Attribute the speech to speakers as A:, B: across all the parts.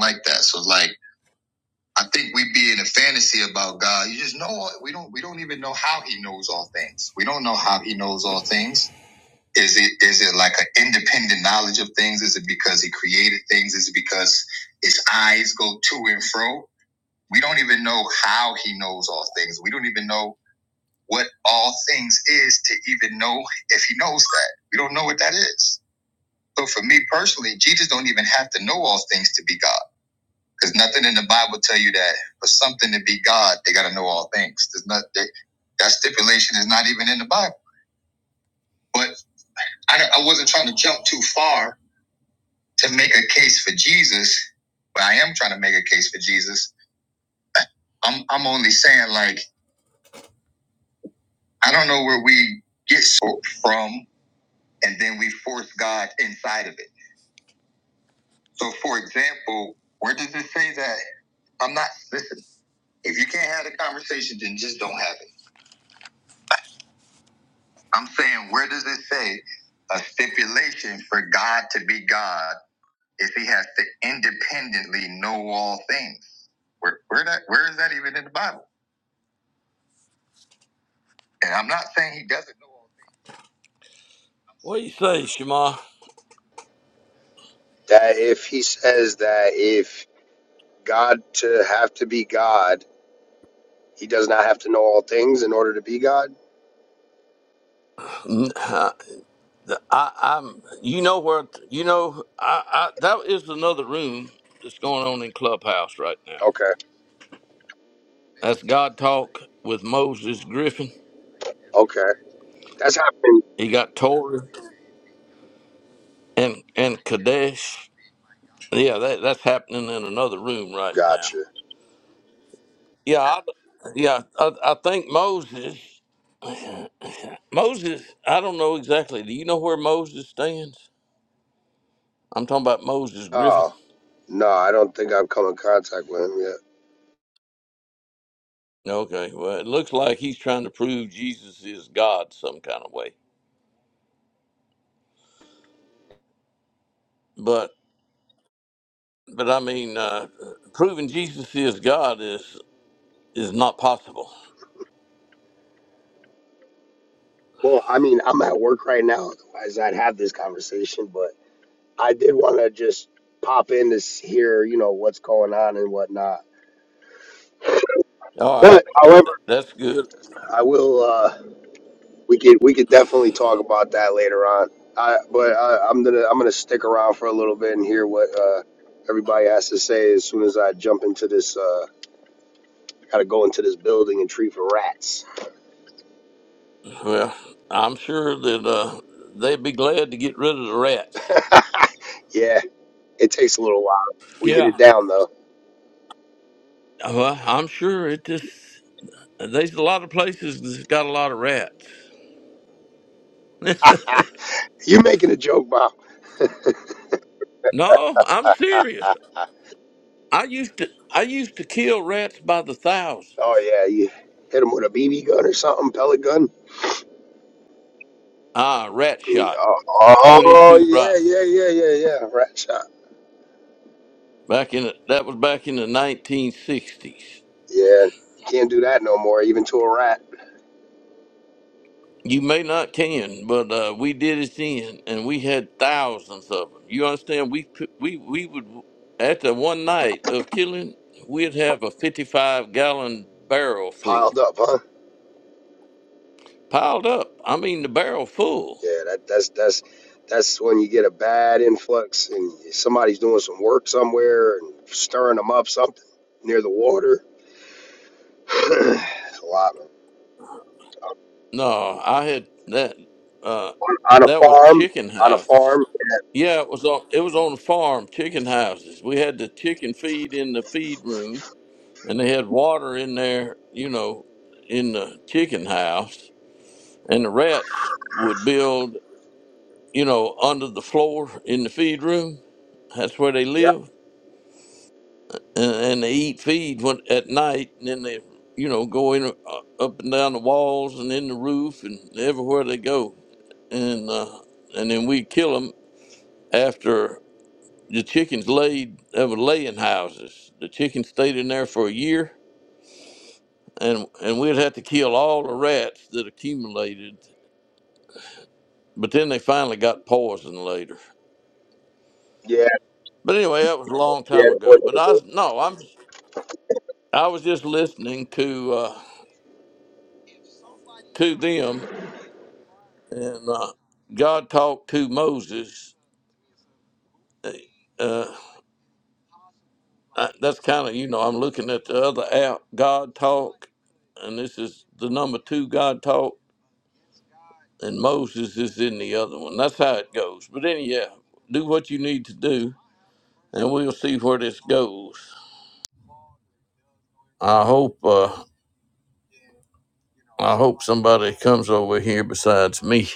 A: like that. So like I think we be in a fantasy about God. You just know we don't we don't even know how he knows all things. We don't know how he knows all things. Is it is it like an independent knowledge of things? Is it because he created things? Is it because his eyes go to and fro? We don't even know how he knows all things. We don't even know what all things is to even know if he knows that. We don't know what that is. So for me personally, Jesus don't even have to know all things to be God. Because nothing in the Bible tell you that for something to be God, they got to know all things. There's not that, that stipulation is not even in the Bible. But I, I wasn't trying to jump too far to make a case for Jesus, but I am trying to make a case for Jesus. I'm I'm only saying like I don't know where we get so- from, and then we force God inside of it. So, for example, where does it say that I'm not? Listen, if you can't have the conversation, then just don't have it. I'm saying, where does it say a stipulation for God to be God is He has to independently know all things? Where, where that? Where is that even in the Bible? And I'm not saying He doesn't know all things. What do you say, Shema?
B: that if he says that if God to have to be God, he does not have to know all things in order to be God?
A: i I, I'm. You know where? You know, I, I. That is another room that's going on in Clubhouse right now.
B: Okay,
A: That's God talk with Moses Griffin.
B: okay. That's happening.
A: He got Torah and and Kadesh. Yeah, that, that's happening in another room right now.
B: Gotcha.
A: Yeah, I, yeah, I, I think Moses. Moses. I don't know exactly. Do you know where Moses stands? I'm talking about Moses Griffin.
B: Oh, no, I don't think I've come in contact with him yet.
A: Okay, well, it looks like he's trying to prove Jesus is God some kind of way. But but I mean, uh, proving Jesus is God is is not possible.
B: Well, I mean, I'm at work right now, otherwise I'd have this conversation, but I did want to just pop in to s- hear, you know, what's going on and whatnot.
A: All right,
B: But, however,
A: that's good.
B: I will. Uh, We could we could definitely talk about that later on. I but I, I'm gonna I'm gonna stick around for a little bit and hear what uh, everybody has to say as soon as I jump into this. Uh, gotta go into this building and treat for rats.
A: Well, I'm sure that uh, they'd be glad to get rid of the rats.
B: yeah, it takes a little while. We get
A: Yeah.
B: it down though.
A: Well, I'm sure it just there's a lot of places that's got a lot of rats.
B: you making a joke, Bob?
A: no, I'm serious. I used to I used to kill rats by the
B: oh
A: thousands.
B: yeah, you hit him with a BB gun or something, pellet gun.
A: Ah, rat
B: Mm,
A: shot,
B: Oh,
A: twenty
B: oh
A: two
B: yeah,
A: rifle.
B: yeah, yeah, yeah, yeah. Rat shot.
A: Back in the, that was back in the nineteen sixties.
B: Yeah, can't do that no more. Even to a rat,
A: You may not can, but uh, we did it then, and we had thousands of them. You understand? We put- we we would after one night of killing, we'd have a fifty five gallon barrel full.
B: piled up, huh?
A: piled up. I mean, the barrel full.
B: Yeah, that that's that's that's when you get a bad influx and somebody's doing some work somewhere and stirring them up something near the water. it's a lot, man.
A: No, I had that. Uh,
B: On a
A: that was
B: farm,
A: chicken
B: on a
A: house.
B: farm.
A: Yeah, it was on. It was on the farm. Chicken houses. We had the chicken feed in the feed room, and they had water in there. You know, in the chicken house, and the rats would build. You know, under the floor in the feed room. That's where they
B: Yep.
A: lived. and, and they eat feed when, at night, and then they, you know, go in uh, up and down the walls and in the roof and everywhere they go, and uh, and then we kill them after the chickens laid have laying houses. The chickens stayed in there for a year, and and we'd have to kill all the rats that accumulated. But then they finally got poisoned later.
B: Yeah,
A: But anyway, that was a long
B: yeah.
A: time
B: that's what
A: ago. But
B: it
A: I
B: is.
A: was no, I'm I was just listening to uh, to them and uh, God talked to Moses. Uh, I, that's kind of you know I'm looking at the other app, God Talk, and this is the number two God Talk, and Moses is in the other one. That's how it goes. But anyhow, do what you need to do, and we'll see where this goes. I hope uh, I hope somebody comes over here besides me.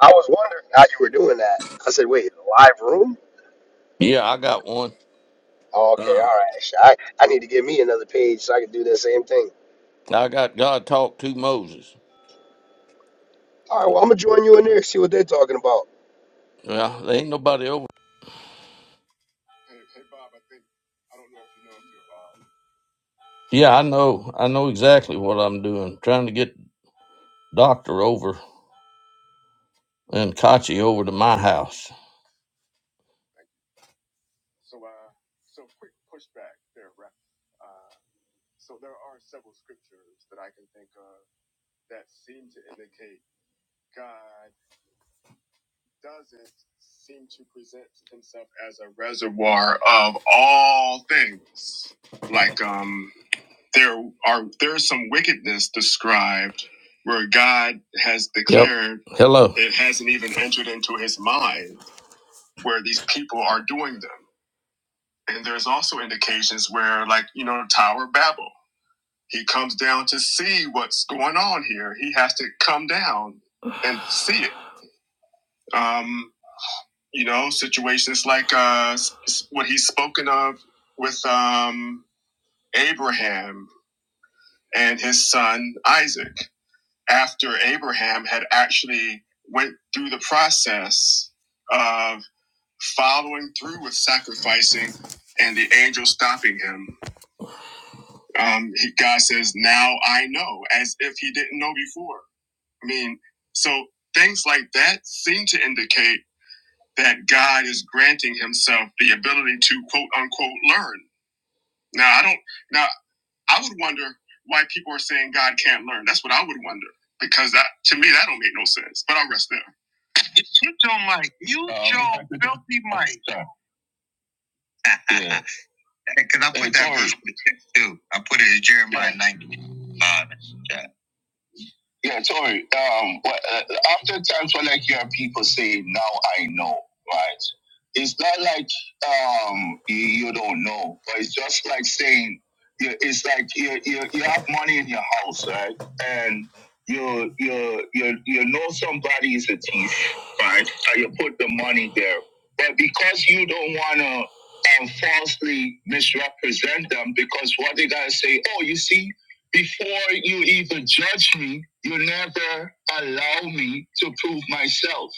B: I was wondering how you were doing that. I said, wait, a live room?
A: Yeah, I got one.
B: Oh, okay, all
A: Uh,
B: right. Sh- I, I need to give me another page so I can do that same thing.
A: I got God Talk to Moses.
B: All right, well, I'm gonna join you in there, see what they're talking about.
A: Well, there ain't nobody over. Yeah, I know. I know exactly what I'm doing. Trying to get Doctor over and Kachi over to my house. of reservoir of all things, like um. there are there is some wickedness described where God has declared yep. Hello. it hasn't even entered into his mind where these people are doing them. And there's also indications where, like, you know, Tower of Babel, he comes down to see what's going on here. He has to come down and see it. Um, you know, situations like uh, what he's spoken of with um, Abraham and his son Isaac after Abraham had actually went through the process of following through with sacrificing and the angel stopping him. Um, he, God says, now I know, as if he didn't know before. I mean, so things like that seem to indicate that God is granting himself the ability to quote unquote learn. Now, I don't, now I would wonder why people are saying God can't learn. That's what I would wonder because that, to me, that don't make no sense, but I'll rest there. Mute your mic. Mute oh, your filthy mic. Because yeah. I put and that verse too. I put it in Jeremiah yeah. 19. Yeah, sorry. Um, well, uh, after times when I hear people say, "Now I know," right? It's not like um you, you don't know, but it's just like saying you, it's like you, you you have money in your house, right? And you you you you know somebody is a thief, right? And you put the money there, but because you don't wanna and falsely misrepresent them because what they gotta say, oh, you see, before you even judge me, you never allow me to prove myself,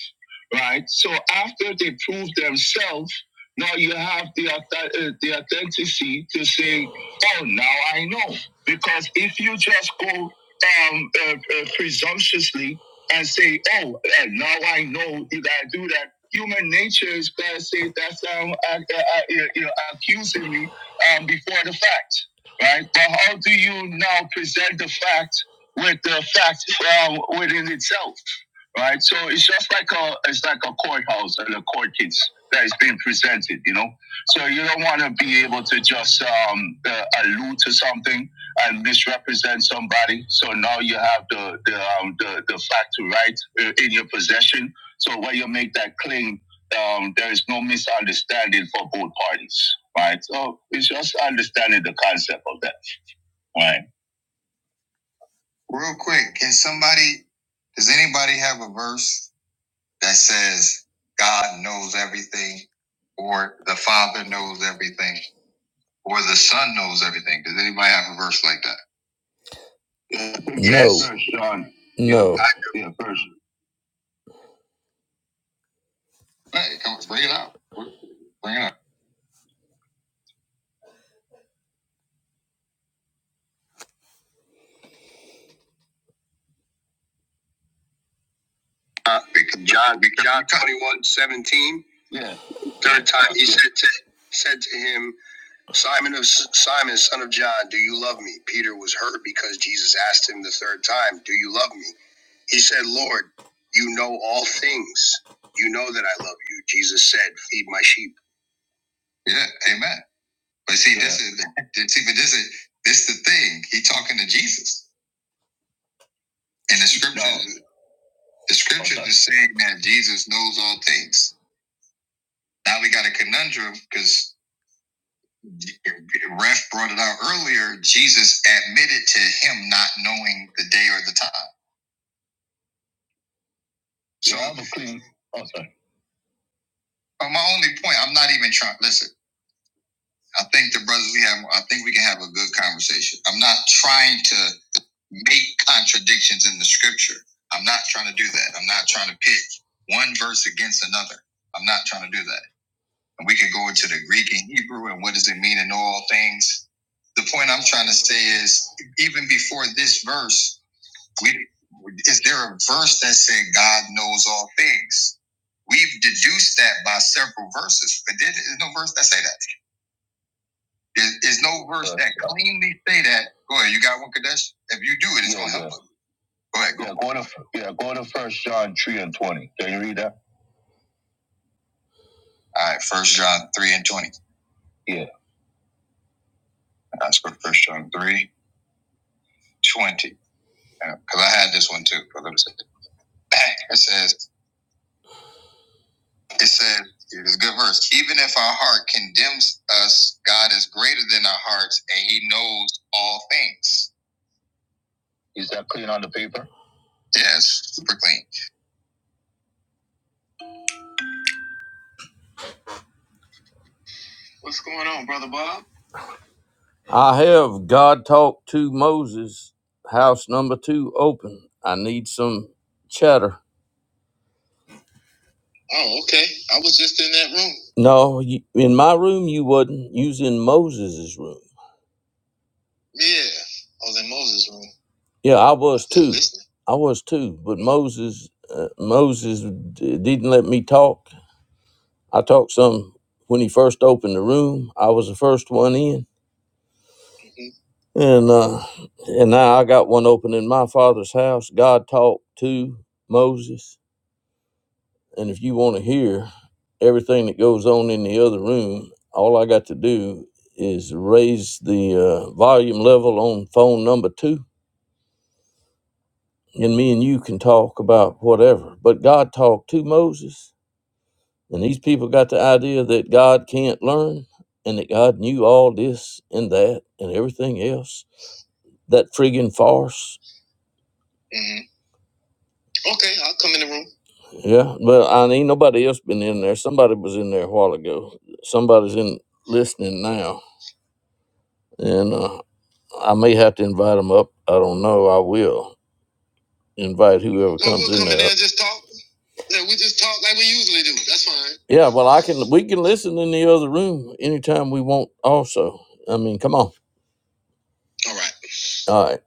A: right? So after they prove themselves, now you have the auth- uh, the authenticity to say, "Oh, now I know." Because if you just go um, uh, uh, presumptuously and say, "Oh, uh, now I know that I do that," human nature is gonna say, "That's um, uh, uh, uh, you know, accusing me um, before the fact." right? But how do you now present the fact with the fact um, within itself, right? So it's just like a it's like a courthouse and a court case that is being presented, you know. So you don't want to be able to just um, uh, allude to something and misrepresent somebody. So now you have the the um, the, the fact to right uh, in your possession. So when you make that claim um, there is no misunderstanding for both parties, right? So it's just understanding the concept of that, right? Real quick, can somebody, does anybody have a verse that says God knows everything, or the Father knows everything, or the Son knows everything? Does anybody have a verse like that? No. Yes, sir, Sean. No. Yeah, I do. Yeah, verse. Hey, come on, bring it out. Bring it out. Uh, because John, because John 21, seventeen. Yeah. Third time he said to, said to him, Simon of Simon, son of John, do you love me? Peter was hurt because Jesus asked him the third time, Do you love me? He said, Lord, you know all things. You know that I love you. Jesus said, Feed my sheep. Yeah, amen. But see, yeah. this is see, but this is this is the thing. He talking to Jesus. And the scripture no, the scripture is saying that Jesus knows all things. Now we got a conundrum because Ref brought it out earlier. Jesus admitted to him not knowing the day or the time. So yeah, I have a clean. Oh, sorry. my only point, I'm not even trying. Listen, I think the brothers we have, I think we can have a good conversation. I'm not trying to make contradictions in the scripture. I'm not trying to do that. I'm not trying to pick one verse against another. I'm not trying to do that. And we could go into the Greek and Hebrew and what does it mean in all things. The point I'm trying to say is even before this verse, we is there a verse that said God knows all things? We've deduced that by several verses, but there- there's no verse that say that. There- There's no verse that cleanly say that. Go ahead, you got one, Kadesh? If you do it, it's Yeah, gonna help us. Go ahead, go. Yeah, go to yeah, go to First John three and twenty. Can you read that? All right, First John three and twenty. Yeah, that's go to First John three twenty. because I had this one too. it. says, it says, it's a good verse. Even if our heart condemns us, God is greater than our hearts, and He knows all things. Is that clean on the paper? Yes, super clean. What's going on, brother Bob? I have God talked to Moses. House number two open. I need some chatter. No, you, in my room you wouldn't. You was in Moses's room. Yeah, I was too. I was too. But Moses, uh, Moses d- didn't let me talk. I talked some when he first opened the room. I was the first one in, and uh, and now I got one open in my father's house. God talked to Moses, and if you want to hear everything that goes on in the other room, all I got to do is raise the uh, volume level on phone number two and me and you can talk about whatever. But God talked to Moses, and these people got the idea that God can't learn and that God knew all this and that and everything else. That friggin' farce. Mhm. Yeah, but I ain't nobody else been in there. Somebody was in there a while ago. Somebody's in listening now, and uh, I may have to invite them up. I don't know. I will invite whoever comes in there. Yeah, well, I can. We can listen in the other room anytime we want. Also, I mean, come on. All right. All right.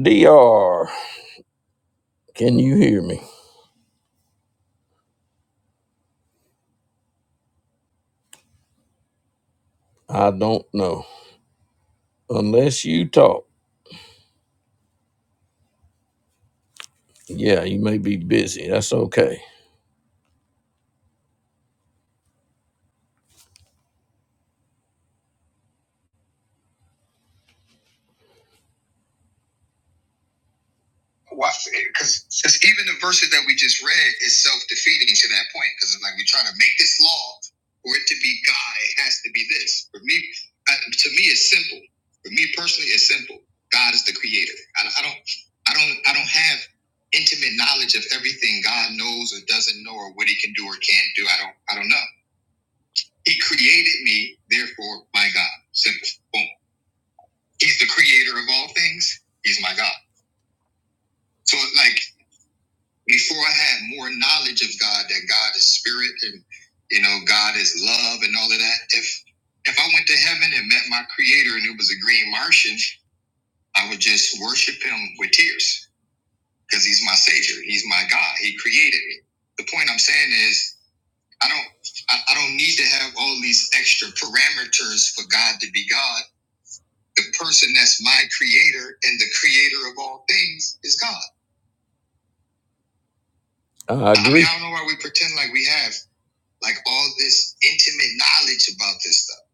A: Dr. Can you hear me? I don't know. Unless you talk. Yeah, you may be busy. That's okay. because because even the verses that we just read is self defeating to that point because it's like we're trying to make this law for it to be God. It has to be this. For me, I, to me, it's simple. For me personally, it's simple. God is the creator. I, I don't, I don't, I don't have intimate knowledge of everything God knows or doesn't know or what He can do or can't do. I don't, I don't know. He created me, therefore, my God. Simple. Boom. He's the creator of all things. He's my God. So like before I had more knowledge of God that God is spirit and you know God is love and all of that. If if I went to heaven and met my Creator and it was a green Martian, I would just worship Him with tears because He's my Savior. He's my God. He created me. The point I'm saying is I don't I, I don't need to have all these extra parameters for God to be God. The person that's my Creator and the Creator of all things is God. I I mean, agree. I don't know why we pretend like we have. like all this intimate knowledge about this stuff.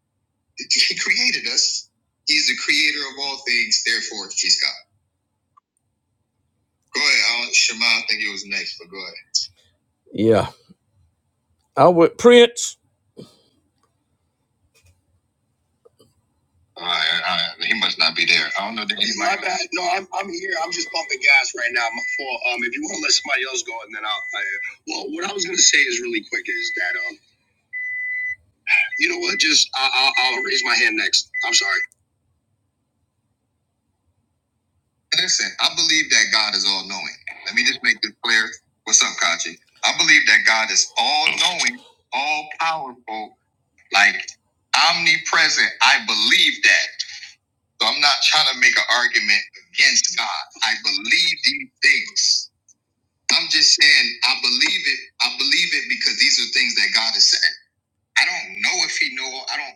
A: He created us. He's the creator of all things. Therefore, he's God. Go ahead, Alan. Shema. I think it was next, but go ahead. Yeah, I would Prince. All right, all right. He must not be there. I don't know. That he might. my bad. No, I'm, I'm here. I'm just pumping gas right now. My fault. Um, if you want to let somebody else go, and then I'll. I, well, what I was gonna say is really quick is that um, you know what? Just I, I'll, I'll raise my hand next. I'm sorry. Listen, I believe that God is all knowing. Let me just make this clear. What's up, Kachi? I believe that God is all knowing, all powerful, like omnipresent. I believe that. So I'm not trying to make an argument against God. I believe these things. I'm just saying I believe it. I believe it because these are things that God has said. I don't know if He know. I don't.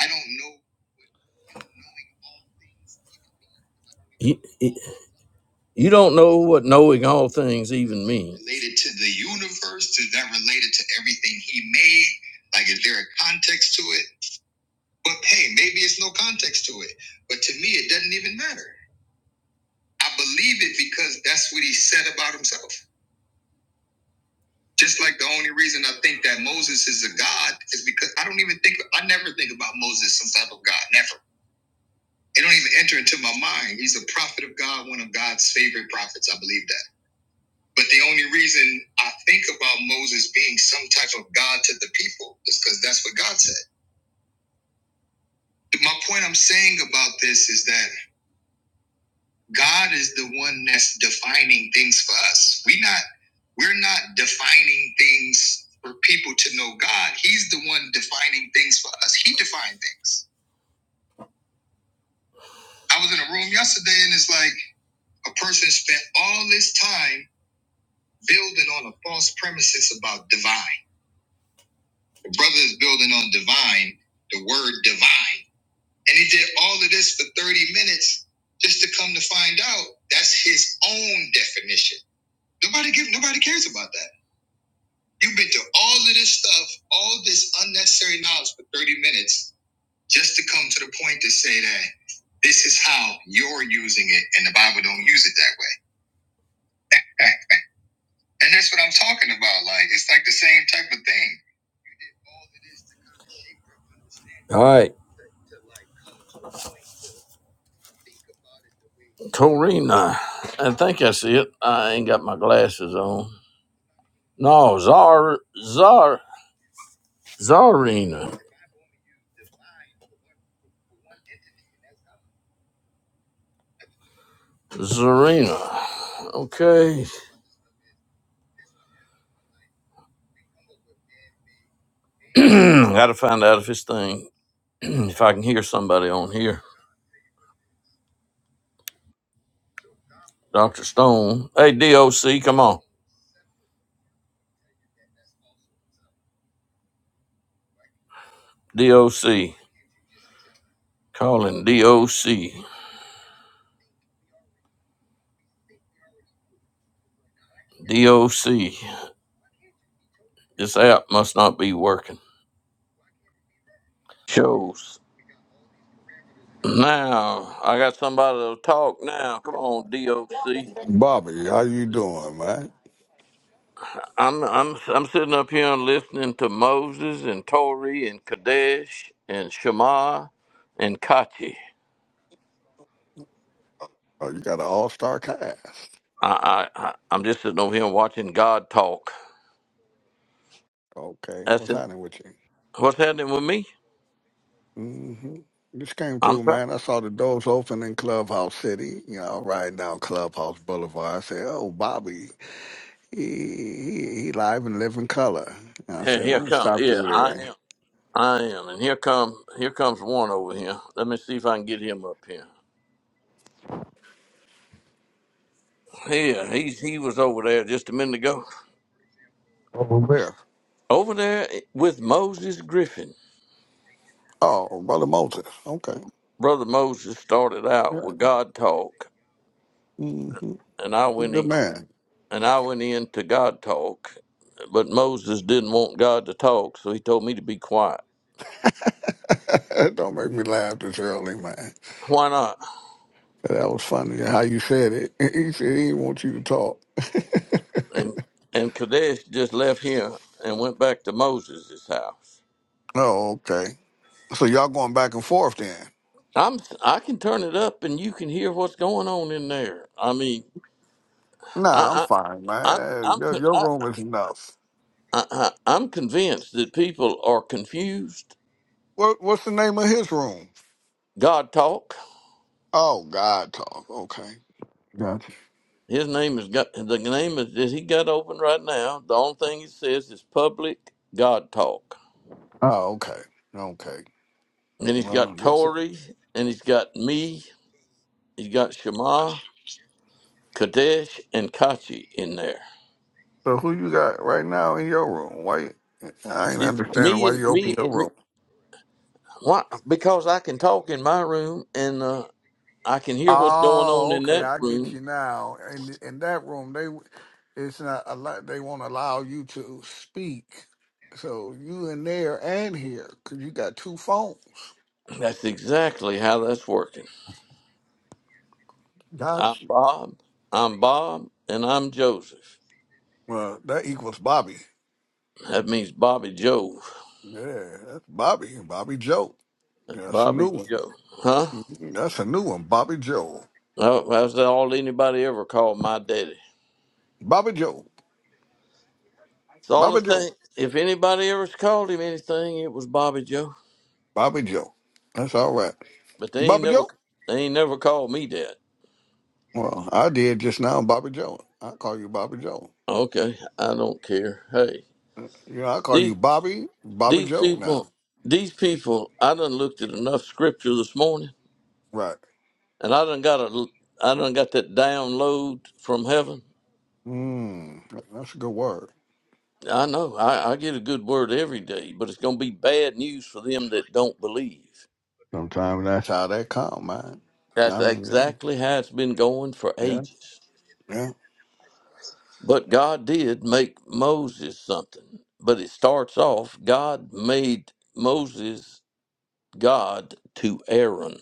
A: I don't know. You, You don't know what knowing all things even means. Related to the universe, is that related to everything he made? Like, is there a context to it? But hey, maybe it's no context to it. But to me, it doesn't even matter. I believe it because that's what he said about himself. Just like the only reason I think that Moses is a god is because I don't even think, I never think about Moses some type of god, never. It don't even enter into my mind. He's a prophet of God, one of God's favorite prophets. I believe that. But the only reason I think about Moses being some type of God to the people is because that's what God said. My point I'm saying about this is that God is the one that's defining things for us. We not we're not defining things for people to know God. He's the one defining things for us. He defined things. I was in a room yesterday and it's like a person spent all this time building on a false premises about divine. The brother is building on divine, the word divine. And he did all of this for 30 minutes just to come to find out that's his own definition. Nobody give nobody cares about that. You've been through all of this stuff, all this unnecessary knowledge for 30 minutes just to come to the point to say that this is how you're using it and the Bible don't use it that way. And that's what I'm talking about. Like it's like the same type of thing. All right, Corina. I think I see it. I ain't got my glasses on. No, Zar, Zar. Zarina. Zarina. Okay. Gotta find out if this thing, if I can hear somebody on here. Dr. Stone. Hey, DOC, come on. DOC. Calling DOC. DOC. This app must not be working. Shows. Now, I got somebody to talk now. Come on, DOC.
C: Bobby, how you doing, man?
A: I'm I'm I'm sitting up here and listening to Moses and Tori and Kadesh and Shema and Kachi.
C: Oh, you got an all-star cast.
A: I, I, I I'm just sitting over here watching God talk.
C: Okay,
A: That's
C: what's
A: it.
C: happening with you?
A: What's happening with me?
C: hmm Just came
A: I'm
C: through,
A: trying.
C: man. I saw the doors open in Clubhouse City. You know, riding down Clubhouse Boulevard. I said, "Oh, Bobby, he he, he live and live in color." And I
A: Yeah,
C: said,
A: here
C: "Let me
A: come.
C: stop
A: Yeah,
C: through
A: I
C: there."
A: am. I am. And here come. Here comes one over here. Let me see if I can get him up here. Yeah, he's he was over there just a minute ago.
C: Over there.
A: Over there with Moses Griffin.
C: Oh, brother Moses. Okay.
A: Brother Moses started out
C: Yeah.
A: with God talk,
C: hmm
A: and I went
C: Good
A: in,
C: man.
A: and I went in to God talk, but Moses didn't want God to talk, so he told me to be quiet.
C: Don't make me laugh this early, man.
A: Why not?
C: That was funny how you said it. He said he didn't want you to talk.
A: and and Kadesh just left here and went back to Moses' house.
C: Oh, okay. So y'all going back and forth then?
A: I'm I can turn it up and you can hear what's going on in there. I mean,
C: Nah, I'm
A: I,
C: fine,
A: I I'm
C: man.
A: I'm
C: Your,
A: con-
C: your
A: I,
C: room is enough.
A: I, I- I'm convinced that people are confused.
C: What What's the name of his room?
A: God talk.
C: Oh, God talk. Okay, gotcha.
A: His name is got the name is that he got open right now. The only thing it says is public God talk.
C: Oh, okay, okay.
A: And he's
C: Well,
A: got
C: that's it.
A: Tory and he's got me. He's got Shema, Kadesh, and Kachi in there.
C: So who you got right now in your room? Why? you- I ain't
A: It,
C: understanding
A: me
C: why
A: and
C: you open
A: me,
C: your
A: me
C: room.
A: why, because I can talk in my room and uh, I can hear what's going on
C: Oh,
A: in
C: okay,
A: that
C: I get
A: room.
C: you now. In in that room, they it's not a lot. They won't allow you to speak. So you in there and here, 'cause you got two phones.
A: That's exactly how that's working. I'm
C: Got you.
A: Bob. I'm Bob, and I'm Joseph.
C: Well, that equals Bobby.
A: That means Bobby Joe.
C: Yeah, that's Bobby. Bobby Joe. That's a
A: Bobby
C: new one.
A: Joe, huh?
C: Mhm, That's a new one. Bobby Joe.
A: Oh, that's all anybody ever called my daddy.
C: Bobby Joe.
A: It's all the
C: Bobby Joe.
A: thing. If anybody ever called him anything, it was Bobby Joe.
C: Bobby Joe. That's all right.
A: But they ain't
C: Bobby
A: never,
C: Joe.
A: they ain't never called me that.
C: Well, I did just now, Bobby Joe. I call you Bobby Joe.
A: Okay, I don't care. Hey.
C: Yeah, I call
A: these
C: you Bobby, Bobby
A: These
C: Joe now.
A: people, these people, I done looked at enough scripture this morning,
C: Right.
A: and I done got a, I done got that download from heaven.
C: Mm, that's a good word.
A: I know I, I get a good word every day, but it's gonna be bad news for them that don't believe.
C: Sometimes that's how they come, man.
A: That's
C: I mean,
A: exactly how it's been going for
C: yeah,
A: ages.
C: yeah.
A: But God did make Moses something. But it starts off, God made Moses God to Aaron.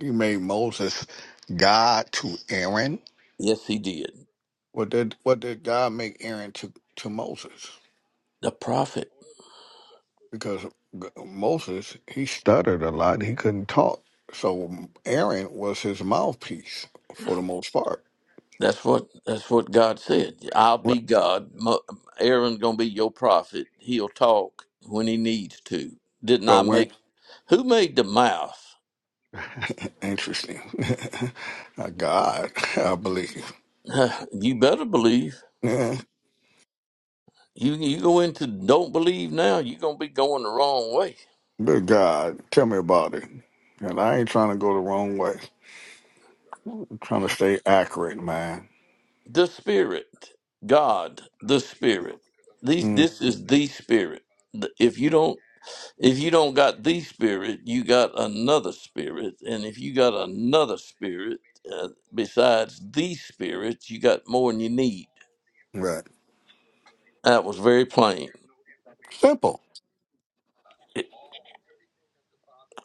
C: He made Moses God to Aaron.
A: Yes, he did.
C: What did what did God make Aaron to to Moses?
A: The prophet.
C: Because G- Moses he stuttered a lot. He couldn't talk, so Aaron was his mouthpiece for the most part.
A: That's what that's what God said. I'll
C: Right.
A: be God. Mo- Aaron's gonna be your prophet. He'll talk when he needs to. Didn't
C: So
A: I
C: we're
A: make? Who made the mouth?
C: interesting. Uh, God, I believe.
A: you better believe. You you go into don't believe now. You're gonna be going the wrong way.
C: Good God, tell me about it. And I ain't trying to go the wrong way. I'm trying to stay accurate, man.
A: The Spirit, God, the Spirit. These
C: Mm,
A: this is the Spirit. The- If you don't If you don't got the spirit, you got another spirit. And if you got another spirit uh, besides the spirit, you got more than you need.
C: right.
A: That was very plain.
C: Simple.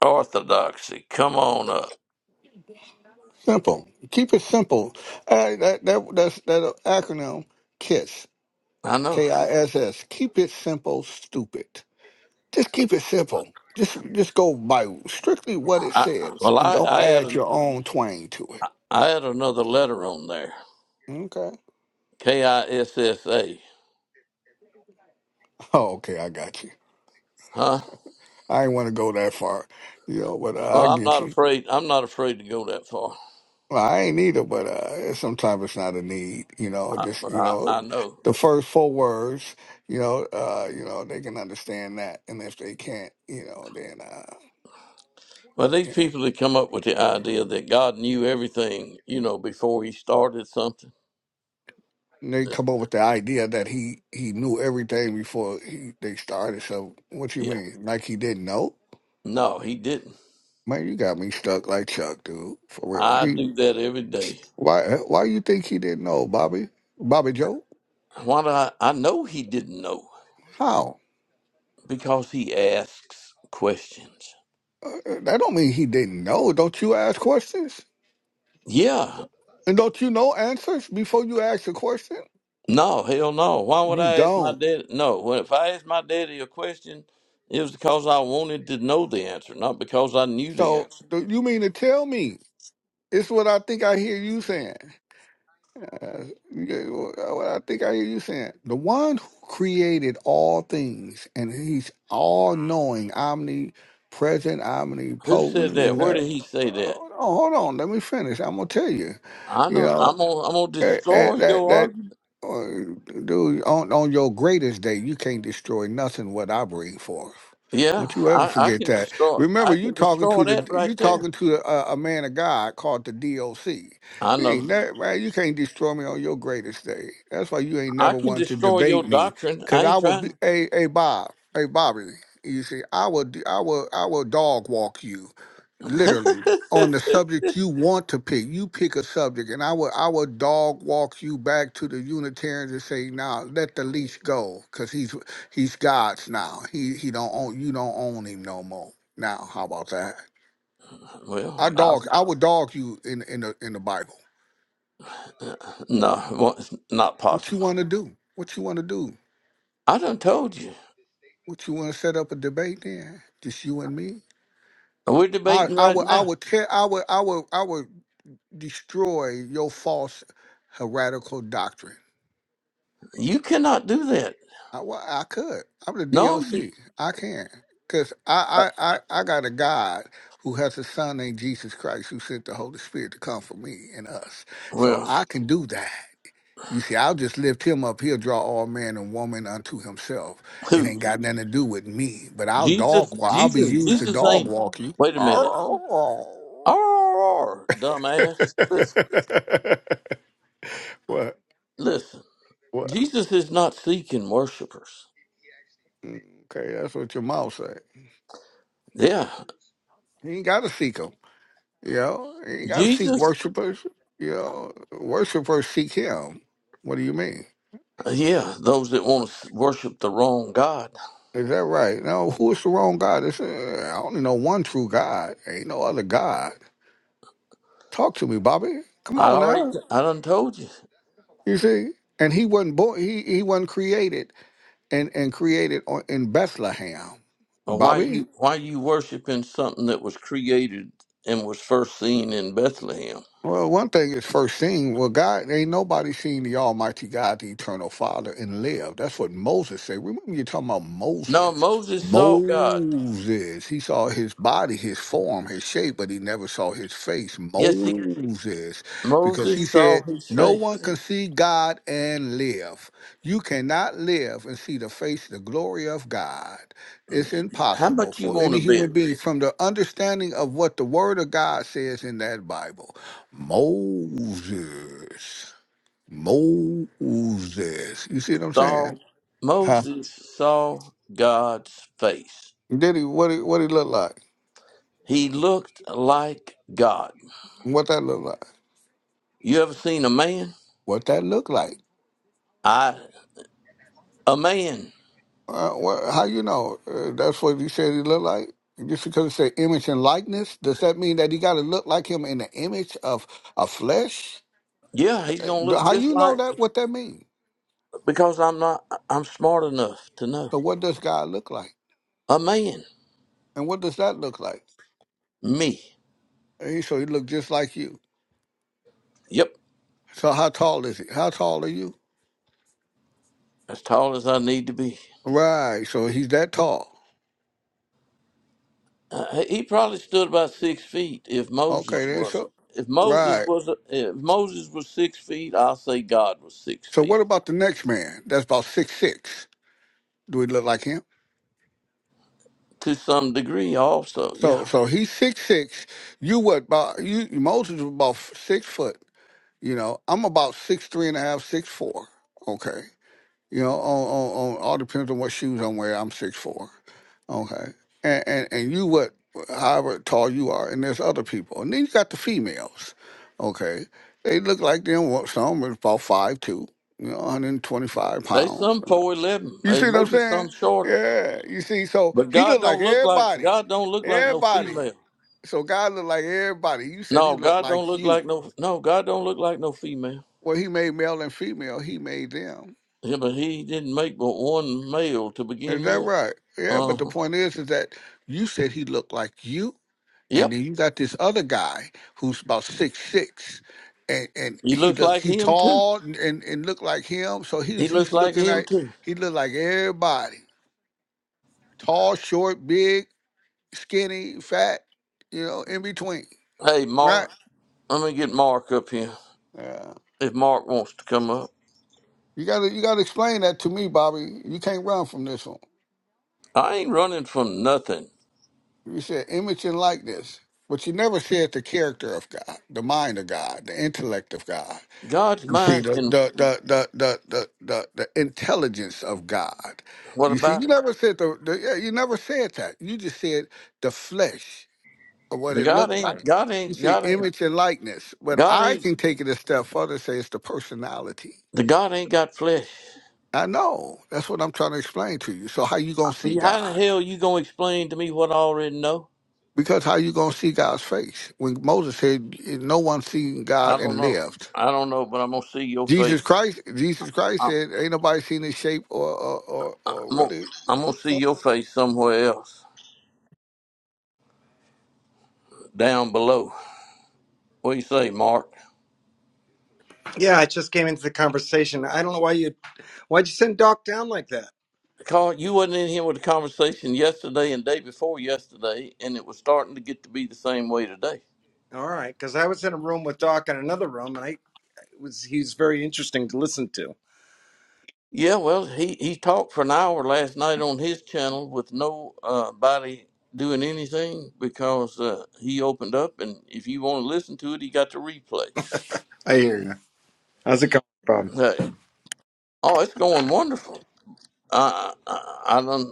A: Orthodoxy, come on up.
C: Simple. Keep it simple. Uh, that that that's, that acronym KISS.
A: I know.
C: K I S S. Keep it simple. Stupid. Just keep it simple. Just just go by strictly what it
A: I,
C: says,
A: well,
C: and
A: I,
C: don't
A: I had
C: add
A: an,
C: your own twang to it.
A: I had another letter on there.
C: Okay.
A: K I S S A.
C: Oh, okay. I got you.
A: Huh?
C: I ain't want to go that far, you know, but
A: Well,
C: I
A: I'm
C: get
A: not
C: you.
A: afraid. I'm not afraid to go that far.
C: Well, I ain't either, but uh, sometimes it's not a need. You know,
A: I,
C: just you
A: I,
C: know,
A: I know.
C: the first four words. You know, uh, you know they can understand that, and if they can't, you know, then uh,
A: Well, these
C: you know,
A: people that come up with the idea that God knew everything, you know, before He started something.
C: they come up with the idea that he he knew everything before he, they started. So what you
A: Yeah.
C: mean, like he didn't know?
A: No, he didn't.
C: Man, you got me stuck like Chuck, dude. For real,
A: I
C: he
A: do that every day.
C: why why you think he didn't know, Bobby? Bobby Joe?
A: Why do I? I know he didn't know
C: How?
A: because he asks questions.
C: Uh, uh, that don't mean he didn't know. Don't you ask questions?
A: Yeah.
C: And don't you know answers before you ask a question?
A: No, hell no. Why would
C: You
A: I ask my
C: don't.
A: dad? No. Well, if I asked my daddy a question, it was because I wanted to know the answer, not because I knew the
C: So
A: answer.
C: do you mean to tell me? It's what I think I hear you saying. Uh, yeah, what I think I hear you saying. The one who created all things, and he's all knowing, omnipresent,
A: Who said
C: omnipotent,
A: that?
C: and
A: Where
C: uh,
A: did he say that?
C: hold on, hold on. Let me finish. I'm gonna tell you.
A: I
C: You
A: don't.
C: know,
A: I'm gonna. I'm gonna
C: That that
A: destroy
C: that,
A: your
C: that
A: argument.
C: uh, dude, on on your greatest day, you can't destroy nothing what I bring forth.
A: Yeah,
C: Don't you ever
A: I, I
C: forget
A: can
C: that.
A: destroy.
C: Remember,
A: I
C: you
A: can
C: talking to
A: destroy that
C: the you
A: right there.
C: talking to a, a man of God called the DOC.
A: I
C: You
A: know.
C: ain't that man. You can't destroy me on your greatest day. That's why you ain't
A: I
C: never
A: can
C: wanted to
A: destroy your
C: debate me,
A: doctrine.
C: cause
A: I
C: I
A: ain't
C: would be
A: trying.
C: a hey, hey, Bob, hey Bobby. You see, I will d- I will I will dog walk you, literally on the subject you want to pick. You pick a subject, and I will I will dog walk you back to the Unitarians and say, "Now let the leash go, because he's he's God's now. He he don't own you don't own him no more. Now how about that? I
A: well, I've,
C: dog I would dog you in in the in the Bible.
A: no, well, it's not
C: What you want to
A: possible.
C: do? What you want to do?
A: I done told you.
C: What you want to set up a debate then? Just you and me.
A: We're
C: I
A: debating
C: I
A: right
C: would I
A: now.
C: would tear I would I would I would destroy your false heretical doctrine
A: You cannot do that.
C: I, well, I could. I'm the
A: No, you,
C: DOC. I can. Because I, I, I, I got a God who has a son named Jesus Christ who sent the Holy Spirit to come for me and us. So
A: well,
C: I can do that. You see, I'll just lift him up. He'll draw all man and woman unto himself. It
A: who?
C: ain't got nothing to do with me. But I'll
A: Jesus,
C: dog walk. I'll be
A: Jesus,
C: used to
A: Jesus
C: dog
A: ain't.
C: walk you.
A: Wait a minute. R r r. dumbass. Listen,
C: what?
A: listen.
C: What?
A: Jesus is not seeking worshipers.
C: Mm, Okay, that's what your mouth say.
A: Yeah,
C: You ain't got to seek him. You know, you got to seek
A: Jesus.
C: worshipers. You know, worshipers seek Him. What do you mean?
A: Yeah, those that want to worship the wrong God.
C: Is that right? No, who is the wrong God? It's, uh, I only know one true God. Ain't no other God. Talk to me, Bobby. Come
A: I
C: on
A: already,
C: now.
A: I done told you.
C: You see, and He wasn't born. He He wasn't created and and created on, in Bethlehem,
A: Or why
C: Bobby.
A: you why you worshiping something that was created and was first seen in Bethlehem?
C: Well, one thing is first seen. Well, God, ain't nobody seen the Almighty God, the Eternal Father, and live. That's what Moses said. Remember, you're talking about
A: No,
C: Moses.
A: Moses saw God.
C: Moses. He saw his body, his form, his shape, but he never saw his face.
A: Yes, he
C: Moses. Because he
A: Moses
C: said,
A: saw his
C: No
A: face.
C: one can see God and live. You cannot live and see the face, the glory of God. It's
A: How
C: impossible
A: much you
C: for
A: want to
C: any
A: bet?
C: human being from the understanding of what the Word of God says in that Bible Moses. Moses. You see what I'm
A: Saw
C: saying? Huh?
A: Moses saw God's face.
C: Did he what he what he look like?
A: He looked like God.
C: What that look like?
A: You ever seen a man?
C: What that look like?
A: I a man.
C: Uh, what, how you know? Uh, that's what you said he look like? Just because it say image and likeness, does that mean that he got to look like him in the image of a flesh?
A: Yeah, he's
C: Uh,
A: gonna look
C: How
A: just
C: you know
A: like
C: that? What that mean?
A: because I'm not I'm smart enough to know.
C: So what does God look like?
A: A man.
C: And what does that look like?
A: Me.
C: And he- so he look just like you.
A: Yep.
C: So how tall is he? How tall are you?
A: As tall as I need to be.
C: Right. So he's that tall.
A: Uh, he probably stood about six feet if
C: Okay,
A: Moses
C: then
A: was.
C: so
A: If Moses
C: right.
A: was, if Moses was six feet, I'll say God was six
C: So what
A: feet
C: about the next man? That's about six six. Do we look like him?
A: to some degree. Also, yeah,
C: So so he's six six. You what about you Moses was about f- six foot, you know. I'm about six three and a half, six four. Okay. You know, on, on, on all depends on what shoes I'm wearing. I'm six four. Okay. And, and and you what however tall you are, and there's other people. And then you got the females. Okay. They look like them what some are about five two, you know, 125
A: they
C: pounds.
A: some four eleven,
C: You
A: they
C: see what I'm
A: maybe
C: saying?
A: some shorter.
C: Yeah. You see, so
A: But
C: he
A: God
C: looked like
A: don't look like
C: everybody.
A: God don't look like no
C: Everybody.
A: female.
C: So God looked like everybody. You said he
A: No,
C: looked
A: God don't
C: like
A: look
C: you.
A: like no no God don't look like no female.
C: Well, he made male and female, he made them.
A: Yeah, but He didn't make but one male to
C: Is
A: begin
C: that
A: with.
C: right? Yeah,
A: Uh
C: but the
A: huh.
C: point is, is that you said he looked like you, and
A: Yep,
C: then you got this other guy who's about six six, and and
A: he
C: he
A: looks
C: look
A: like
C: he
A: him too.
C: tall and and, and looked like him. So
A: He
C: he's
A: looks
C: he's
A: like
C: looking
A: him
C: like
A: too.
C: he looked like everybody: tall, short, big, skinny, fat. You know, in between,
A: Hey,
C: right?
A: Mark, let me get Mark up here.
C: Yeah.
A: if Mark wants to come up.
C: You gotta you gotta explain that to me, Bobby. You can't run from this one.
A: I ain't running from nothing.
C: You said image and likeness, but you never said the character of God, the mind of God, the intellect of God.
A: God's
C: You see
A: mind
C: the
A: can.
C: the the the the the, the, the intelligence of God.
A: What
C: You see, you
A: about it?
C: never said the, the yeah, you never said that. You just said the flesh or what
A: The
C: it
A: God
C: looked like.
A: ain't. God
C: You
A: ain't.
C: see,
A: God ain't.
C: image and likeness. But
A: God
C: I
A: ain't.
C: can take it a step further and say it's the personality.
A: The God ain't got flesh.
C: I know. That's what I'm trying to explain to you. So how you gonna see
A: How the
C: God?
A: hell you gonna explain to me what I already know?
C: Because how you gonna see God's face? When Moses said, "No one seen
A: I
C: God
A: don't
C: and
A: know.
C: lived."
A: I don't know, but I'm gonna see your
C: Jesus
A: face.
C: Christ, Jesus Christ
A: I'm.
C: said, "Ain't nobody seen His shape or or or, or
A: I'm gonna,
C: really."
A: I'm gonna see your face somewhere else, down below. What do you say, Mark?
D: Yeah, I just came into the conversation. I don't know why you why'd you send Doc down like that.
A: Carl, you wasn't in here with the conversation yesterday and day before yesterday, and it was starting to get to be the same way today.
D: All right, because I was in a room with Doc in another room, and I it was he's very interesting to listen to.
A: Yeah, well, he, he talked for an hour last night on his channel with no uh, body doing anything because uh, he opened up, and if you want to listen to it, he got the replay.
D: I hear you. How's it going, Bob?
A: Hey, oh, it's going wonderful. I I, I don't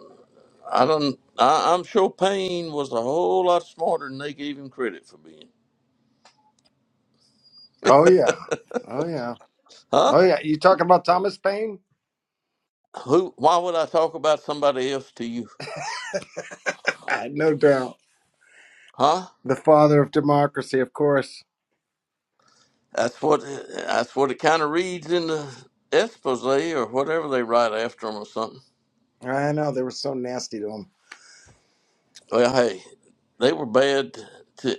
A: I don't I, I'm sure Payne was a whole lot smarter than they gave him credit for being.
D: Oh yeah. Oh yeah.
A: Huh?
D: Oh yeah. You talking about Thomas Paine?
A: Who? Why would I talk about somebody else to you?
D: Ah, no doubt,
A: Huh?
D: The father of democracy, of course.
A: That's what that's what it kind of reads in the expose or whatever they write after after 'em or something.
D: I know they were so nasty to him.
A: Well, hey, they were bad. To,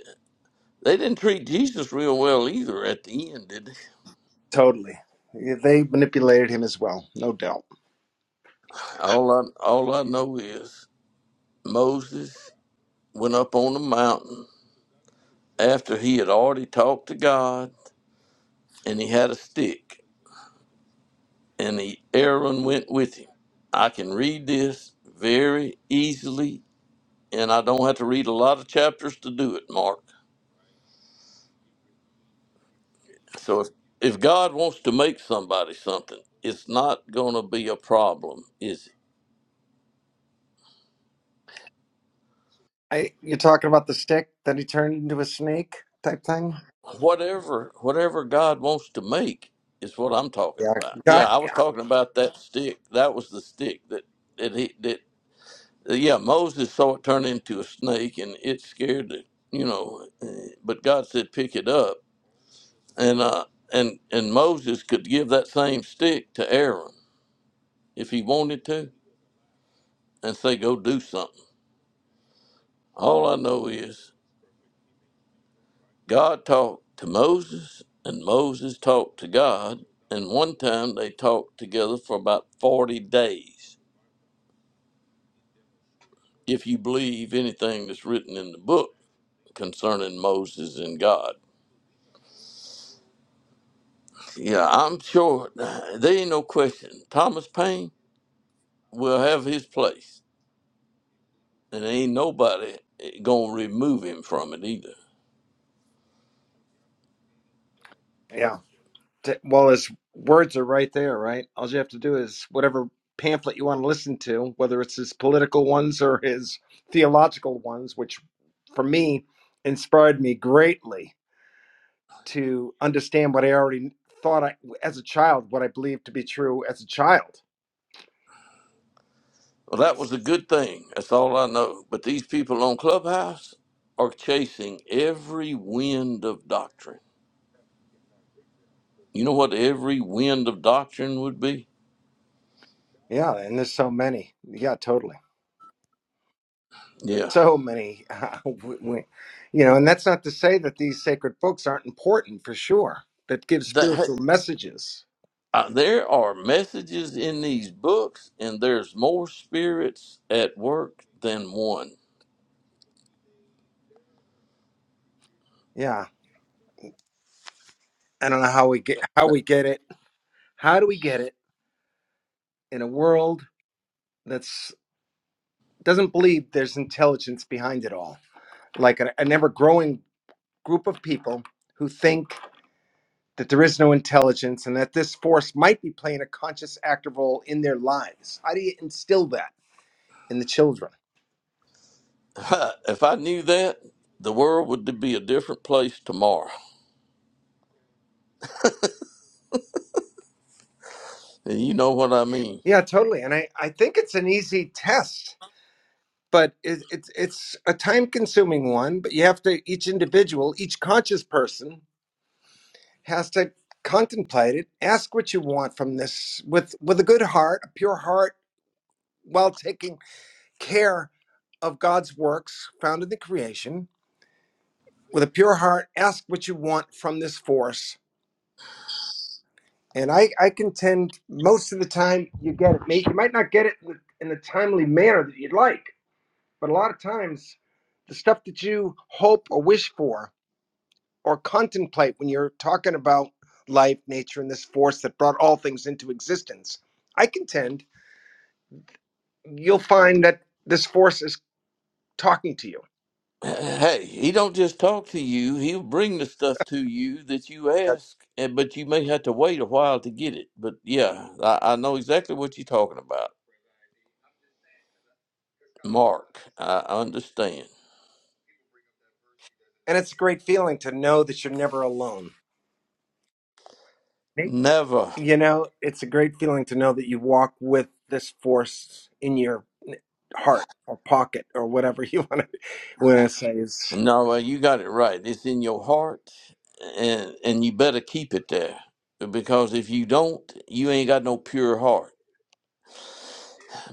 A: they didn't treat Jesus real well either at the end, did they?
D: Totally, they manipulated him as well, no doubt.
A: All I all I know is Moses went up on the mountain after he had already talked to God, and he had a stick, and he, Aaron went with him. I can read this very easily, and I don't have to read a lot of chapters to do it, Mark. So if if God wants to make somebody something, it's not going to be a problem, is it?
D: I, you're talking about the stick that he turned into a snake type thing?
A: whatever whatever God wants to make is what I'm talking
D: Yeah,
A: about. Yeah,
D: got
A: I was talking about that stick. That was the stick that that he that yeah Moses saw it turn into a snake and it scared it, you know, eh, but God said pick it up and uh and and Moses could give that same stick to Aaron if he wanted to and say go do something. All I know is God talked to Moses, and Moses talked to God, and one time they talked together for about 40 days, if you believe anything that's written in the book concerning Moses and God. Yeah, I'm sure uh, there ain't no question. Thomas Paine will have his place, and ain't nobody eh, gonna remove him from it either.
D: yeah. t- well his words are right there right all you have to do is whatever pamphlet you want to listen to whether it's his political ones or his theological ones which for me inspired me greatly to understand what i already thought i as a child what i believed to be true as a child
A: Well, that was a good thing. That's all I know. But these people on Clubhouse are chasing every wind of doctrine You know what every wind of doctrine would be?
D: yeah and there's so many yeah totally
A: Yeah.
D: so many Uh, we, we- you know and that's not to say that these sacred books aren't important for sure that give
A: That hey,
D: spiritual messages
A: uh, there are messages in these books, and there's more spirits at work than one.
D: yeah I don't know how we get how we get it. How do we get it in a world that's doesn't believe there's intelligence behind it all? Like an, an ever growing group of people who think that there is no intelligence and that this force might be playing a conscious active role in their lives. How do you instill that in the children?
A: Ha, if I knew that, the world would be a different place tomorrow. And you know what I mean.
D: Yeah, totally. And I, I think it's an easy test, but it, it's it's a time consuming one. But you have to each individual, each conscious person has to contemplate it ask what you want from this with with a good heart a pure heart while taking care of god's works found in the creation with a pure heart ask what you want from this force and i i contend most of the time you get it May- you might not get it in the, in the timely manner that you'd like but a lot of times the stuff that you hope or wish for or contemplate when you're talking about life nature and this force that brought all things into existence i contend you'll find that this force is talking to you.
A: Hey, he don't just talk to you. He'll bring the stuff to you that you
D: That-
A: ask, and but you may have to wait a while to get it. But yeah, I, I know exactly what you're talking about, Mark. I understand.
D: And it's a great feeling to know that you're never alone. Me-
A: Never.
D: You know, it's a great feeling to know that you walk with this force in your heart or pocket or whatever you want to want to say is.
A: No, well, you got it right. It's in your heart, and and you better keep it there because if you don't, you ain't got no pure heart.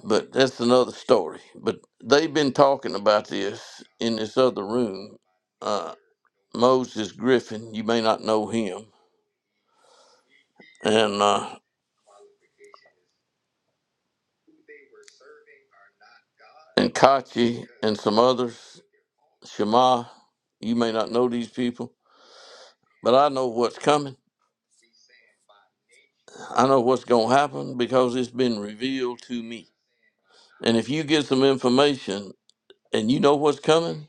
A: But that's another story. But they've been talking about this in this other room. Uh, Moses Griffin, you may not know him, and uh, and Kachi and some others, Shema, you may not know these people, but I know what's coming. I know what's gonna happen because it's been revealed to me And if you give some information and you know what's coming,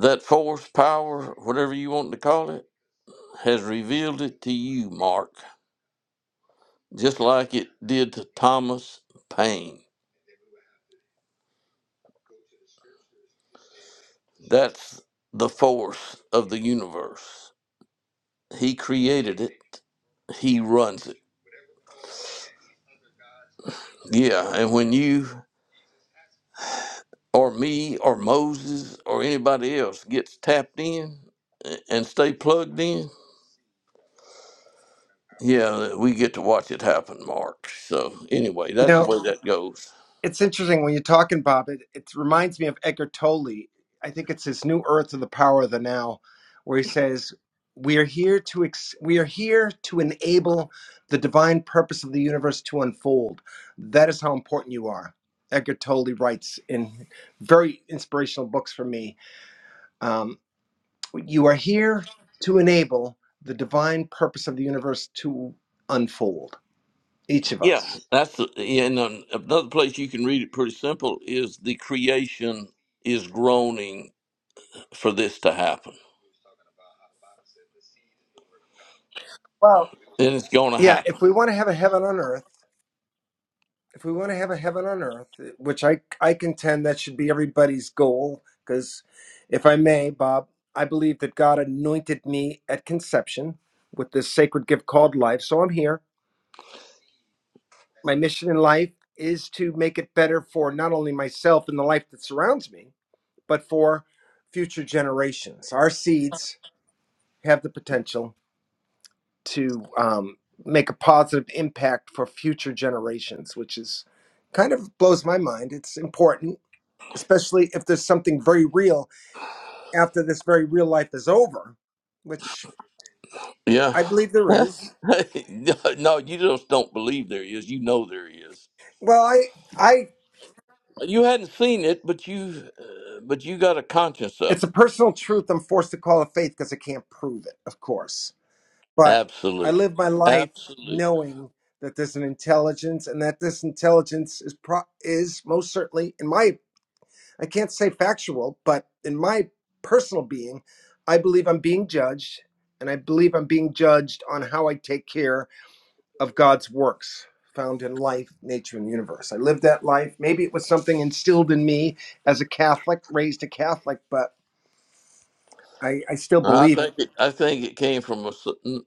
A: that force, power, whatever you want to call it, has revealed it to you, Mark, just like it did to Thomas Paine. That's the force of the universe. He created it, he runs it. Yeah, and when you or me or Moses or anybody else gets tapped in a- and stay plugged in, Yeah, we get to watch it happen, Mark. So anyway,
D: You
A: that's
D: know,
A: the way that goes.
D: it's interesting when you're talking, Bob. It, it reminds me of Eckhart Tolle. I think it's his New Earth of the Power of the Now, where he says, "We are here to ex- we are here to enable the divine purpose of the universe to unfold. That is how important you are." Eckhart Tolle writes in very inspirational books for me. Um, you are here to enable the divine purpose of the universe to unfold. Each of
A: Yeah,
D: us.
A: that's the, and um, another place you can read it pretty simple is the creation is groaning for this to happen,
D: Well,
A: and it's going to
D: yeah.
A: happen.
D: If we want to have a heaven on earth if we want to have a heaven on earth, eh, which I, I contend that should be everybody's goal, because if I may, Bob, I believe that God anointed me at conception with this sacred gift called life. So I'm here. My mission in life is to make it better for not only myself and the life that surrounds me, but for future generations. Our seeds have the potential to um, make a positive impact for future generations, which is kind of blows my mind. It's important especially if there's something very real after this very real life is over, which
A: Yeah.
D: I believe there is.
A: no, no, you just don't believe there is. You know there is.
D: Well, I, I,
A: You hadn't seen it, but you, uh, but you got a conscience
D: it's
A: of
D: a
A: it.
D: personal truth. I'm forced to call it faith because I can't prove it, of course. But I
A: Absolutely,
D: live my life
A: absolutely.
D: knowing that there's an intelligence, and that this intelligence is pro- is most certainly in my. I can't say factual, but in my personal being, I believe I'm being judged, and I believe I'm being judged on how I take care of God's works found in life, nature, and the universe. I lived that life. Maybe it was something instilled in me as a Catholic, raised a Catholic, but I, I still
A: I
D: believe it.
A: think it, I think it came from a, s-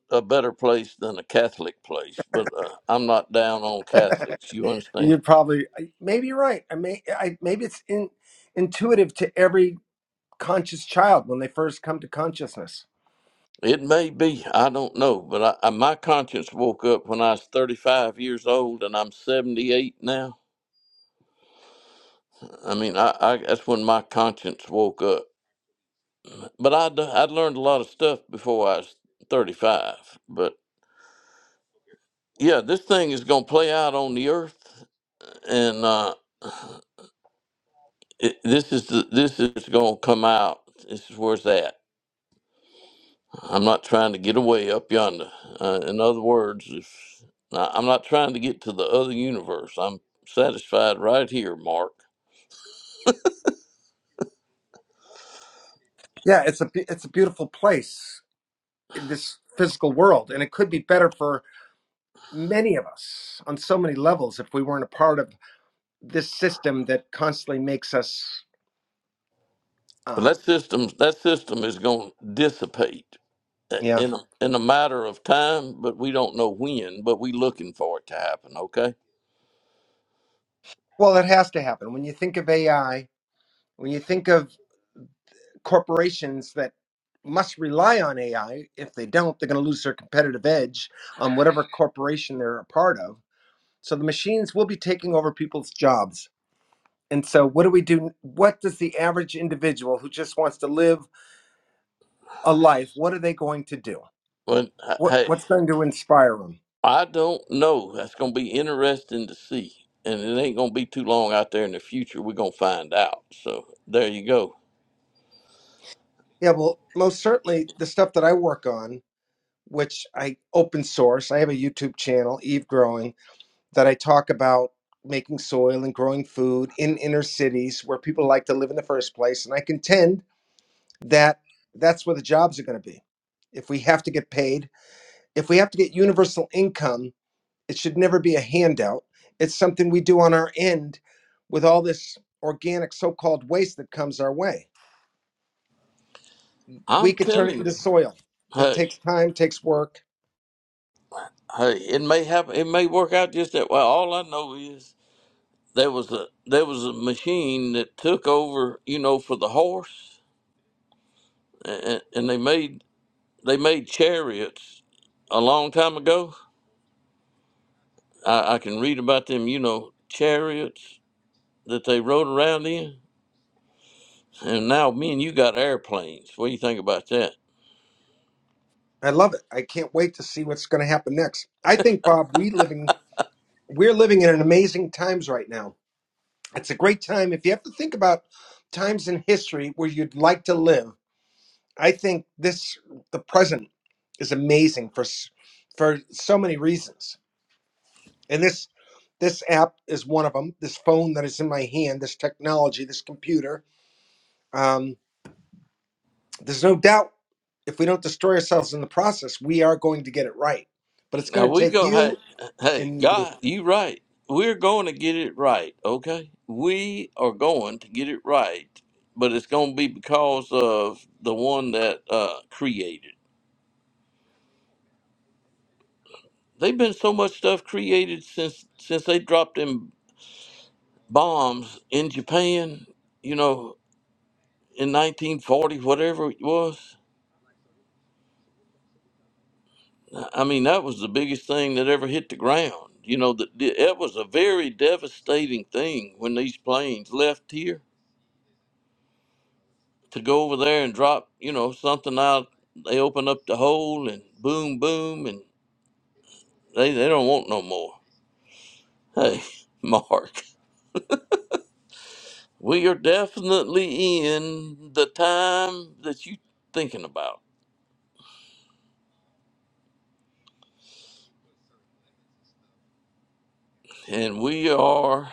A: a better place than a Catholic place, but uh, I'm not down on Catholics. You
D: You're
A: understand?
D: probably I- maybe you're right. I may I maybe it's in, intuitive to every conscious child when they first come to consciousness.
A: It may be I don't know, but I, I, my conscience woke up when I was 35 years old, and I'm 78 now. I mean, I, I that's when my conscience woke up. But I'd I'd learned a lot of stuff before I was 35. But yeah, this thing is gonna play out on the earth, and uh, it, this is the, this is going to come out. This is where it's at. I'm not trying to get away up yonder. Uh, in other words, if I- I'm not trying to get to the other universe, I'm satisfied right here, Mark.
D: Yeah, it's a be- it's a beautiful place in this physical world, and it could be better for many of us on so many levels if we weren't a part of this system that constantly makes us
A: But that
D: um,
A: system, that system is going to dissipate uh,
D: yeah,
A: in a- in a matter of time, but we don't know when. But we looking for it to happen. Okay.
D: Well, it has to happen. When you think of AI, when you think of corporations that must rely on AI, if they don't, they're going to lose their competitive edge on whatever corporation they're a part of. So the machines will be taking over people's jobs. And so, what do we do? What does the average individual who just wants to live a life, what are they going to do?
A: But uh,
D: What,
A: hey.
D: what's going to inspire them?
A: I don't know. That's going to be interesting to see. And it ain't going to be too long out there in the future. We're going to find out. So there you go.
D: Yeah, well, most certainly the stuff that I work on, which I open source, I have a YouTube channel, Eve Growing that I talk about making soil and growing food in inner cities where people like to live in the first place. And I contend that that's where the jobs are going to be. If we have to get paid, if we have to get universal income, it should never be a handout. It's something we do on our end with all this organic so called waste that comes our way. We
A: I'm
D: could turn it
A: telling
D: into
A: you,
D: soil. That
A: hey,
D: takes time, takes work.
A: hey, it may happen. It may work out just that way. All I know is there was a there was a machine that took over, you know, for the horse, and, and they made they made chariots a long time ago. I, I can read about them, you know, chariots that they rode around in And now me and you got airplanes. What do you think about that?
D: I love it. I can't wait to see what's going to happen next. I think, Bob, we living, we're living in an amazing times right now It's a great time. If you have to think about times in history where you'd like to live, I think this, the present, is amazing for s- for so many reasons. And this this app is one of them. This phone that is in my hand, this technology, this computer. Um, there's no doubt if we don't destroy ourselves in the process, we are going to get it right. But it's
A: Now
D: going to
A: we
D: take
A: go hey
D: you
A: hey,
D: and
A: God, you right. We're going to get it right, okay? We are going to get it right, but it's gonna be because of the one that uh created. They've been so much stuff created since since they dropped them bombs in Japan, you know, in nineteen forty, whatever it was. I mean, that was the biggest thing that ever hit the ground. You know, that it was a very devastating thing when these planes left here to go over there and drop, you know, something out. They open up the hole and boom, boom, and they, they don't want no more. Hey, Mark, we are definitely in the time that you thinking about, and we are.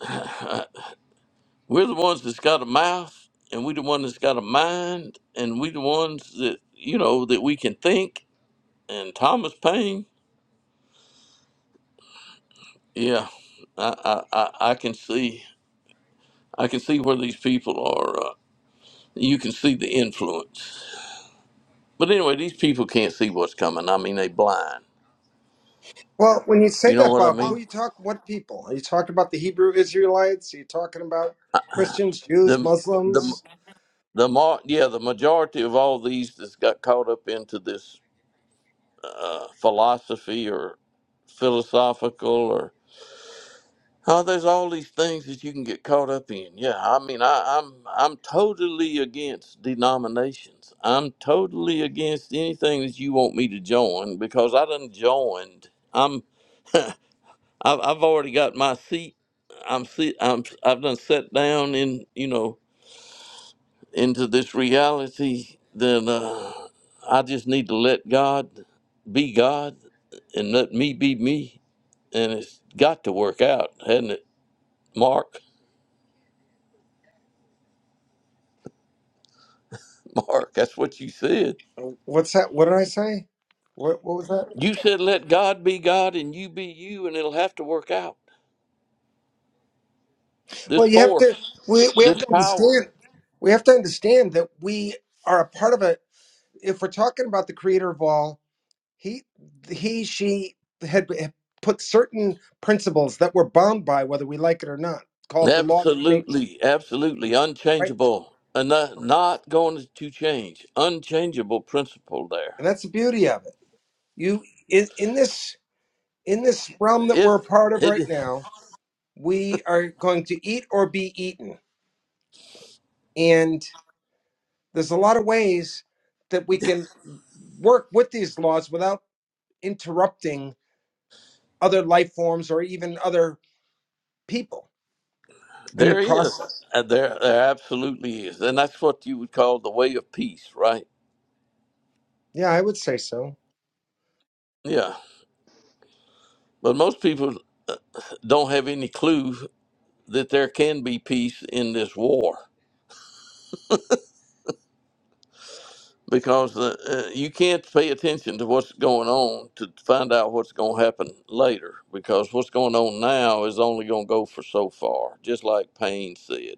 A: We're the ones that's got a mouth, and we're the ones that's got a mind, and we are the ones that you know that we can think. And Thomas Paine, yeah, I I, I, I can see I can see where these people are. Uh, you can see the influence, but anyway, these people can't see what's coming. I mean, they blind.
D: Well, when you say
A: You know
D: that,
A: what I
D: Bob, who
A: mean?
D: you talk? What people are you talking about? The Hebrew Israelites? Are you talking about Christians, Jews,
A: The the
D: Muslims?
A: the mar- yeah, the majority of all these that's got caught up into this uh, philosophy or philosophical or Oh, there's all these things that you can get caught up in. Yeah, I mean, I, I'm I'm totally against denominations. I'm totally against anything that you want me to join because I done joined. I'm I've, I've already got my seat. I'm sit. I'm I've done sat down in you know into this reality. Then uh, I just need to let God be God and let me be me, and it's got to work out, hasn't it, Mark? Mark, that's what you said.
D: Uh, What's that? What did I say? What, what was that?
A: You said, let God be God and you be you, and it'll have to work out. This
D: Well, you have
A: force,
D: to. We, we have
A: this
D: to
A: power,
D: understand. We have to understand that we are a part of a. If we're talking about the Creator of all, he, he, she had had put certain principles that we're bound by, whether we like it or not, called the laws of nature,
A: absolutely, absolutely
D: right?
A: unchangeable, and not, not going to change. Unchangeable principle there.
D: And that's the beauty of it. You in, in this. in this realm that
A: It,
D: we're a part of right
A: it,
D: now, we are going to eat or be eaten. And there's a lot of ways that we can work with these laws without interrupting other life forms or even other people in the
A: there is.
D: process.
A: Uh, There, there absolutely is. And that's what you would call the way of peace, right?
D: Yeah, I would say so.
A: Yeah. But most people don't have any clue that there can be peace in this war. because the, uh, you can't pay attention to what's going on to find out what's going to happen later because what's going on now is only going to go for so far just like payne said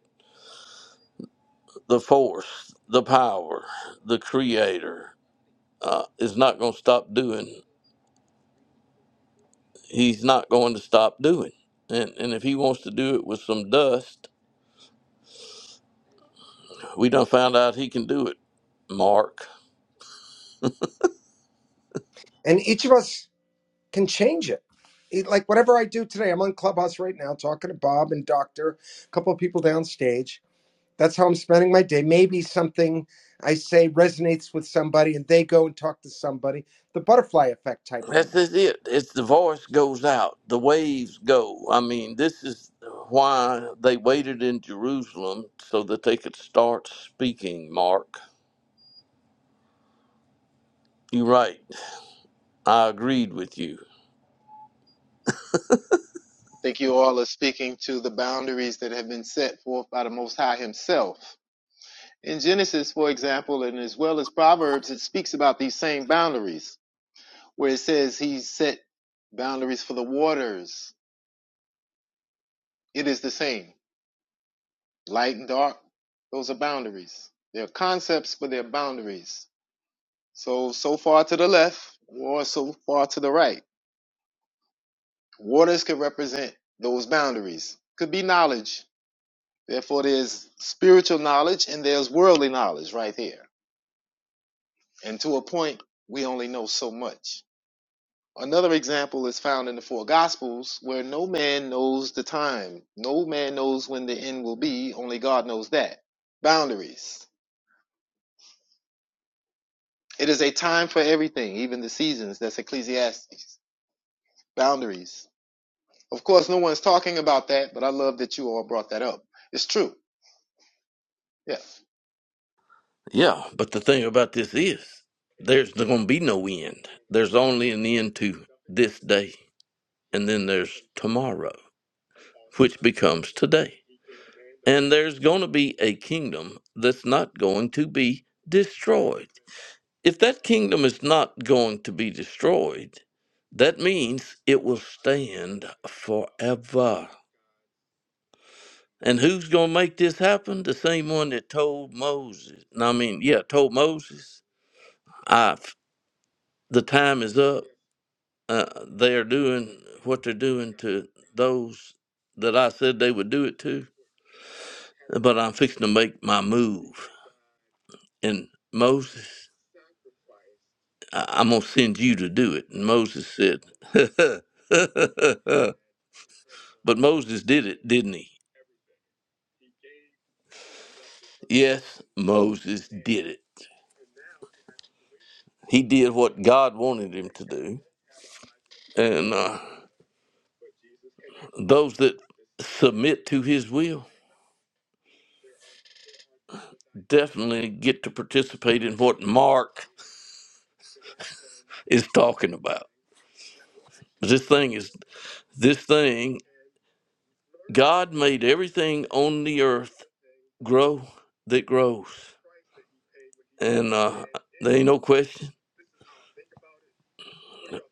A: the force the power the creator uh, is not going to stop doing he's not going to stop doing and, and if he wants to do it with some dust we done found out he can do it mark
D: And each of us can change it. It- Like whatever I do today, I'm on Clubhouse right now talking to Bob and Doctor, a couple of people downstage. That's how I'm spending my day. Maybe something I say resonates with somebody and they go and talk to somebody. The butterfly effect type
A: That's
D: thing.
A: just it. It's the voice goes out, the waves go. I mean, this is why they waited in Jerusalem so that they could start speaking, Mark. You're right. I agreed with you.
E: think you all are speaking to the boundaries that have been set forth by the Most High Himself. In Genesis, for example, and as well as Proverbs, it speaks about these same boundaries, where it says He set boundaries for the waters. It is the same. Light and dark, those are boundaries. They're concepts, but they're boundaries. So, so far to the left or so far to the right. Waters could represent those boundaries. Could be knowledge, Therefore, there's spiritual knowledge and there's worldly knowledge right there. And to a point, we only know so much. Another example is found in the four gospels where no man knows the time. No man knows when the end will be. Only God knows that. Boundaries. It is a time for everything, even the seasons. That's Ecclesiastes. Boundaries. Of course, no one's talking about that, but I love that you all brought that up. It's true. Yeah.
A: Yeah, but the thing about this is there's going to be no end. There's only an end to this day, and then there's tomorrow, which becomes today. And there's going to be a kingdom that's not going to be destroyed If that kingdom is not going to be destroyed, that means it will stand forever. And who's going to make this happen? The same one that told Moses. No, I mean, yeah, told Moses, I, the time is up. Uh, they are doing what they're doing to those that I said they would do it to, but I'm fixing to make my move. And Moses, I- I'm going to send you to do it. And Moses said, But Moses did it, didn't he? Yes, Moses did it. He did what God wanted him to do. And uh, those that submit to his will definitely get to participate in what Mark is talking about. This thing is, this thing, God made everything on the earth grow that grows. And uh, there ain't no question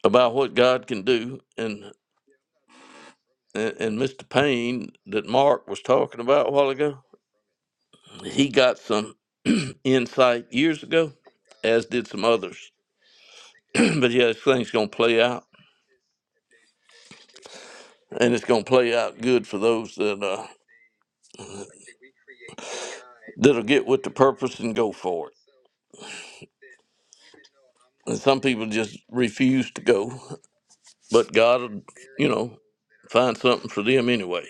A: about what God can do. And, and, and Mr. Payne that Mark was talking about a while ago he got some insight years ago, as did some others. but yeah, this thing's gonna play out, and it's gonna play out good for those that uh, that'll get with the purpose and go for it. And some people just refuse to go, but God, will, you know, find something for them anyway.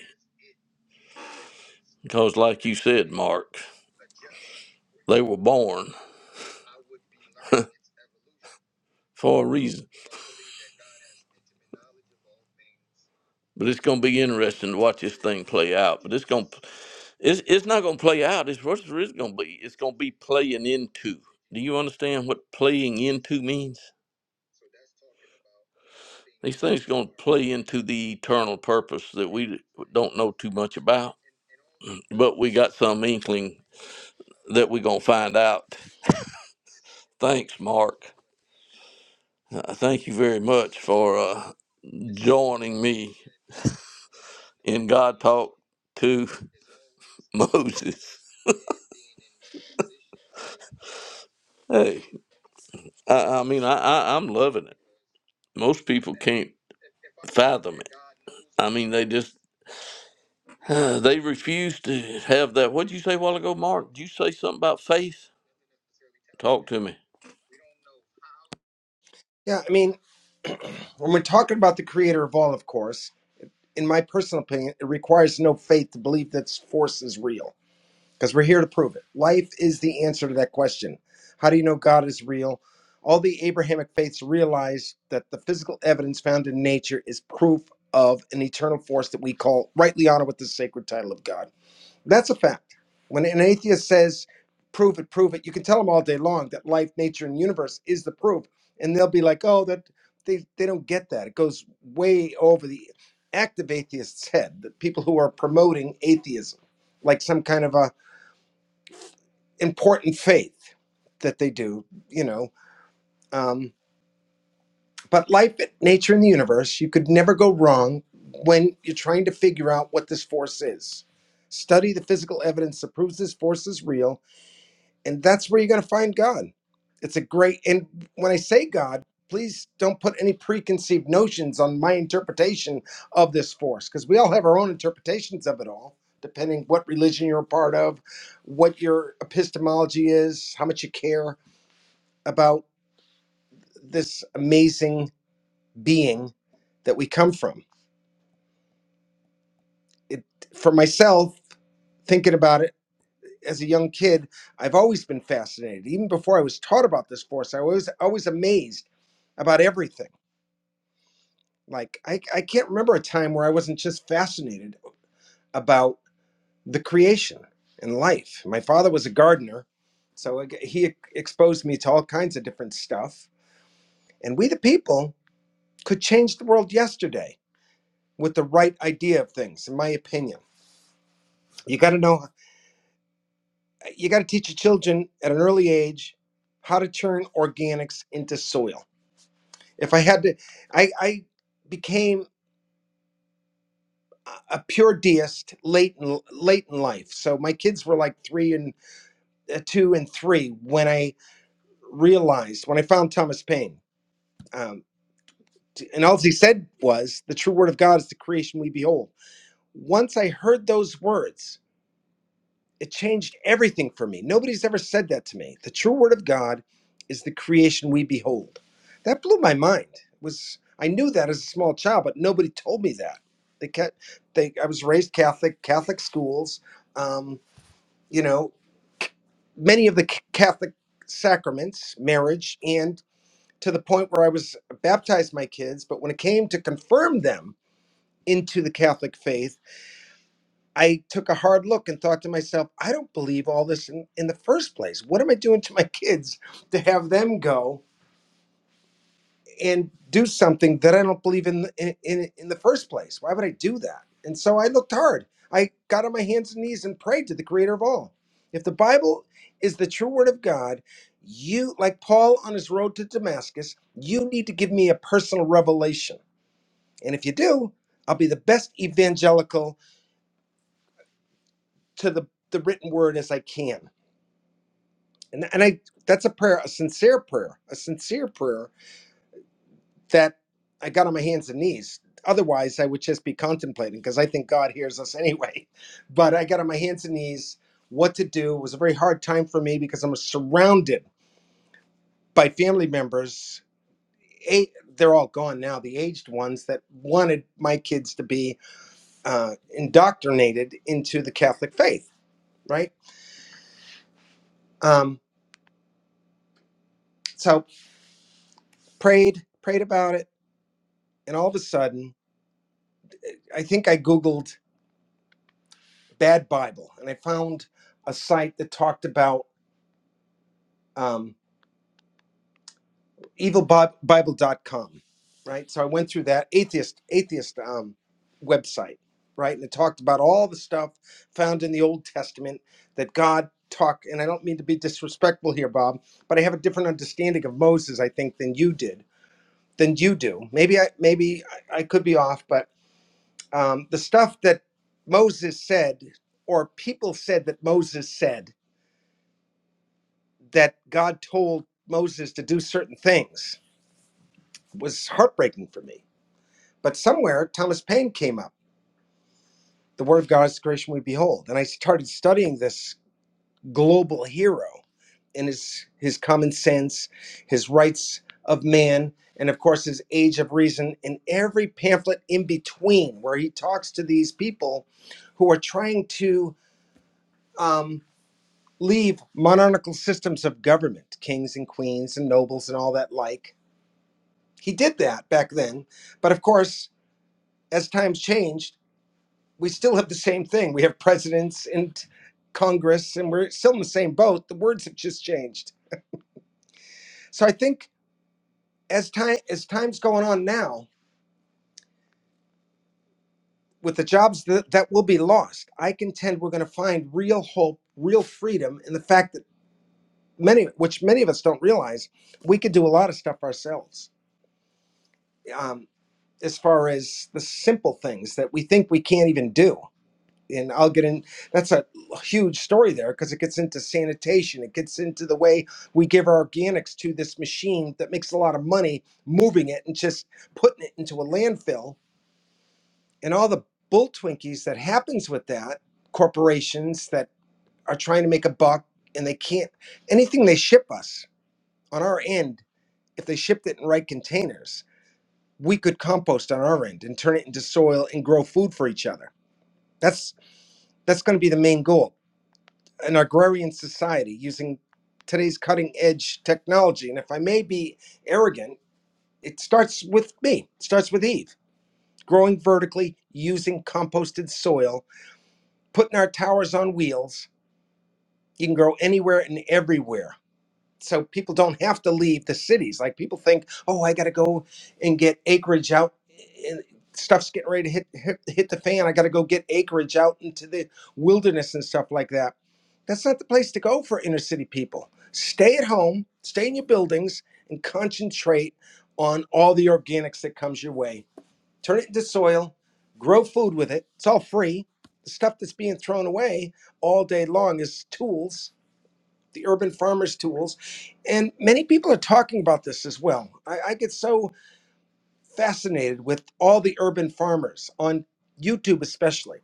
A: Because, like you said, Mark, they were born for a reason. But it's going to be interesting to watch this thing play out. But it's going to, it's, it's not going to play out. It's what it is going to be. It's going to be playing into. Do you understand what playing into means? These things going to play into the eternal purpose that we don't know too much about, but we got some inkling that we're going to find out. Thanks, Mark. Uh, thank you very much for uh, joining me in God Talk to Moses. Hey, I, I mean, I, I, I'm loving it. most people can't fathom it. I mean, they just they refuse to have that. what did you say a while ago, Mark? Did you say something about faith? Talk to me.
D: Yeah, I mean, when we're talking about the creator of all, of course, in my personal opinion, it requires no faith to believe that force is real because we're here to prove it. Life is the answer to that question. How do you know God is real? All the Abrahamic faiths realize that the physical evidence found in nature is proof of an eternal force that we call rightly honor with the sacred title of God. That's a fact. When an atheist says, prove it, prove it, you can tell them all day long that life, nature, and universe is the proof. And they'll be like, oh, that they, they don't get that. It goes way over the active atheists' head, the people who are promoting atheism, like some kind of a important faith that they do, you know. Um, but life, nature, and the universe, you could never go wrong when you're trying to figure out what this force is. Study the physical evidence that proves this force is real and that's where you're going to find God. It's a great, and when I say God, please don't put any preconceived notions on my interpretation of this force, because we all have our own interpretations of it all, depending what religion you're a part of, what your epistemology is, how much you care about this amazing being that we come from. It, for myself, thinking about it as a young kid, I've always been fascinated. Even before I was taught about this force, I was always amazed about everything Like I, I can't remember a time where I wasn't just fascinated about the creation and life. My father was a gardener, so like, he exposed me to all kinds of different stuff. And we, the people, could change the world yesterday with the right idea of things, in my opinion. You got to know, you got to teach your children at an early age how to turn organics into soil. If I had to, I, I became a pure deist late in late in life. So my kids were like three and uh, two and three when I realized when I found Thomas Paine. Um, t- and all he said was, "The true word of God is the creation we behold." Once I heard those words, it changed everything for me. Nobody's ever said that to me. The true word of God is the creation we behold. That blew my mind. It was I knew that as a small child, but nobody told me that. They kept. They, I was raised Catholic, Catholic schools. Um, you know, many of the c- Catholic sacraments, marriage, and to the point where I was baptized my kids. But when it came to confirm them into the Catholic faith, I took a hard look and thought to myself, I don't believe all this in, in the first place. What am I doing to my kids to have them go? and do something that I don't believe in in in in the first place. Why would I do that? And so I looked hard. I got on my hands and knees and prayed to the creator of all. If the Bible is the true word of God, you like Paul on his road to Damascus, you need to give me a personal revelation. And if you do, I'll be the best evangelical to the the written word as I can. And and I that's a prayer, a sincere prayer, a sincere prayer that I got on my hands and knees. Otherwise, I would just be contemplating because I think God hears us anyway. But I got on my hands and knees what to do. It was a very hard time for me because I'm surrounded by family members. Eight, they're all gone now, the aged ones that wanted my kids to be uh, indoctrinated into the Catholic faith, right? Um, so prayed, prayed about it. And all of a sudden, I think I Googled bad Bible and I found a site that talked about um, evil bible dot com, right? So I went through that atheist atheist um, website, right, and it talked about all the stuff found in the Old Testament that God talk. And I don't mean to be disrespectful here, Bob, but I have a different understanding of Moses, I think, than you did, than you do. Maybe I maybe I I could be off, but um, the stuff that Moses said, or people said that Moses said that God told Moses to do certain things was heartbreaking for me But somewhere Thomas Paine came up. The word of God's creation we behold. And I started studying this global hero and his his common sense, his rights of man, and of course his age of reason, and every pamphlet in between where he talks to these people who are trying to um, leave monarchical systems of government, kings and queens and nobles and all that like. He did that back then. But of course, as times changed, we still have the same thing. We have presidents and Congress, and we're still in the same boat. The words have just changed. So I think as time as time's going on now, with the jobs that, that will be lost, I contend we're going to find real hope, real freedom in the fact that many, which many of us don't realize, we could do a lot of stuff ourselves. Um, as far as the simple things that we think we can't even do and I'll get in. That's a huge story there because it gets into sanitation. It gets into the way we give our organics to this machine that makes a lot of money moving it and just putting it into a landfill and all the bull twinkies that happens with that. Corporations that are trying to make a buck and they can't. Anything they ship us on our end, if they shipped it in right containers, we could compost on our end and turn it into soil and grow food for each other. That's that's going to be the main goal an agrarian society using today's cutting edge technology. And if I may be arrogant, it starts with me, it starts with Eve, growing vertically, using composted soil, putting our towers on wheels. You can grow anywhere and everywhere so people don't have to leave the cities. Like people think, oh, I got to go and get acreage out. eh, And stuff's getting ready to hit hit, hit the fan. I got to go get acreage out into the wilderness and stuff like that. That's not the place to go for inner city people. Stay at home, stay in your buildings, and concentrate on all the organics that comes your way. Turn it into soil, grow food with it. It's all free. The stuff that's being thrown away all day long is tools the urban farmers tools and many people are talking about this as well i, I get so fascinated with all the urban farmers on youtube especially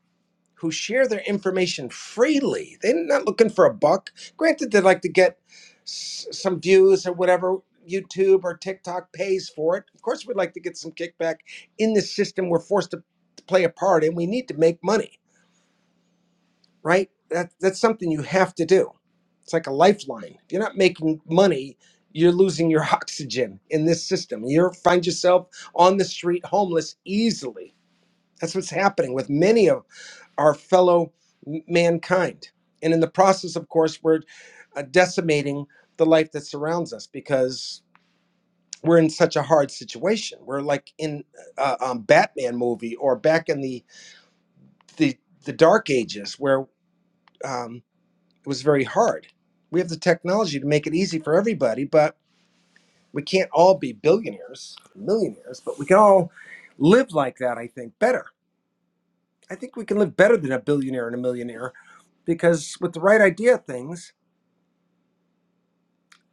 D: who share their information freely they're not looking for a buck granted they like to get s- some views or whatever youtube or tiktok pays for it of course we'd like to get some kickback in this system we're forced to to play a part and we need to make money right? That that's something you have to do. It's like a lifeline. If you're not making money, you're losing your oxygen in this system. You find yourself on the street homeless easily. That's what's happening with many of our fellow m- mankind. And in the process, of course, we're uh, decimating the life that surrounds us because we're in such a hard situation. We're like in a um, Batman movie or back in the the, the Dark Ages where. um, It was very hard. We have the technology to make it easy for everybody, but we can't all be billionaires, millionaires, but we can all live like that, I think, better. I think we can live better than a billionaire and a millionaire because with the right idea of things,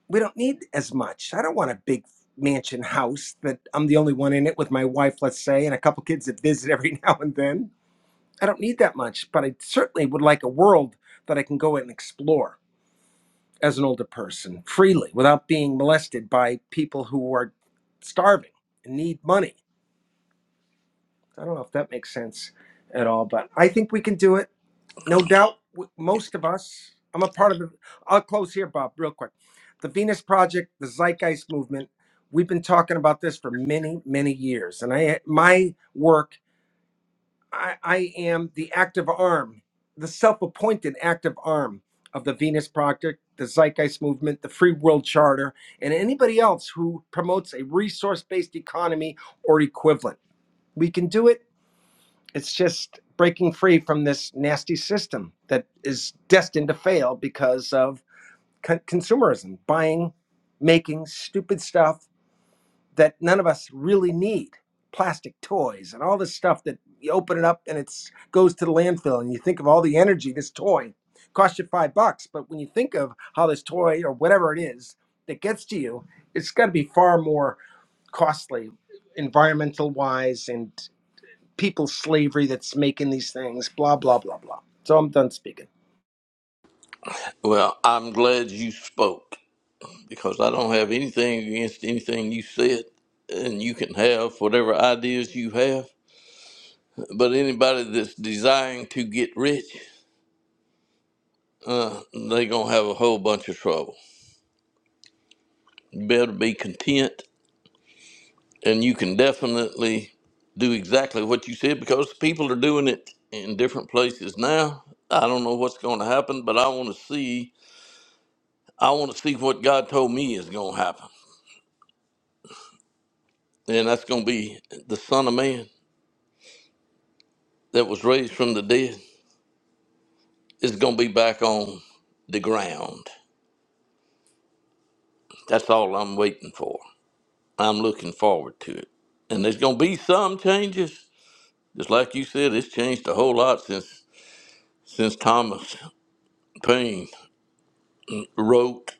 D: we don't need as much. I don't want a big mansion house that I'm the only one in it with my wife, let's say, and a couple kids that visit every now and then. I don't need that much, but I certainly would like a world that I can go in and explore as an older person freely without being molested by people who are starving and need money. I don't know if that makes sense at all, but I think we can do it. No doubt, w- most of us. I'm a part of the. I'll close here, Bob, real quick. The Venus Project, the Zeitgeist Movement. We've been talking about this for many, many years, and I my work I, I am the active arm, the self appointed active arm of the Venus Project, the Zeitgeist Movement, the Free World Charter, and anybody else who promotes a resource based economy or equivalent. We can do it. It's just breaking free from this nasty system that is destined to fail because of con- consumerism, buying, making stupid stuff that none of us really need plastic toys and all this stuff that you open it up and it goes to the landfill and you think of all the energy this toy cost you five bucks but when you think of how this toy or whatever it is that gets to you it's got to be far more costly environmental wise and people slavery that's making these things blah blah blah blah so i'm done speaking
A: Well, I'm glad you spoke because I don't have anything against anything you said, and you can have whatever ideas you have. But anybody that's desiring to get rich, uh, they gonna have a whole bunch of trouble. You better be content and you can definitely do exactly what you said because people are doing it in different places now. I don't know what's going to happen, but I want to see. I want to see what God told me is going to happen, and that's going to be the Son of Man that was raised from the dead is going to be back on the ground. That's all I'm waiting for. I'm looking forward to it, and there's going to be some changes. Just like you said, it's changed a whole lot since since Thomas Paine wrote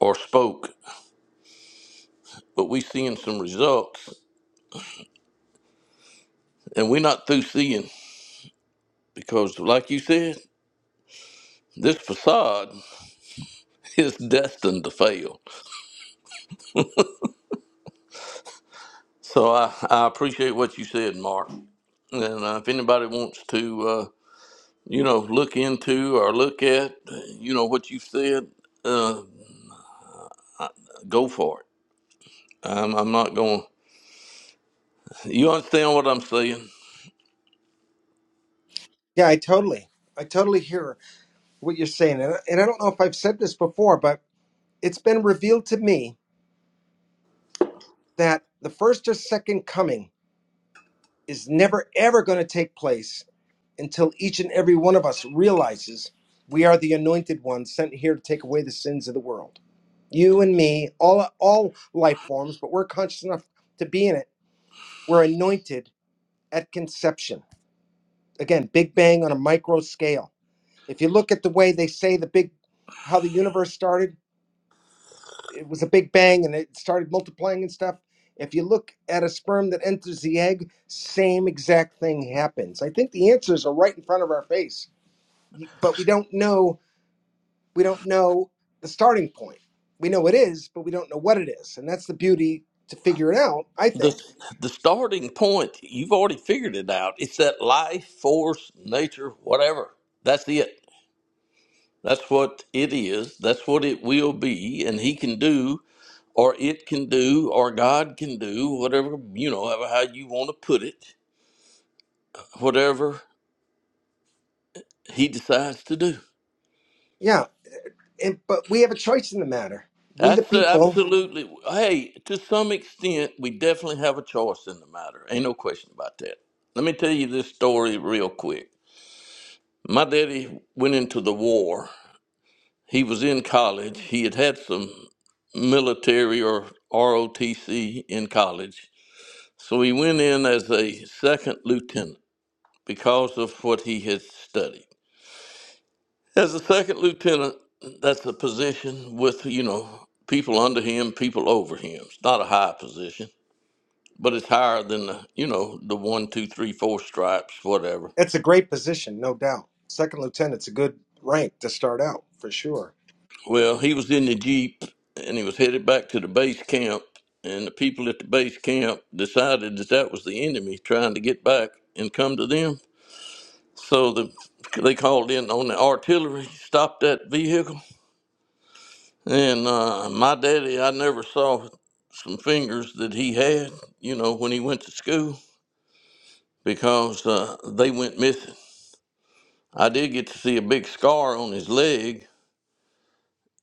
A: or spoke, but we seeing some results and we're not through seeing because like you said, this facade is destined to fail. So I, I appreciate what you said, Mark. And uh, if anybody wants to, uh, you know, look into or look at, uh, you know, what you said, uh, go for it. I'm, I'm not going. You understand what I'm saying?
D: yeah i totally i totally hear what you're saying and, and i don't know if i've said this before but it's been revealed to me that the first or second coming is never ever going to take place until each and every one of us realizes we are the anointed ones sent here to take away the sins of the world. You and me, all all life forms, but we're conscious enough to be in it. We're anointed at conception. Again, Big Bang on a micro scale. If you look at the way they say the big how the universe started, it was a big bang and it started multiplying and stuff. If you look at a sperm that enters the egg, same exact thing happens. I think the answers are right in front of our face, but we don't know. We don't know the starting point. We know it is, but we don't know what it is, and that's the beauty to figure it out. I
A: The
D: think,
A: the starting point. You've already figured it out. It's that life force, nature, whatever. That's it. That's what it is. That's what it will be. And he can do, or it can do, or God can do, whatever, you know, however how you want to put it, whatever he decides to do.
D: yeah. And, but we have a choice in the matter. We, the
A: That's the,
D: people,
A: absolutely, hey, to some extent, we definitely have a choice in the matter. Ain't no question about that. Let me tell you this story real quick. My daddy went into the war. He was in college. He had had some military or ROTC in college So he went in as a second lieutenant because of what he had studied. As a second lieutenant, that's a position with, you know, people under him, people over him. It's not a high position, but it's higher than the, you know, the one, two, three, four stripes, whatever.
D: that's a great position, no doubt. Second lieutenant's a good rank to start out for sure.
A: Well, he was in the Jeep and he was headed back to the base camp. And the people at the base camp decided that that was the enemy trying to get back and come to them. So the, they called in on the artillery, stopped that vehicle, and uh, my daddy, I never saw some fingers that he had, you know, when he went to school because uh, they went missing. I did get to see a big scar on his leg.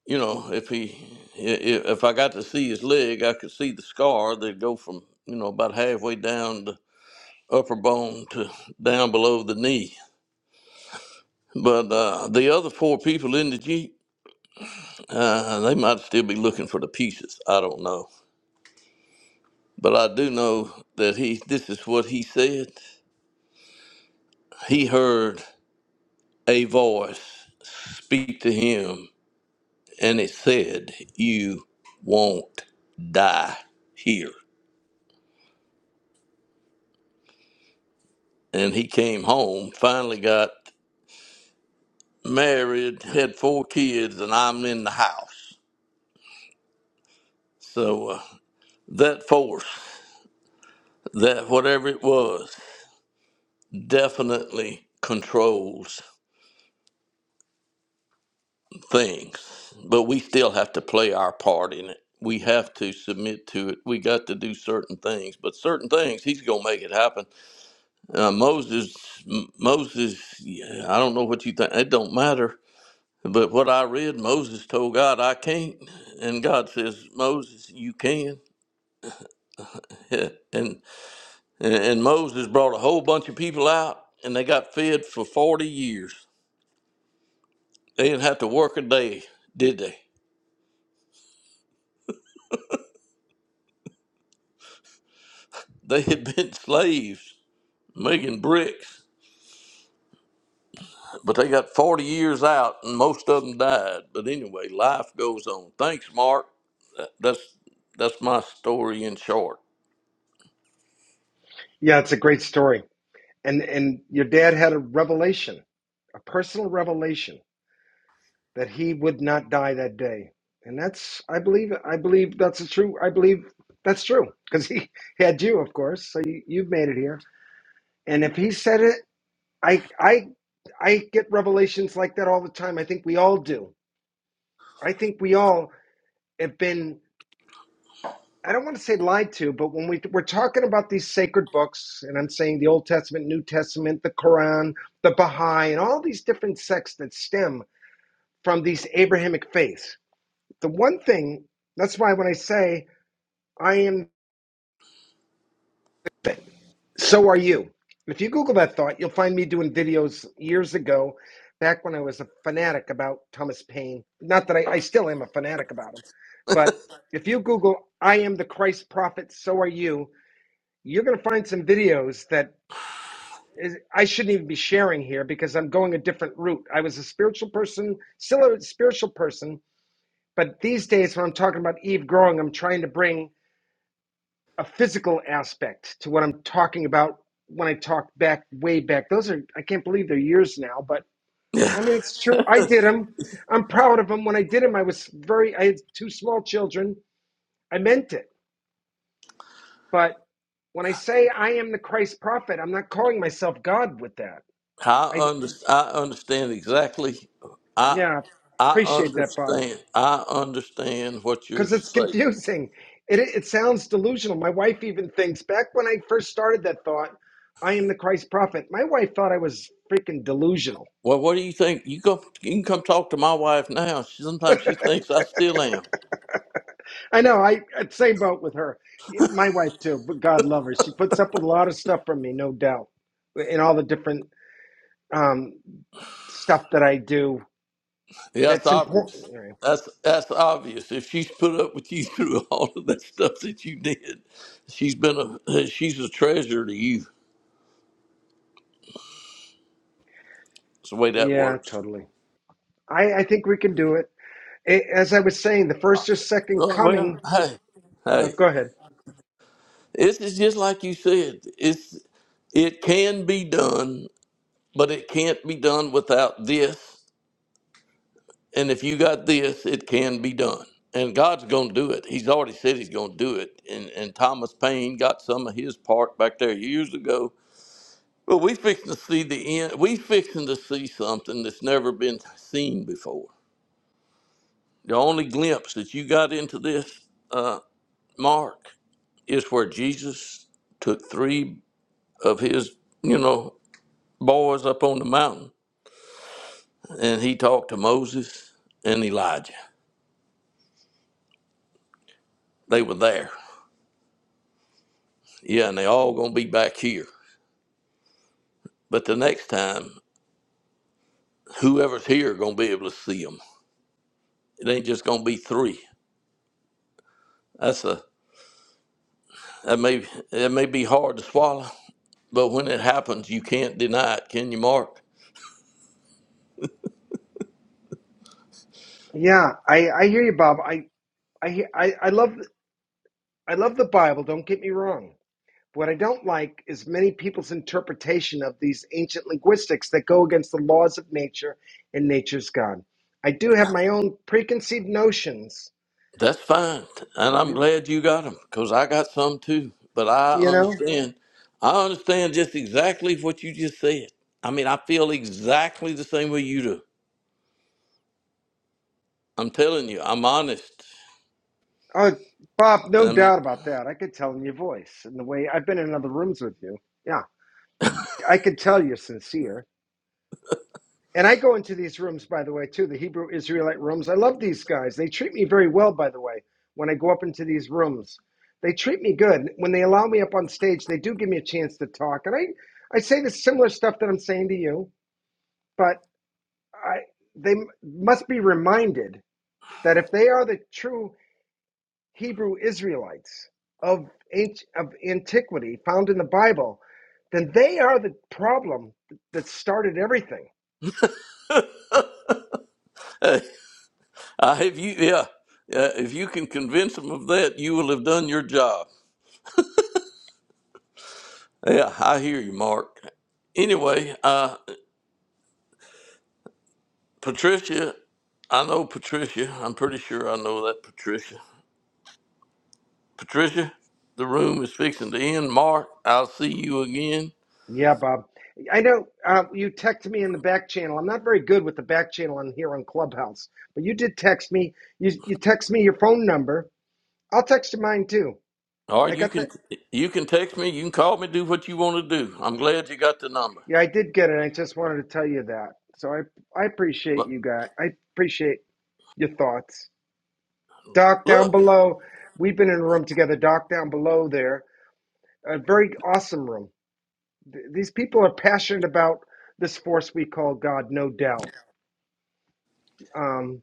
A: You know, if he, i- i- if I got to see his leg, I could see the scar that'd go from, you know, about halfway down the upper bone to down below the knee. But uh, the other four people in the jeep Uh, they might still be looking for the pieces. I don't know. But I do know that he, this is what he said. He heard a voice speak to him, and it said, You won't die here. And he came home, finally got married, had four kids, and I'm in the house. So uh, that force, that whatever it was, definitely controls things, but we still have to play our part in it. We have to submit to it. We got to do certain things, but certain things he's gonna make it happen. Uh, Moses, M- Moses, yeah, I don't know what you think. It don't matter. But what I read, Moses told God, "I can't," and God says, "Moses, you can." and and and Moses brought a whole bunch of people out, and they got fed for forty years. They didn't have to work a day, did they? They had been slaves making bricks, but they got 40 years out, and most of them died. But anyway, life goes on. Thanks, Mark. That- That's that's my story in short.
D: Yeah, it's a great story. and and your dad had a revelation a personal revelation that he would not die that day and that's i believe i believe that's a true i believe that's true because he had you of course so you, you've made it here and if he said it i i i get revelations like that all the time i think we all do i think we all have been I don't want to say lied to, but when we we're talking about these sacred books, and I'm saying the Old Testament, New Testament, the Quran, the Baha'i, and all these different sects that stem from these Abrahamic faiths. The one thing that's why when I say I am, so are you. If you Google that thought, you'll find me doing videos years ago, back when I was a fanatic about Thomas Paine. Not that I, I still am a fanatic about him, but if you Google "I am the Christ prophet, so are you," you're going to find some videos that is I shouldn't even be sharing here because I'm going a different route. I was a spiritual person, still a spiritual person, but these days when I'm talking about Eve growing, I'm trying to bring a physical aspect to what I'm talking about when I talk back way back. Those are I can't believe they're years now, but I mean it's true. I did them. I'm proud of them. When I did them, I was very I had two small children. I meant it. But when I say I am the Christ prophet, I'm not calling myself God with that.
A: I
D: I
A: under, I understand exactly. I
D: yeah,
A: I
D: appreciate that, Bob.
A: understand. I understand what you're
D: because it's
A: saying.
D: confusing. It, it sounds delusional. My wife even thinks back when I first started that thought, I am the Christ prophet. My wife thought I was freaking delusional.
A: Well, what do you think? You go. You can come talk to my wife now. She, sometimes she thinks I still am.
D: I know. I uh, same boat with her. Yeah, My wife too, but God love her. She puts up with a lot of stuff from me, no doubt, in all the different um, stuff that I do
A: Yeah, That's
D: that's important.
A: obvious. That's that's obvious. If she's put up with you through all of that stuff that you did, she's been a hey, she's a treasure to you. That's the way that
D: Yeah,
A: works.
D: totally. I, I think we can do it. A- As I was saying, the first or second
A: Uh, Well,
D: coming.
A: hey,
D: Uh,
A: hey,
D: go ahead.
A: this is just like you said. It's it can be done, but it can't be done without this. And if you got this, it can be done. And God's going to do it. He's already said He's going to do it. And and Thomas Paine got some of his part back there years ago Well, we fixing to see the end. We fixing to see something that's never been seen before. The only glimpse that you got into this, uh, Mark, is where Jesus took three of his, you know, boys up on the mountain, and he talked to Moses and Elijah. They were there. Yeah, and they all gonna be back here. But the next time, whoever's here gonna be able to see them. It ain't just gonna be three. That's a that may that may be hard to swallow But when it happens, you can't deny it, can you, Mark?
D: Yeah, I, I hear you, Bob. I I, I, I love I love the Bible. Don't get me wrong. What I don't like is many people's interpretation of these ancient linguistics that go against the laws of nature and nature's God. I do have my own preconceived notions,
A: That's fine. And I'm glad you got them because I got some too. But I
D: you know.
A: understand. I understand just exactly what you just said. I mean, I feel exactly the same way you do. I'm telling you, I'm honest.
D: Oh, Bob, no
A: And
D: doubt about that. I could tell in your voice and the way I've been in other rooms with you. Yeah, I could tell you're sincere And I go into these rooms, by the way, too, the Hebrew Israelite rooms. I love these guys. They treat me very well, by the way, when I go up into these rooms. They treat me good. When they allow me up on stage, they do give me a chance to talk. And I, I say the similar stuff that I'm saying to you, but I, they must be reminded that if they are the true Hebrew Israelites of, anci- of antiquity found in the Bible, then they are the problem that started everything
A: hey, I have you, yeah. Uh, if you can convince them of that, you will have done your job. Yeah, I hear you, Mark. Anyway, uh, Patricia, I know Patricia. I'm pretty sure I know that Patricia. Patricia, the room is fixing to end. Mark, I'll see you again.
D: Yeah, Bob. I know uh, you texted me in the back channel. I'm not very good with the back channel on here on Clubhouse, but you did text me. You you text me your phone number. I'll text you mine too.
A: Or
D: I
A: you
D: got the
A: can you can text me, you can call me, do what you want to do. I'm glad you got the number.
D: yeah. I did get it. I just wanted to tell you that. So I I appreciate
A: But
D: you guys. I appreciate your thoughts. Doc down
A: look,
D: below. We've been in a room together. Doc down below there. A very awesome room. Th- These people are passionate about this force we call God. No doubt. Um.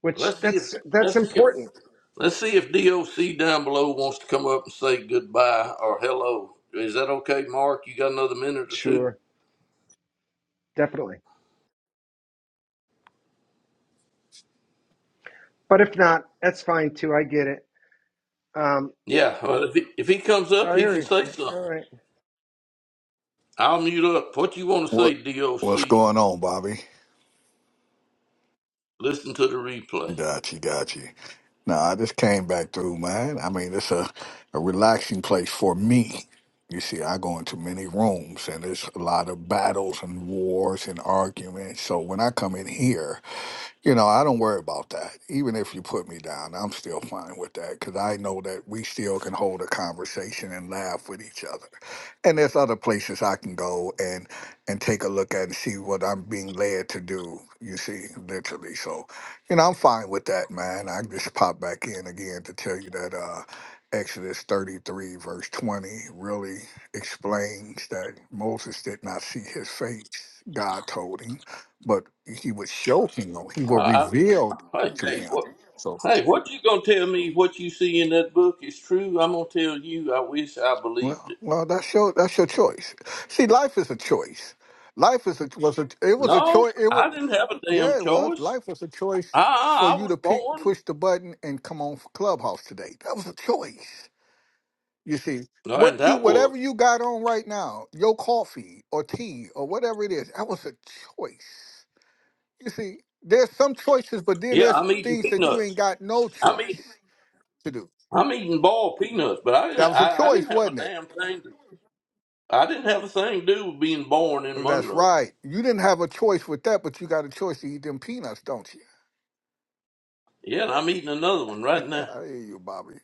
D: which
A: let's see if
D: that's that's
A: let's see if
D: important.
A: let's see if DOC down below wants to come up and say goodbye or hello. Is that okay, Mark? You got another minute or two?
D: Sure, definitely. But if not, that's fine too. I get it. Um,
A: Yeah. Well, if he, if he comes up,
D: all
A: he can
D: right,
A: say something.
D: all right.
A: I'll mute up. What you want to say,
C: What what's
A: DOC?
C: going on, Bobby?
A: Listen to the replay.
C: Got you, got you. Nah, I just came back through, man. I mean, it's a, a relaxing place for me. You see, I go into many rooms and there's a lot of battles and wars and arguments. So when I come in here, You know, I don't worry about that. Even if you put me down, I'm still fine with that because I know that we still can hold a conversation and laugh with each other. And there's other places I can go and and take a look at and see what I'm being led to do. You see, literally. So, you know, I'm fine with that, man. I just pop back in again to tell you that uh, Exodus 33 verse 20 really explains that Moses did not see his face. God told him but he would show him, he will
A: I,
C: reveal
A: I,
C: to
A: hey,
C: him.
A: what, hey, what you gonna tell me? What you see in that book is true? I'm gonna tell you. I wish I believed
C: Well,
A: it.
C: well, that's your that's your choice. See, life is a choice. Life is a was a it was a
A: No,
C: choice. It was
A: I didn't have a
C: yeah,
A: damn
C: it was.
A: choice.
C: Life was a choice for
A: I, I
C: you
A: was
C: to pick,
A: born,
C: push the button, and come on for Clubhouse today. That was a choice. You see,
A: uh, and
C: what you
A: that was
C: whatever you got on right now, your coffee or tea or whatever it is, that was a choice. You see, there's some choices, but then
A: yeah.
C: there's
A: I'm eating
C: things that you ain't
A: peanuts.
C: got no
A: I'm eating
C: choice to do.
A: I'm eating boiled peanuts, but I
C: That
A: didn't
C: was a
A: I, I
C: choice,
A: didn't have a
C: wasn't it?
A: damn thing. To, I didn't have a thing to do with being born in
C: Well, That's
A: Monroe.
C: right. You didn't have a choice with that, but you got a choice to eat them peanuts, don't you?
A: Yeah, and I'm eating another one right now.
C: I hear you, Bobby.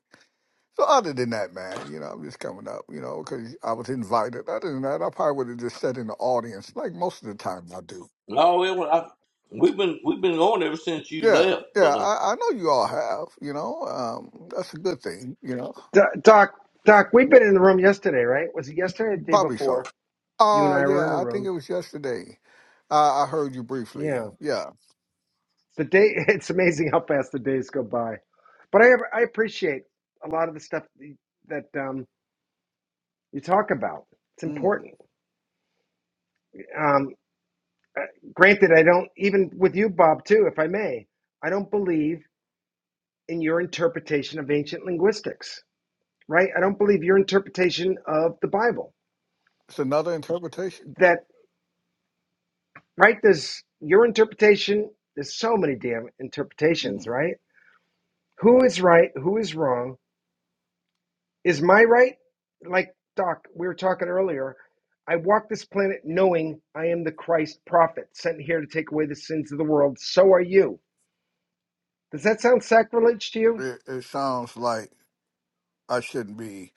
C: So other than that, man, you know, I'm just coming up, you know, because I was invited. Other than that, I probably would have just sat in the audience, like most of the time I do.
A: No, it, was- I, we've been we've been going ever since you
C: Yeah,
A: left,
C: yeah,
A: but. uh,
C: I, I know you all have, you know. Um, that's a good thing, you know.
D: Do- Doc, Doc, we've been in the room yesterday, right? Was it yesterday or the day
C: Probably
D: before?
C: so.
D: You and
C: Uh
D: I were
C: yeah,
D: in a
C: I think
D: room.
C: it was yesterday. Uh, I heard you
D: Yeah,
C: briefly. Yeah.
D: the day. It's amazing how fast the days go by. But I I appreciate a lot of the stuff that um, you talk about. It's
C: Mm.
D: important. Um, uh, granted, I don't even with you, Bob. Too, if I may, I don't believe. in your interpretation of ancient linguistics, right? I don't believe your interpretation of the Bible.
C: It's another interpretation.
D: That, right? There's your interpretation, there's so many damn interpretations,
C: Mm.
D: right? Who is right? Who is wrong? Is my right? Like, Doc, we were talking earlier. I walk this planet knowing I am the Christ prophet sent here to take away the sins of the world. So are you. Does that sound sacrilege to you?
C: It, it sounds like. I shouldn't be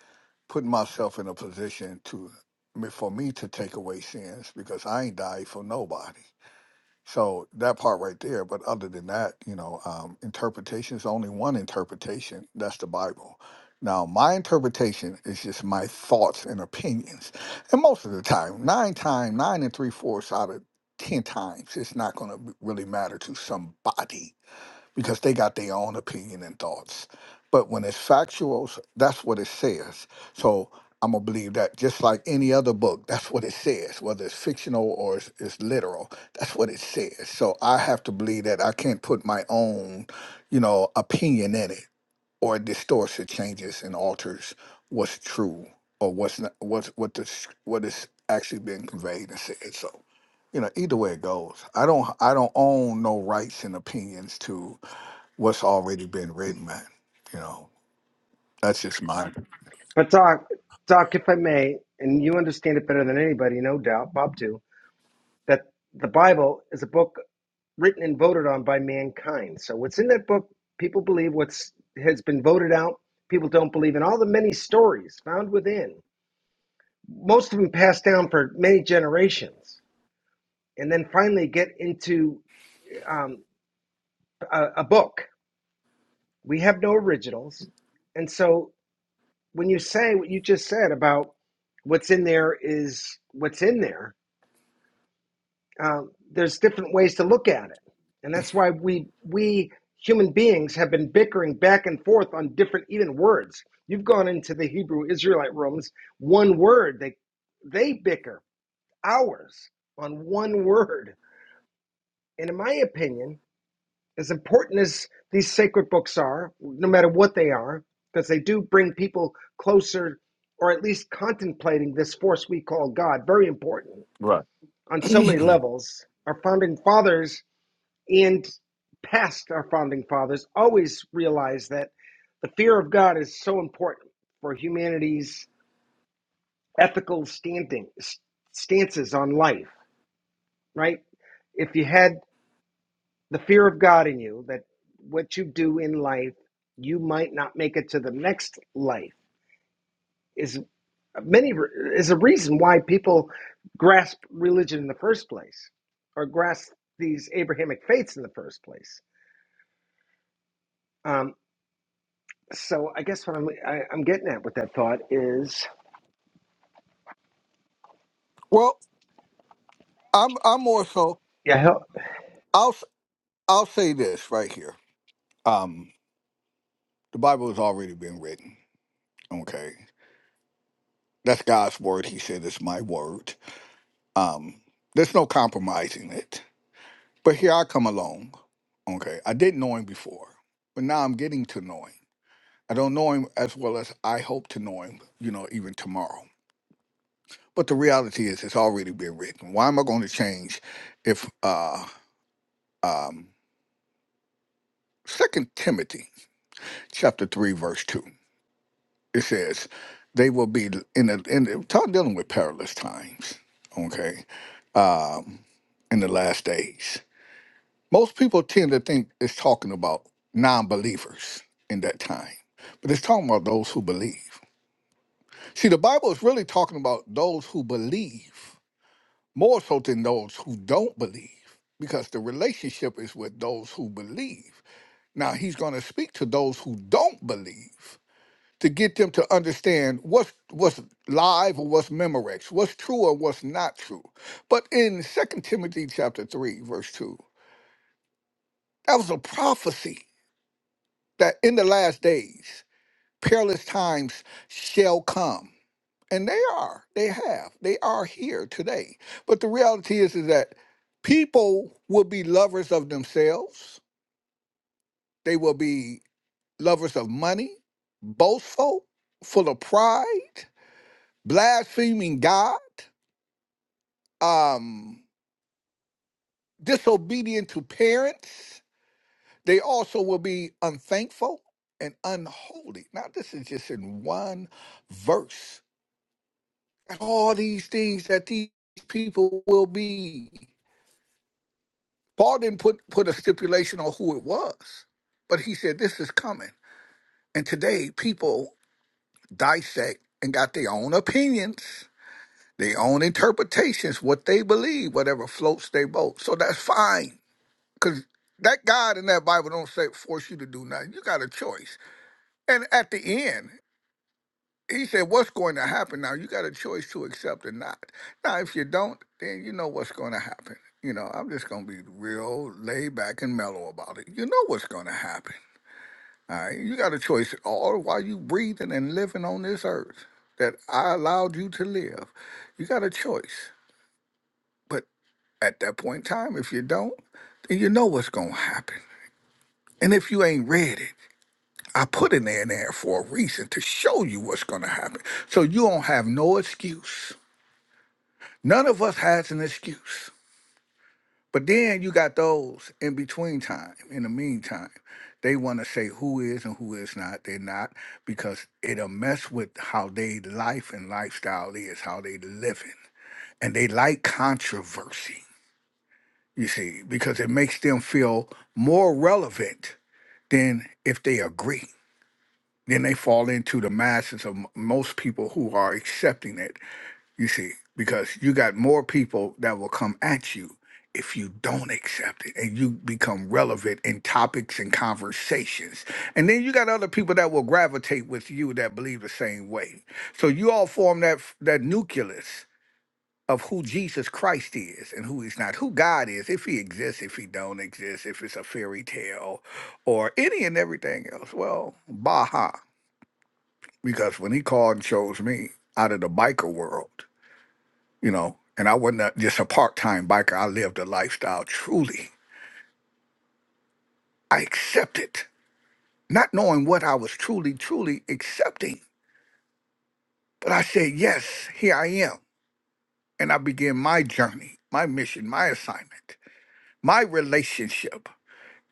C: putting myself in a position to me- for me to take away sins because I ain't died for nobody. So that part right there. But other than that, you know, um, interpretation is only one interpretation. That's the Bible. Now, my interpretation is just my thoughts and opinions. And most of the time, nine time, nine and three fourths out of 10 times, it's not going to really matter to somebody because they got their own opinion and thoughts. But when it's factual, s- that's what it says. So I'm gonna believe that just like any other book, that's what it says, whether it's fictional or it's, it's literal. That's what it says. So I have to believe that I can't put my own, you know, opinion in it, or it distorts, it changes, and alters what's true or what's not, what's what the s- what is actually being conveyed and said. So you know, either way it goes, I don't I don't own no rights and opinions to what's already been written, man. You know, that's just mine,
D: But, Doc, Doc, if I may, and you understand it better than anybody, no doubt, Bob, too that the Bible is a book written and voted on by mankind. So what's in that book, people believe what's has been voted out, people don't believe in all the many stories found within. Most of them passed down for many generations and then finally get into um, a, a book. We have no originals. And so when you say what you just said about what's in there is what's in there, Uh, there's different ways to look at it, and that's why we we human beings have been bickering back and forth on different even words. You've gone into the Hebrew Israelite rooms, one word they they bicker hours on one word. And in my opinion, as important as these sacred books are, no matter what they are, because they do bring people closer or at least contemplating this force we call God, very important
C: Right.
D: on so many levels. Our founding fathers and past our founding fathers always realized that the fear of God is so important for humanity's ethical standing stances on life, right? If you had the fear of God in you, that what you do in life, you might not make it to the next life is many is a reason why people grasp religion in the first place or grasp these Abrahamic faiths in the first place. Um, So I guess what I'm I, I'm getting at with that thought is
C: well. I'm I'm more so.
D: yeah hell,
C: I'll s- I'll say this right here. Um, the Bible has already been written. Okay, that's God's word. He said it's my word. Um, there's no compromising it. But here I come along. Okay, I didn't know him before, but now I'm getting to know him. I don't know him as well as I hope to know him. You know, even tomorrow. But the reality is, it's already been written. Why am I going to change if uh, um, 2 Timothy chapter 3, verse 2, it says, they will be in the, in the, talk dealing with perilous times, okay, um, in the last days. Most people tend to think it's talking about non believers in that time, but it's talking about those who believe. See, the Bible is really talking about those who believe more so than those who don't believe, because the relationship is with those who believe. Now he's going to speak to those who don't believe to get them to understand what's what's live or what's memorex, what's true or what's not true. But in Second Timothy chapter 3, verse 2, that was a prophecy that in the last days perilous times shall come. And they are. They have. They are here today. But the reality is, is that people will be lovers of themselves. They will be lovers of money, boastful, full of pride, blaspheming God, um, disobedient to parents. They also will be unthankful and unholy. Now, this is just in one verse. All these things that these people will be. Paul didn't put, put a stipulation on who it was, but he said, This is coming. And today, people dissect and got their own opinions, their own interpretations, what they believe, whatever floats their boat. So that's fine. Because that God in that Bible don't say force you to do nothing. You got a choice. And at the end, he said, What's going to happen now? You got a choice to accept or not. Now, if you don't, then you know what's going to happen. You know, I'm just going to be real laid back and mellow about it. You know what's going to happen. All right. You got a choice all while you breathing and living on this earth that I allowed you to live. You got a choice. But at that point in time, if you don't, then you know what's going to happen. And if you ain't read it, I put it in there for a reason to show you what's going to happen. So you don't have no excuse. None of us has an excuse. But then you got those in between time, in the meantime. They want to say who is and who is not. They're not because it'll mess with how they life and lifestyle is, how they living. And they like controversy, you see, because it makes them feel more relevant than if they agree. Then they fall into the masses of m- most people who are accepting it You see, because you got more people that will come at you if you don't accept it and you become relevant in topics and conversations. And then you got other people that will gravitate with you that believe the same way. So you all form that that nucleus of who Jesus Christ is and who he's not, who God is, if he exists, if he don't exist, if it's a fairy tale or any and everything else. Well, baha, because when he called and chose me out of the biker world, you know, and I wasn't a, just a part time biker. I lived a lifestyle truly. I accepted, not knowing what I was truly, truly accepting. But I said, yes, here I am. And I began my journey, my mission, my assignment, my relationship,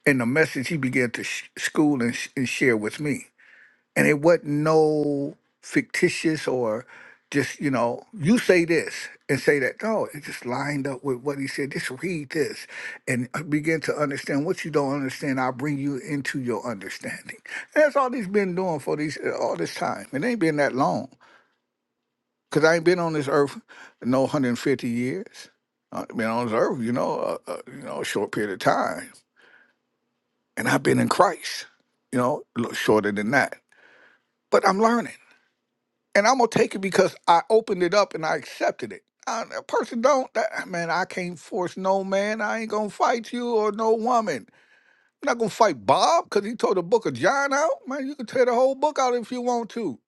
C: and the message he began to sh- school and, sh- and share with me. and it wasn't no fictitious or just you know you say this and say that no it just lined up with what he said just read this and uh, begin to understand what you don't understand i'll bring you into your understanding and that's all he's been doing for these uh, all this time it ain't been that long because i ain't been on this earth no 150 years i've been on this earth you know a, a, you know a short period of time and i've been in christ you know a little shorter than that but i'm learning and I'm gonna take it because I opened it up and I accepted it. I, a person don't that, ah, man. I can't force no man. I ain't gonna fight you or no woman. I'm not gonna fight Bob because he tore the book of John out. Man, you can tear the whole book out if you want to.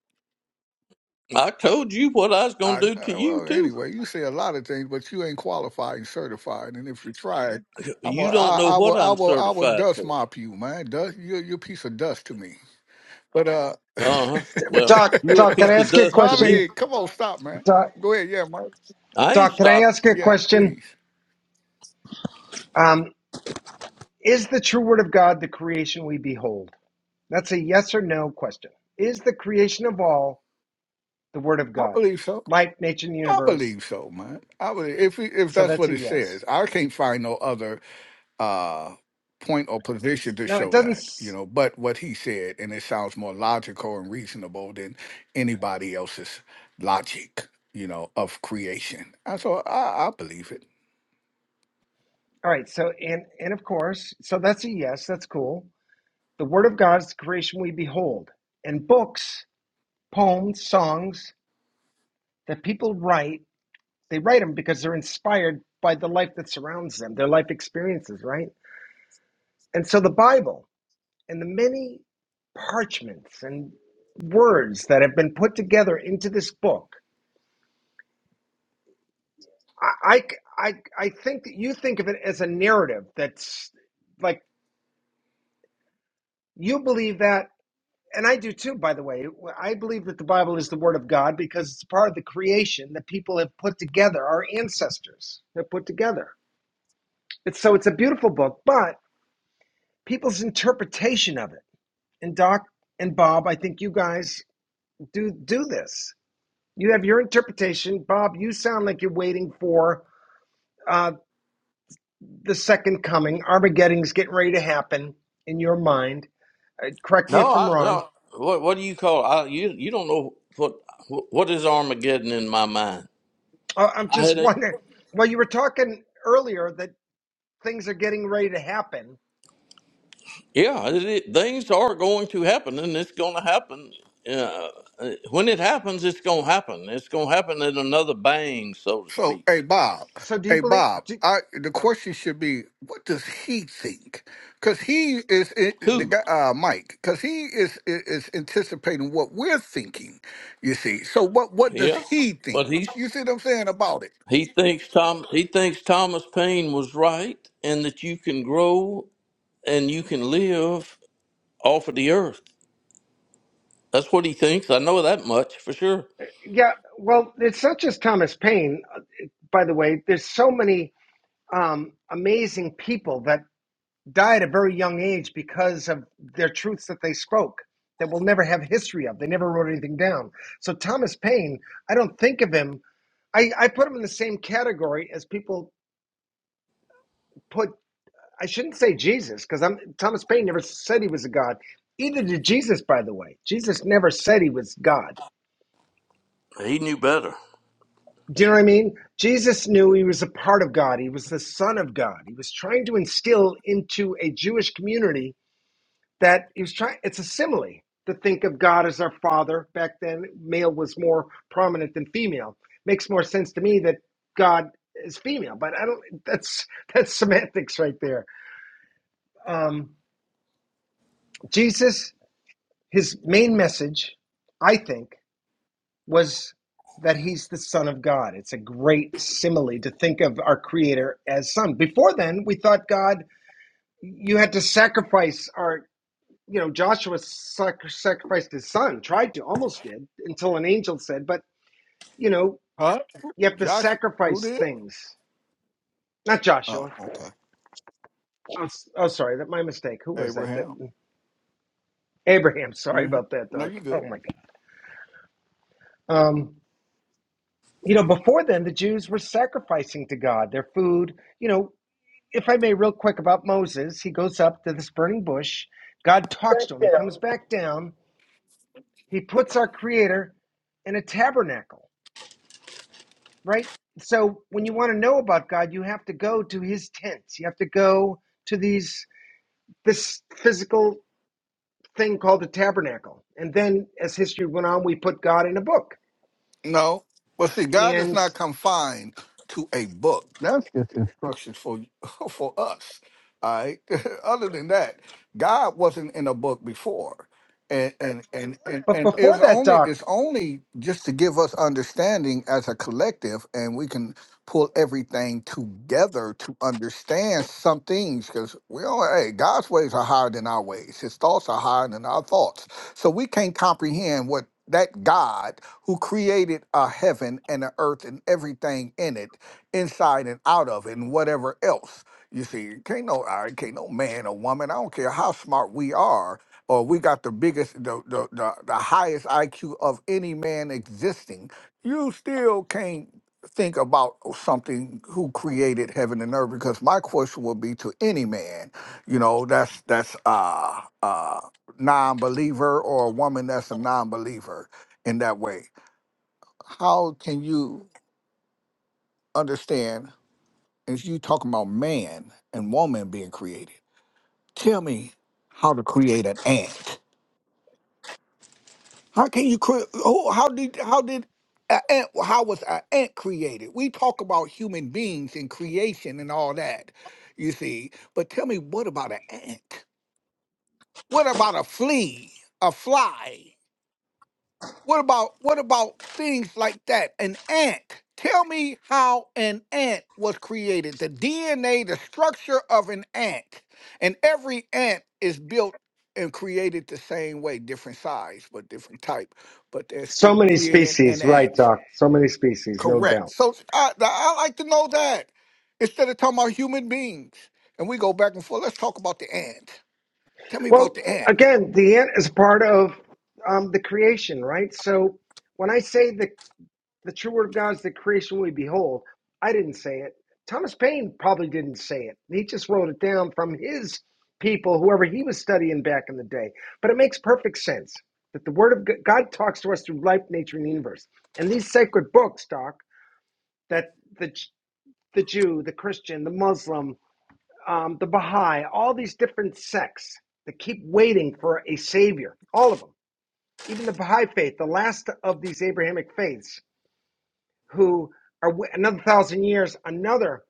A: I told you what I was
C: I,
A: going to do to
C: uh,
A: you,
C: well,
A: too.
C: anyway, you say a lot of things, but you ain't qualified and certified. And if you tried, I'm a,
A: You don't
C: I,
A: know
C: I will,
A: what
C: I
A: I'm
C: will, I will
A: certified
C: dust
A: for.
C: mop you, man. Dust, you're, you're a piece of dust to me. But uh,
A: Uh huh. Well,
D: doc
A: you a
D: doc can I
A: piece of
D: ask you a
A: dust to me.
C: Bobby,
D: question
C: come on, stop, man.
D: doc
C: Go ahead, yeah, Mike.
A: I ain't
D: doc can I
A: stopping.
D: ask you a
C: Yeah,
D: question
C: please.
D: um, is the true word of God the creation we behold that's a yes or no question is the creation of all the word of
C: I
D: God
C: believe so.
D: life nature and the
C: I
D: universe
C: believe so, man. I believe if it- if
D: so
C: that's
D: that's
C: what
D: a
C: it
D: yes
C: says. I can't find no other uh point or position to
D: no it
C: show
D: doesn't
C: that, you
D: s-
C: know, but what he said and it sounds more logical and reasonable than anybody else's logic, you know, of creation. And so I, I believe it.
D: all right so and and of course so that's a yes that's cool the word of God is the creation we behold and books poems songs that people write they write them because they're inspired by the life that surrounds them their life experiences right and so the bible and the many parchments and words that have been put together into this book i i i, I think that you think of it as a narrative that's like you believe that and I do too, by the way. I believe that the Bible is the Word of God because it's part of the creation that people have put together, our ancestors have put together. It's, so it's a beautiful book, but people's interpretation of it. And Doc and Bob, I think you guys do do this. You have your interpretation. Bob, you sound like you're waiting for uh, the second coming. Armageddon's getting ready to happen in your mind. Uh, correct me
A: No,
D: if I'm
A: I
D: wrong.
A: no. What what do you call? I, you you don't know what what is Armageddon in my mind.
D: Uh, I'm
A: I
D: just
A: had a-
D: wondering. Well, you were talking earlier that things are getting ready to happen.
A: yeah. It, it- things are going to happen, and it's going to happen. Uh, uh, when it happens, it's going to happen. It's going to happen in another bang, so to
C: So,
A: speak.
C: hey Bob,
D: So do you
C: hey
D: believe?
C: Bob,
D: Do,
C: I the
D: oh,
C: question should be, what does he think? Because he is it, the
A: Who?
C: guy, uh, Mike. Because he is is anticipating what we're thinking. You see, so what what does
A: Yeah.
C: he think?
A: But he's
C: You see what I'm saying about it?
A: He thinks Tom. He thinks Thomas Paine was right, and that you can grow and you can live off of the earth. That's what he thinks. I know that much for sure.
D: yeah. Well, it's not just Thomas Paine. uh, By the way, there's so many um, amazing people that die at a very young age because of their truths that they spoke that we'll never have history of. They never wrote anything down. So Thomas Paine, I don't think of him. I, I put him in the same category as people put. I shouldn't say Jesus because I'm Thomas Paine never said he was a god. Either did Jesus, by the way. Jesus never said he was God.
A: He knew better.
D: Do you know what I mean? Jesus knew he was a part of God. He was the Son of God. He was trying to instill into a Jewish community that he was trying it's a simile to think of god as our father back then male was more prominent than female makes more sense to me that god is female but i don't that's that's semantics right there um, jesus his main message i think was that he's the son of god it's a great simile to think of our creator as son before then we thought god you had to sacrifice our you know, Joshua sac- sacrificed his son, tried to, almost did, until an angel said, but, you know,
C: Huh?
D: you have to
C: Josh, who
D: sacrifice
C: did?
D: things. Not
C: Oh,
D: Joshua.
C: okay.
D: Oh, s- oh sorry, that my mistake. Who was that? That
C: Abraham.
D: Abraham. Sorry
C: hmm
D: about that,
C: No,
D: Doc.
C: you
D: Oh my God. Um, you know, before then, the Jews were sacrificing to God their food. You know, if I may, real quick about Moses, he goes up to this burning bush. God talks to him. He
C: good.
D: comes back down. He puts our Creator in a tabernacle right? So when you want to know about God, you have to go to his tents. You have to go to these this physical thing called the tabernacle. And then as history went on, we put God in a book.
C: No. Well, see, God is
D: And
C: not confined to a book. That's just instructions for for us. All right. Other than that, God wasn't in a book before. And and, and and
D: but
C: and
D: before
C: it's
D: that,
C: only it's
D: Doc,
C: only just to give us understanding as a collective, and we can pull everything together to understand some things. Because we all, hey, God's ways are higher than our ways. His thoughts are higher than our thoughts, so we can't comprehend what that God who created a heaven and an earth and everything in it, inside and out of it, and whatever else. You see, can't no I can't no man or woman, I don't care how smart we are, or we got the biggest the the, the, the highest IQ of any man existing, you still can't think about something who created heaven and earth because my question would be to any man you know that's that's uh uh non-believer or a woman that's a non-believer in that way how can you understand if you talking about man and woman being created? Tell me how to create an ant. How can you create? How did how did an ant? How was an ant created? We talk about human beings and creation and all that, you see. But tell me, what about an ant? What about a flea, a fly? What about what about things like that? An ant. Tell me how an ant was created. The DNA, the structure of an ant. And every ant is built and created the same way, different size, but different type. But they're
D: so
C: still
D: many
C: creating an
D: species,
C: ant.
D: right, Doc? So many species, no
C: Correct.
D: doubt.
C: So I, I like to know that instead of talking about human beings. And we go back and forth. Let's talk about the ant. Tell me about
D: Well,
C: the ant.
D: again, the ant is part of um, the creation, right? So when I say the The true word of God is the creation we behold. I didn't say it. Thomas Paine probably didn't say it. He just wrote it down from his people, whoever he was studying back in the day. But it makes perfect sense that the word of G- God talks to us through life, nature, and the universe. And these sacred books, Doc, that the the Jew, the Christian, the Muslim, um, the Baha'i, all these different sects that keep waiting for a savior, all of them, even the Baha'i faith, the last of these Abrahamic faiths who are another thousand years, another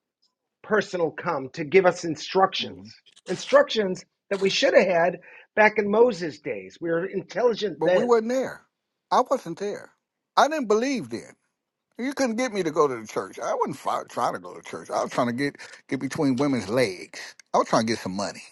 D: person will come to give us instructions.
C: hmm
D: Instructions that we should have had back in Moses' days. We were intelligent
C: But we
D: then.
C: were not there. I wasn't there. I didn't believe then. You couldn't get me to go to the church. I wasn't fi- trying to go to church. I was trying to get get between women's legs. I was trying to get some money.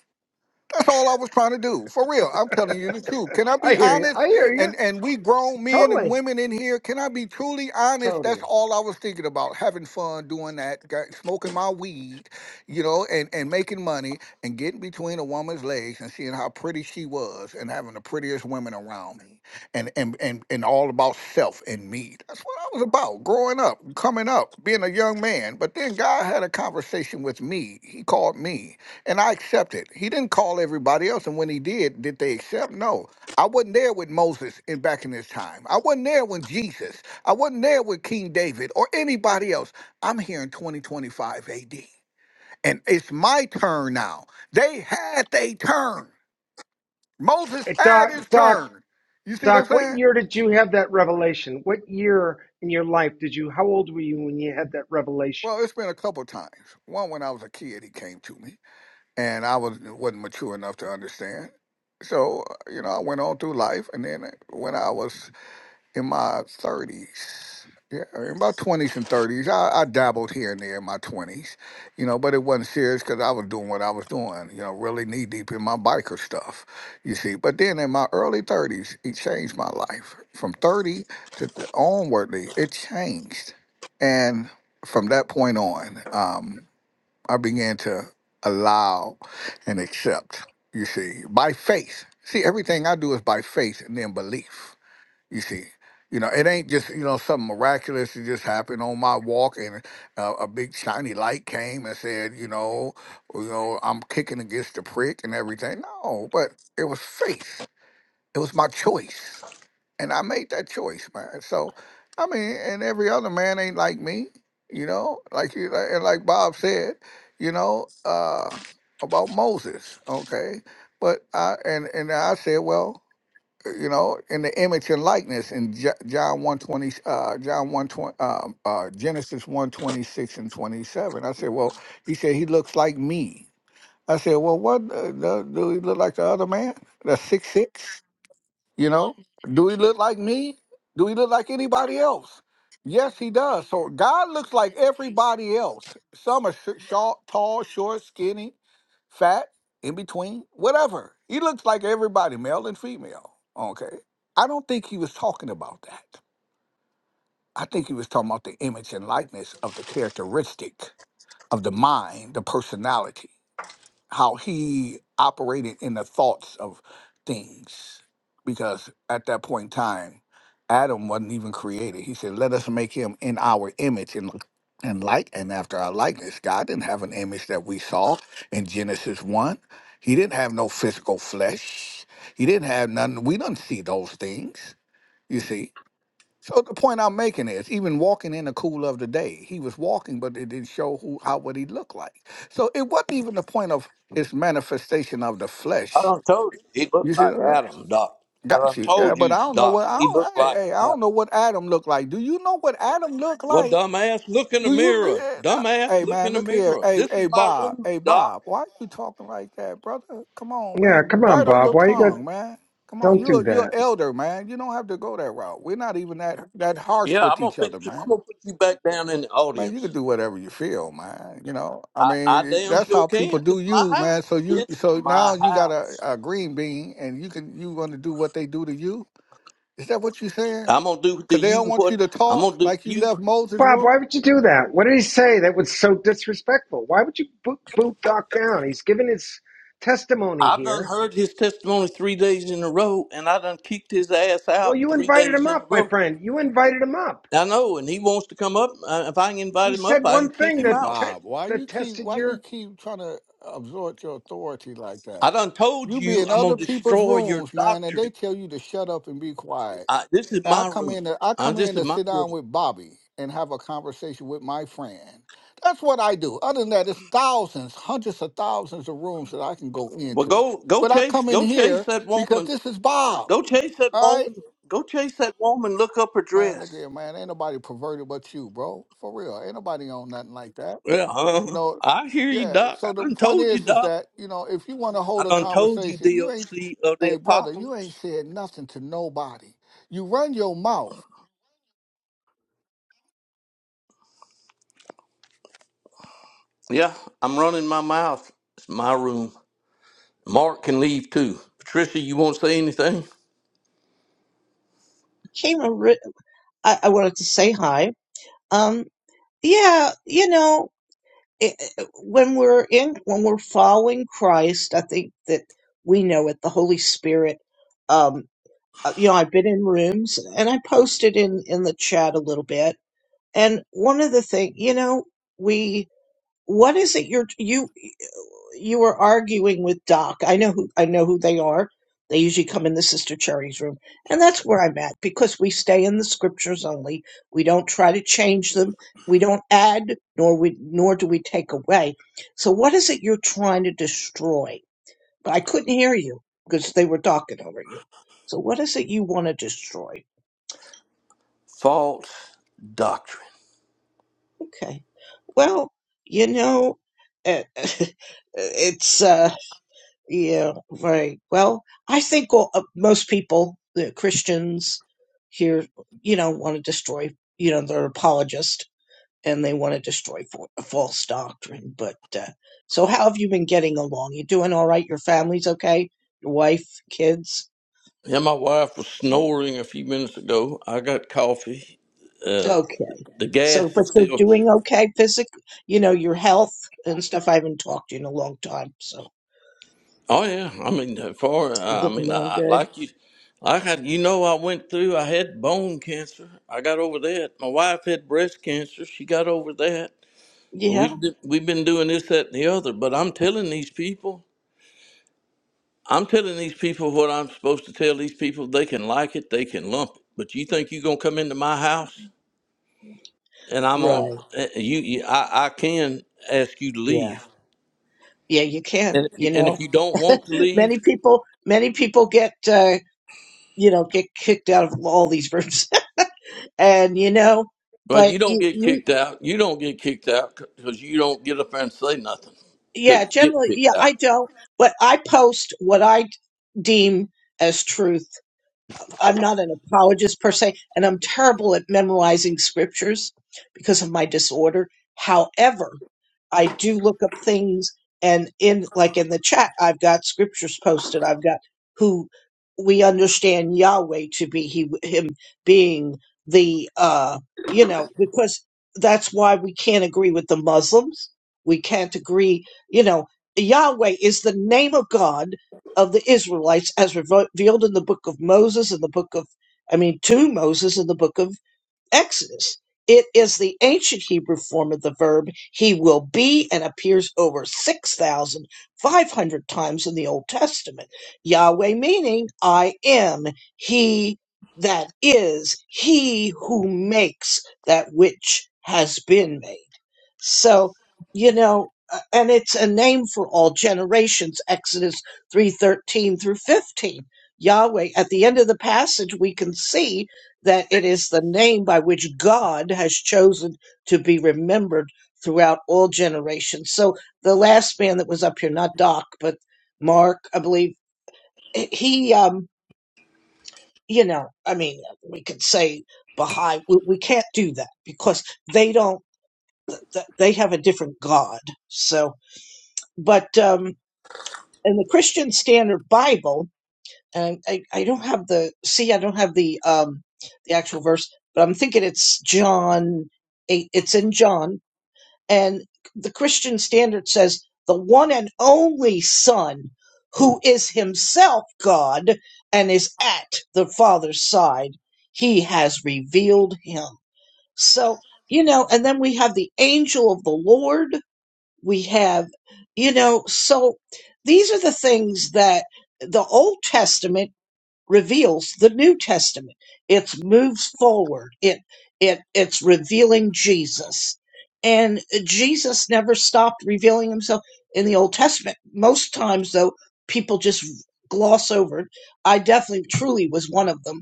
C: That's all I was trying to do. For real. I'm telling you the truth. Can I
D: I
C: be
D: hear you.
C: honest?
D: I hear you.
C: And and we grown men and
D: Totally.
C: women in here, can I be truly honest? That's
D: Totally.
C: all I was thinking about. Having fun doing that, got- smoking my weed, you know, and, and making money and getting between a woman's legs and seeing how pretty she was and having the prettiest women around me. And and and, and all about self and me. That's what I was about. Growing up, coming up, being a young man. But then God had a conversation with me. He called me and I accepted. He didn't call everybody else, and when he did, did they accept? No. I wasn't there with Moses in back in his time. I wasn't there with Jesus. I wasn't there with King David or anybody else. I'm here in 2025 AD. And it's my turn now. They had their turn. Moses
D: Hey,
C: had
D: Doc,
C: his
D: Doc,
C: turn. You see what I'm
D: Doc, what
C: saying?
D: year did you have that revelation? What year in your life did you, how old were you when you had that revelation?
C: Well, it's been a couple times. One when I was a kid, he came to me, and I was wasn't mature enough to understand. So uh, you know, I went on through life, and then uh, when I was in my 30s. Yeah, in my 20s and 30s. I, I dabbled here and there in my 20s, you know, but it wasn't serious because I was doing what I was doing, you know, really knee deep in my biker stuff, you see. But then in my early 30s, it changed my life. From 30 to th- onwardly, it changed. And from that point on, um, I began to allow and accept, you see, by faith. See, everything I do is by faith and then belief you see, you know, it ain't just you know something miraculous that just happened on my walk, and uh, a big shiny light came and said, you know, "Well, you know, I'm kicking against the prick and everything. No, but it was faith. It was my choice, and I made that choice, man. So, I mean, and every other man ain't like me, you know. Like you, like, and like Bob said, you know, uh, about Moses, okay. But I and and I said, well you know, in the image and likeness in Jo- John 120, uh, John 120, um, uh, Genesis 126 and 27. I said, well, he said, he looks like me. I said, well, what uh, do, do he look like the other man? The six six? You know, do he look like me? Do he look like anybody else? Yes, he does. So God looks like everybody else. Some are sh- short, tall, short, skinny, fat, in between, whatever. He looks like everybody, male and female. Okay. I don't think he was talking about that. I think he was talking about the image and likeness of the characteristic of the mind, the personality how he operated in the thoughts of things. Because at that point in time, Adam wasn't even created. He said, Let us make him in our image and and like and after our likeness. God didn't have an image that we saw in Genesis one. He didn't have no physical flesh. He didn't have none. We don't see those things. You see, so the point I'm making is, even walking in the cool of the day, he was walking, but it didn't show who how what he looked like. So it wasn't even the point of his manifestation of the
A: I
C: flesh.
A: done told you he
C: You
A: looked
C: see,
A: like
C: uh,
A: Adam, Doc. I
C: got
A: done
C: you. Yeah,
A: told
C: but
A: you,
C: I don't know what
A: Doc.
C: I
A: He looked
C: don't. Hey,
A: like
C: hey, I
A: Adam.
C: don't know what Adam looked like. Do you know what Adam looked
A: Well,
C: like?
A: dumbass, look in the
C: Do you
A: mirror. Dumbass,
C: Hey
A: look
C: man,
A: in the
C: look here.
A: mirror.
C: Hey,
A: This is
C: hey
A: my
C: Bob.
A: room,
C: Hey
A: Doc.
C: Bob. Why you talking like that, brother? Come on,
D: Yeah,
C: man.
D: come on,
C: Bridle
D: Bob.
C: your
D: Why you got,
C: tongue, man. Come on.
D: don't do
C: You're you're
D: that.
C: elder, man. You don't have to go that route. We're not even that that harsh
A: Yeah,
C: with
A: I'm gonna
C: each
A: put
C: other,
A: you.
C: man.
A: I'm gonna put you back down in the
C: Man, you
A: audience.
C: can do whatever you feel, man. You know, I
A: I, I
C: mean, eh,
A: damn
C: that's
A: sure
C: how people
A: can. This
C: do
A: is my
C: you,
A: house.
C: man. So you,
A: It's
C: so now
A: my
C: you got a,
A: house.
C: a green bean, and you can you going to do what they do to you? Is that what you saying?
A: I'm gonna do to
C: Cause they don't
A: you
C: want you
A: what
C: to
A: I'm
C: talk
A: gonna do to
C: like you
A: you.
C: left Moses'
D: Bob,
C: room.
D: why would you do that? What did he say that was so disrespectful? Why would you boot, boot Doc down? He's given his testimony
A: I've done
D: here.
A: heard his testimony three days in a row, and I done kicked his ass
D: Well,
A: out
D: you
A: three
D: invited
A: days
D: him
A: in a
D: up, my
A: row.
D: friend. You invited him up.
A: I know, and he wants to come up. Uh, if I can invite
D: He
A: him up,
D: said
A: I can
D: one
A: kick
D: thing
C: Hey
A: him
D: that
A: out.
D: te-
C: Bob, why you
D: that
C: keep
D: tested
C: why
D: your
C: you keep trying to absorb your authority like that?
A: I done told
C: You be
A: you
C: in
A: I'm
C: other
A: gonna
C: people's
A: destroy your
C: rooms, man, and they
A: doctrine.
C: tell you to shut up and be quiet.
A: I, this is
C: And I
A: my
C: come
A: room.
C: in to, I
A: Uh,
C: come
A: this
C: in
A: is
C: to
A: my
C: sit down
A: room.
C: with Bobby and have a conversation with my friend. That's what I do. Other than that, it's thousands, hundreds of thousands of rooms that I can go
A: Well,
C: into.
A: go go
C: But I
A: chase
C: come in
A: go chase
C: here
A: that
C: because
A: woman.
C: this is Bob.
A: Go chase that
C: All right?
A: woman. Go chase that woman. Look up her
C: Man, look
A: dress.
C: here, man. Ain't nobody perverted but you, bro. For real. Ain't nobody on nothing like that.
A: Yeah,
C: You
A: uh,
C: know,
A: I hear you,
C: yeah.
A: Doc. I
C: So the
A: done
C: point
A: told you,
C: is, is
A: Doc.
C: that you know, if you want to
A: I
C: hold a
A: done told you
C: conversation, you ain't,
A: DOC of the
C: hey brother, you ain't
A: apocalypse.
C: said nothing to nobody. You run your mouth.
A: Yeah, I'm running my mouth. It's my room. Mark can leave too. Patricia, you won't say anything?
F: Came Maria. I, I wanted to say hi. Um, yeah, you know, it- when we're in, when we're following Christ, I think that we know it. The Holy Spirit. Um, uh, you know, I've been in rooms, and I posted in in the chat a little bit. And one of the thing, you know, we what is it you're you? you were arguing with Doc. I know who I know who they are. They usually come in the Sister Cherry's room, and that's where I'm at because we stay in the scriptures only. We don't try to change them. We don't add, nor we nor do we take away. So, what is it you're trying to destroy? I couldn't hear you because they were talking over you. So, what is it you want to destroy?
A: False doctrine.
F: Okay, well, you know, eh, it's. Uh, Yeah, right. Well, I think all, uh, most people, the Christians here, you know, want to destroy, you know, they're apologist and they want to destroy for, false doctrine. But uh, so, how have you been getting along? You doing all right? Your family's okay? Your wife, kids?
A: Yeah, my wife was snoring a few minutes ago. I got coffee. Uh,
F: Okay.
A: the gas
F: So, but
A: is
F: you're
A: still.
F: doing okay physically, you know, your health and stuff. I haven't talked to you in a long time. So,
A: Oh yeah, I mean, uh, for
F: you
A: uh, I
F: getting
A: mean,
F: along
A: I,
F: good?
A: like you, like I, you know, I went through. I had bone cancer. I got over that. My wife had breast cancer. She got over that.
F: Yeah,
A: We've d- we've been doing this, that, and the other, but I'm telling these people, I'm telling these people what I'm supposed to tell these people. They can like it, they can lump it, but you think you're gonna come into my house and I'm on?
F: right.
A: eh, eh, You, you I, I can ask you to
F: Yeah.
A: leave,
F: Yeah, you can,
A: and if you,
F: you
A: and
F: know.
A: if you don't want to leave,
F: many people many people get uh, you know get kicked out of all these rooms and you know
A: well,
F: but
A: you don't
F: you,
A: get
F: you
A: kicked out. You don't get kicked out because you don't get up there and say nothing
F: yeah
A: to get
F: generally yeah
A: kicked
F: i
A: out.
F: don't but i post what i deem as truth I'm not an apologist per se, and I'm terrible at memorizing scriptures because of my disorder. However, I do look up things and in like in the chat, I've got scriptures posted. I've got who we understand Yahweh to be he him being the uh you know because that's why we can't agree with the Muslims. We can't agree, you know, Yahweh is the name of God of the Israelites as revealed in the book of Moses and the book of, I mean, to Moses in the book of Exodus. It is the ancient Hebrew form of the verb he will be and appears over 6,500 times in the Old Testament. Yahweh meaning I am, he that is, he who makes that which has been made. So, you know, uh, and it's a name for all generations, Exodus 3:13 through 15. Yahweh, at the end of the passage we can see that it is the name by which God has chosen to be remembered throughout all generations. So, the last man that was up here, not Doc, but Mark, I believe, eh, he um, you know, I mean, we could say Baha'i, we, we can't do that because they don't, th- th- they have a different God. So, but um, in the Christian Standard Bible, and I, I don't have the see, I don't have the um, the actual verse, but I'm thinking it's John eight. It's in John, and the Christian Standard says the one and only Son, who is Himself God and is at the Father's side, He has revealed Him. So you know, and then we have the angel of the Lord we have you know so these are the things that the old testament reveals the new testament it moves forward it it it's revealing jesus and jesus never stopped revealing himself in the old testament most times though people just gloss over it i definitely truly was one of them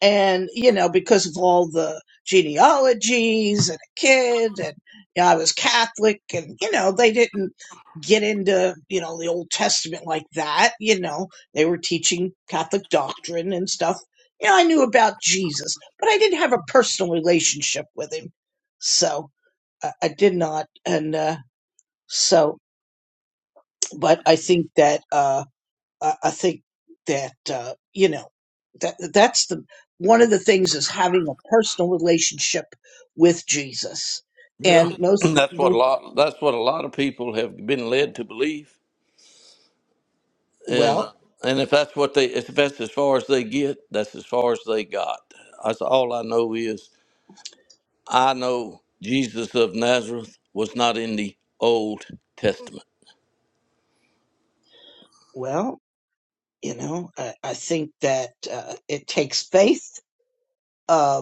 F: and you know because of all the genealogies and a kid and you know, i was catholic and you know they didn't get into you know the old testament like that you know they were teaching catholic doctrine and stuff you know i knew about jesus but i didn't have a personal relationship with him so i, I did not and uh, so but i think that uh, I, I think that uh, you know that that's the one of the things is having a personal relationship with Jesus,
A: Yeah,
F: and most
A: that's what a
F: most
A: lot. That's what a lot of people have been led to believe. and
F: well
A: and if that's what they if that's as far as they get that's as far as they got that's all i know is i know jesus of nazareth was not in the old testament
F: well you know I, I think that uh, it takes faith Um,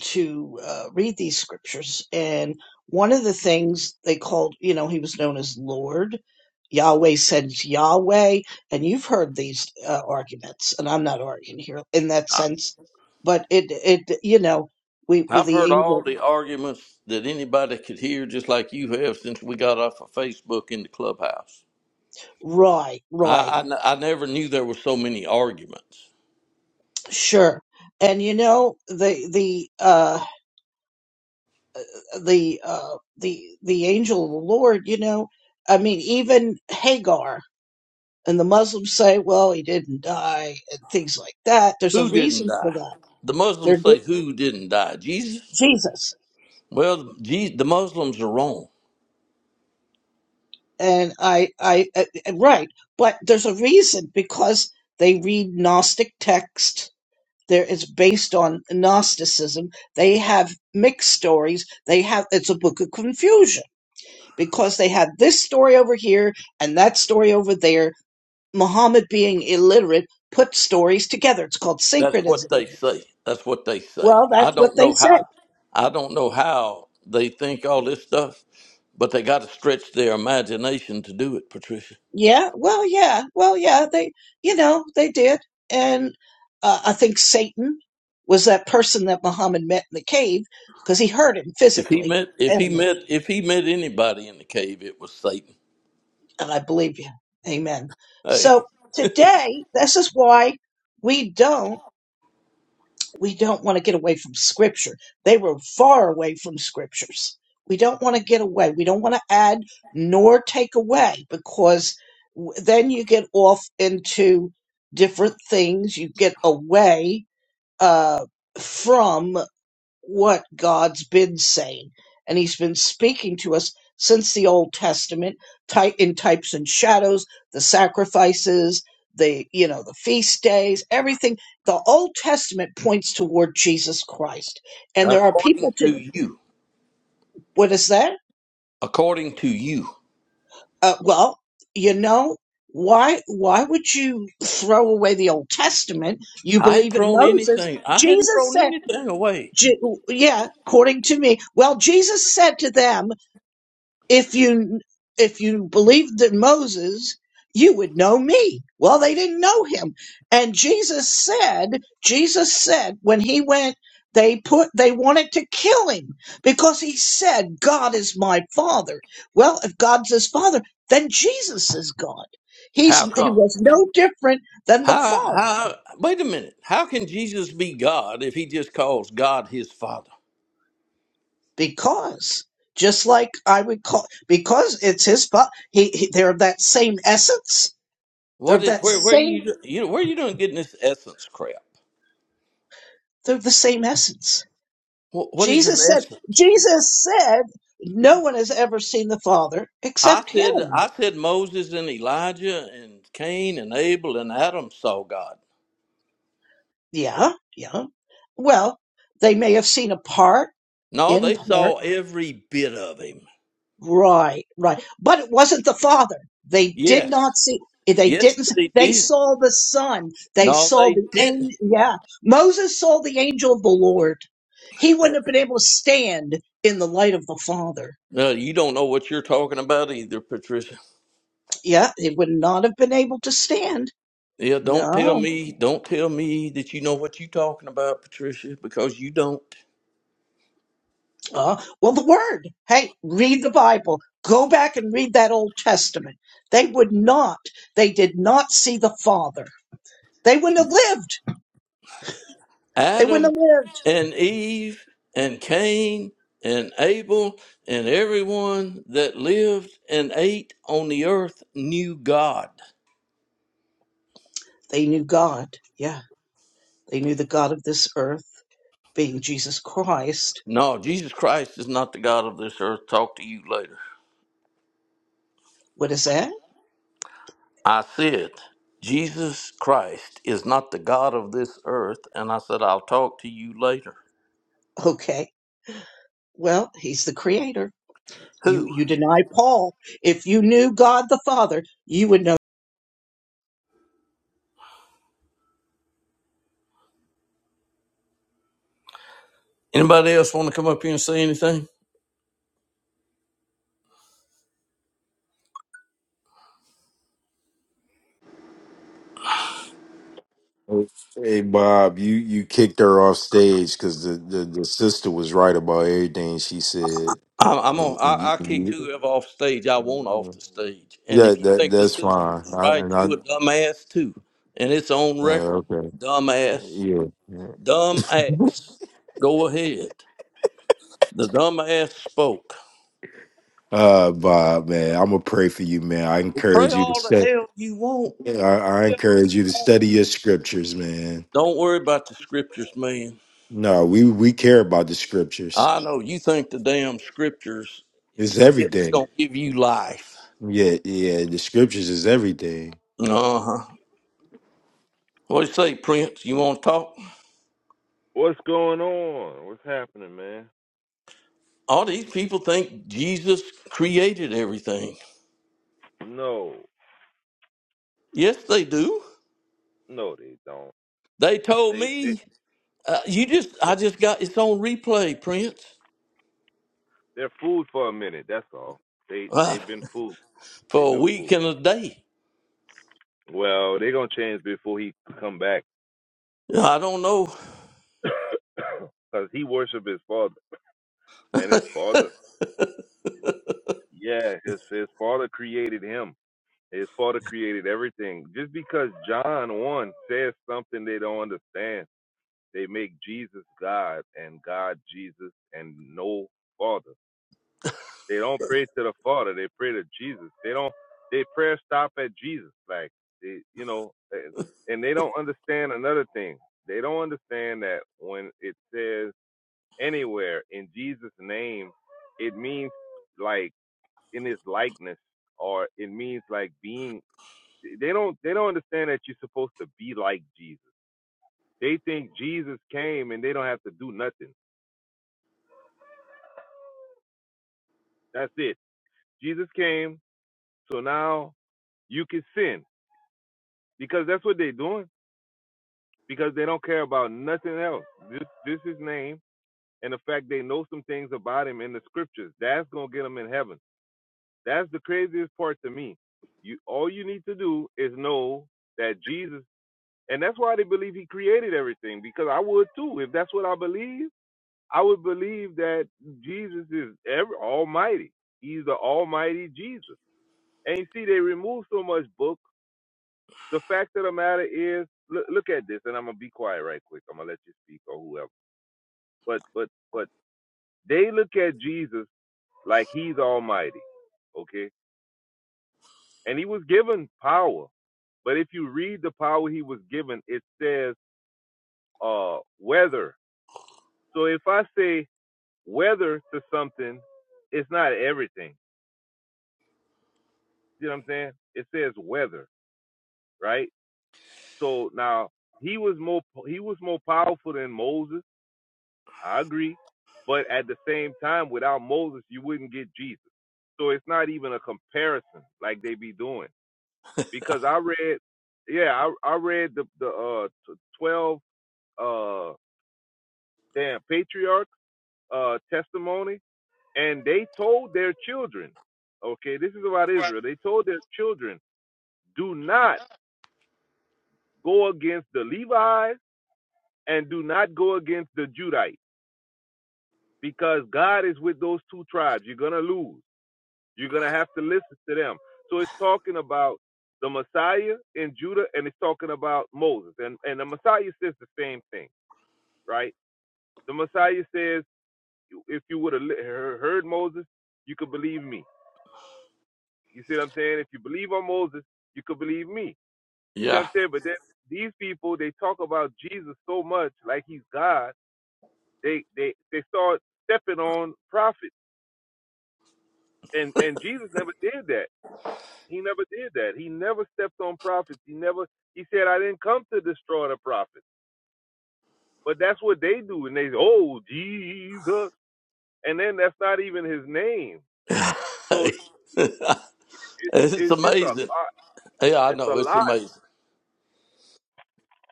F: to uh, read these scriptures. And one of the things they called, you know, he was known as Lord. Yahweh sends Yahweh. And you've heard these uh, arguments, and I'm not arguing here in that
A: I-
F: sense, but it, it, you know, we, with
A: i've
F: the
A: heard all
F: angel,
A: the arguments that anybody could hear just like you have since we got off of facebook in the clubhouse
F: right,
A: i
F: right,
A: i, n- I never knew there were so many arguments
F: sure. And you know, the, the, uh, the, uh, the, the angel of the Lord, you know, I mean, even Hagar and the Muslims say, well, he didn't die, and things like that. There's a
A: who didn't
F: reason for
A: die
F: that.
A: the
F: They're
A: muslims
F: di-
A: say who didn't die jesus
F: Jesus,
A: well Je- the muslims are wrong
F: and I, I, uh, uh, right, but there's a reason because they read Gnostic text. There, it's based on Gnosticism. They have mixed stories. They have it's a book of confusion because they had this story over here and that story over there. Muhammad being illiterate put stories together. It's called
A: That's what
F: synchronism.
A: they say. That's what they say.
F: Well,
A: I
F: that's what
A: don't
F: they
A: know
F: say
A: how. I don't know how they think all this stuff, but they got to stretch their imagination to do it. Patricia,
F: Yeah, well, yeah, well, yeah, they, you know, they did. And uh, I think Satan was that person that Muhammad met in the cave because he hurt him
A: if he
F: physically
A: met, if
F: and
A: he met, if he met anybody in the cave, it was Satan.
F: And I believe you. Amen.
A: Hey,
F: So today, this is why we don't. we don't want to get away from scripture. They were far away from scriptures. We don't want to get away. We don't want to add nor take away because w- then you get off into different things. You get away uh, from what God's been saying. And He's been speaking to us since the Old Testament ty- in types and shadows, the sacrifices, the you know the feast days everything the old testament points toward jesus christ and there are
A: according
F: people to
A: to you,
F: what is that
A: according to you,
F: uh, well you know why why would you throw away the old testament you
A: I hadn't
F: believe in
A: thrown
F: moses
A: anything. I hadn't
F: jesus
A: thrown
F: said
A: anything away.
F: Je- yeah according to me well jesus said to them if you if you believed in Moses, you would know me. Well, they didn't know him. And Jesus said, Jesus said when he went they put they wanted to kill him because he said God is my father. Well, if God's his father, then Jesus is God. He's
A: How
F: he
A: come?
F: was no different than the
A: How?
F: father
A: How? Wait a minute. How can Jesus be God if he just calls God his Father?
F: because just like I would call because it's his father, he, he they're of that same essence. They're
A: What
F: of
A: is
F: that
A: where where
F: same
A: you you know, where you doing getting this essence crap?
F: They're the same essence.
A: What, what is an
F: Jesus said,
A: essence?
F: Jesus said, no one has ever seen the Father
A: I
F: except
A: said
F: him.
A: I said Moses and Elijah and Cain and Abel and Adam saw God.
F: Yeah, yeah. Well, they may have seen a part,
A: No,
F: in
A: they
F: part.
A: saw every bit of him.
F: Right, right. But it wasn't the Father. They did
A: Yes,
F: not see, they
A: yes
F: didn't,
A: they
F: they
A: did.
F: saw the Son. They
A: No,
F: saw
A: they
F: the angel.
A: didn't.
F: Yeah. Moses saw the angel of the Lord. He wouldn't have been able to stand in the light of the Father.
A: No, you don't know what you're talking about either, Patricia.
F: Yeah, he would not have been able to stand.
A: Yeah, don't tell
F: No.
A: me, don't tell me that you know what you're talking about, Patricia, because you don't.
F: Uh, well, the word. Hey, read the Bible. Go back and read that Old Testament. They would not, they did not see the Father. They wouldn't have lived. They wouldn't
A: Adam
F: have lived.
A: and Eve and Cain and Abel and everyone that lived and ate on the earth knew God.
F: They knew God. Yeah, they knew the God of this earth being Jesus Christ.
A: No, Jesus Christ is not the God of this earth. Talk to you later.
F: What is that?
A: I said, Jesus Christ is not the God of this earth. And I said, I'll talk to you later.
F: Okay. Well, he's the creator. You,
A: Who?
F: you deny Paul. If you knew God the Father, you would know.
A: Anybody else want to come up here and say anything?
G: Hey Bob, you you kicked her off stage because the, the the sister was right about everything she said.
A: I'm, I'm on.
G: And you-
A: I, I kicked
G: and
A: whoever off stage I want off
G: you-
A: the stage. And
G: Yeah,
A: if you
G: that
A: think the
G: that's
A: sister
G: fine.
A: was
G: I,
A: right,
G: and I
A: you a dumbass too. And it's on record.
G: uh, okay,
A: Dumbass.
G: yeah.
A: Dumbass. Go ahead. The dumbass spoke.
G: Uh, Bob, man, I'm gonna pray for you, man. I
A: Pray
G: encourage you to
A: all the
G: study.
A: hell you want.
G: I, I encourage you to study your scriptures, man.
A: Don't worry about the scriptures, man.
G: No, we we care about the scriptures.
A: I know you think the damn scriptures
G: It's
A: is
G: everything.
A: gonna give you life.
G: Yeah, yeah. The scriptures is everything.
A: Uh huh. What do you say, Prince? You want to talk? All these people think Jesus created everything. Yes, they do. They told me uh, you just I just got it's on replay, Prince, uh, for a week and a day. I don't know. Yeah, it's amazing. Yeah, I know it's amazing.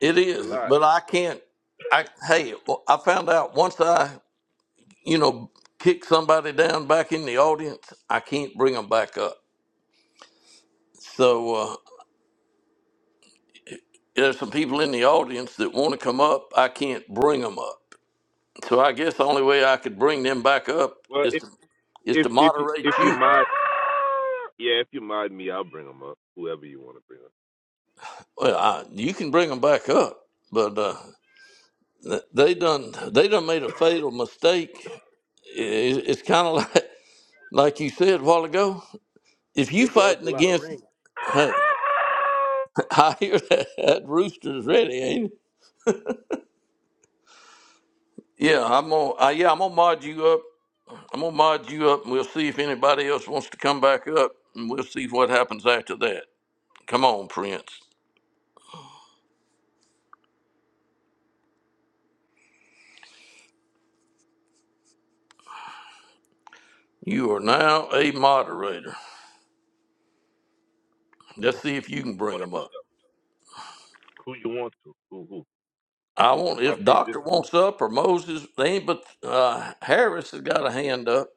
A: It is, but I can't. I hey, well, I found out once I you know kick somebody down back in the audience, I can't bring them back up. So uh, there's some people in the audience that want to come up. I can't bring them up. So I guess the only way I could bring them back up is to is to moderate you. Well, I, you can bring them back up, but uh, th- they done they done made a fatal mistake. I- It's kind of like like you said a while ago. If you fighting against, hey, I hear that, that rooster's ready, ain't it? Yeah, I'm gonna uh, yeah I'm gonna mod you up. I'm gonna mod you up, and we'll see if anybody else wants to come back up, and we'll see what happens after that. Come on, Prince. You are now a moderator. Let's see if you can bring them up. I want if Doctor wants up or Moses. They ain't but uh, Harris has got a hand up.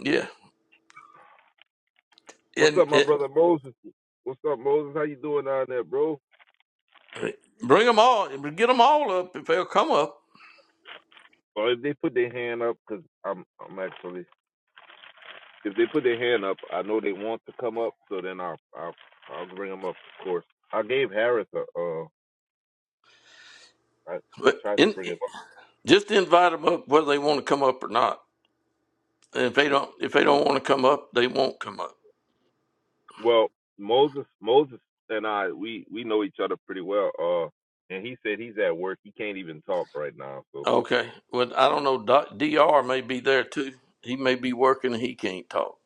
A: Yeah, and it, bring them all. Get them all up if they'll come up. But in, just invite them up whether they want to come up or not. And if they don't, if they don't want to come up, they won't come up. Okay. Well, I don't know. Doc, Dr. may be there too. He may be working. and He can't talk.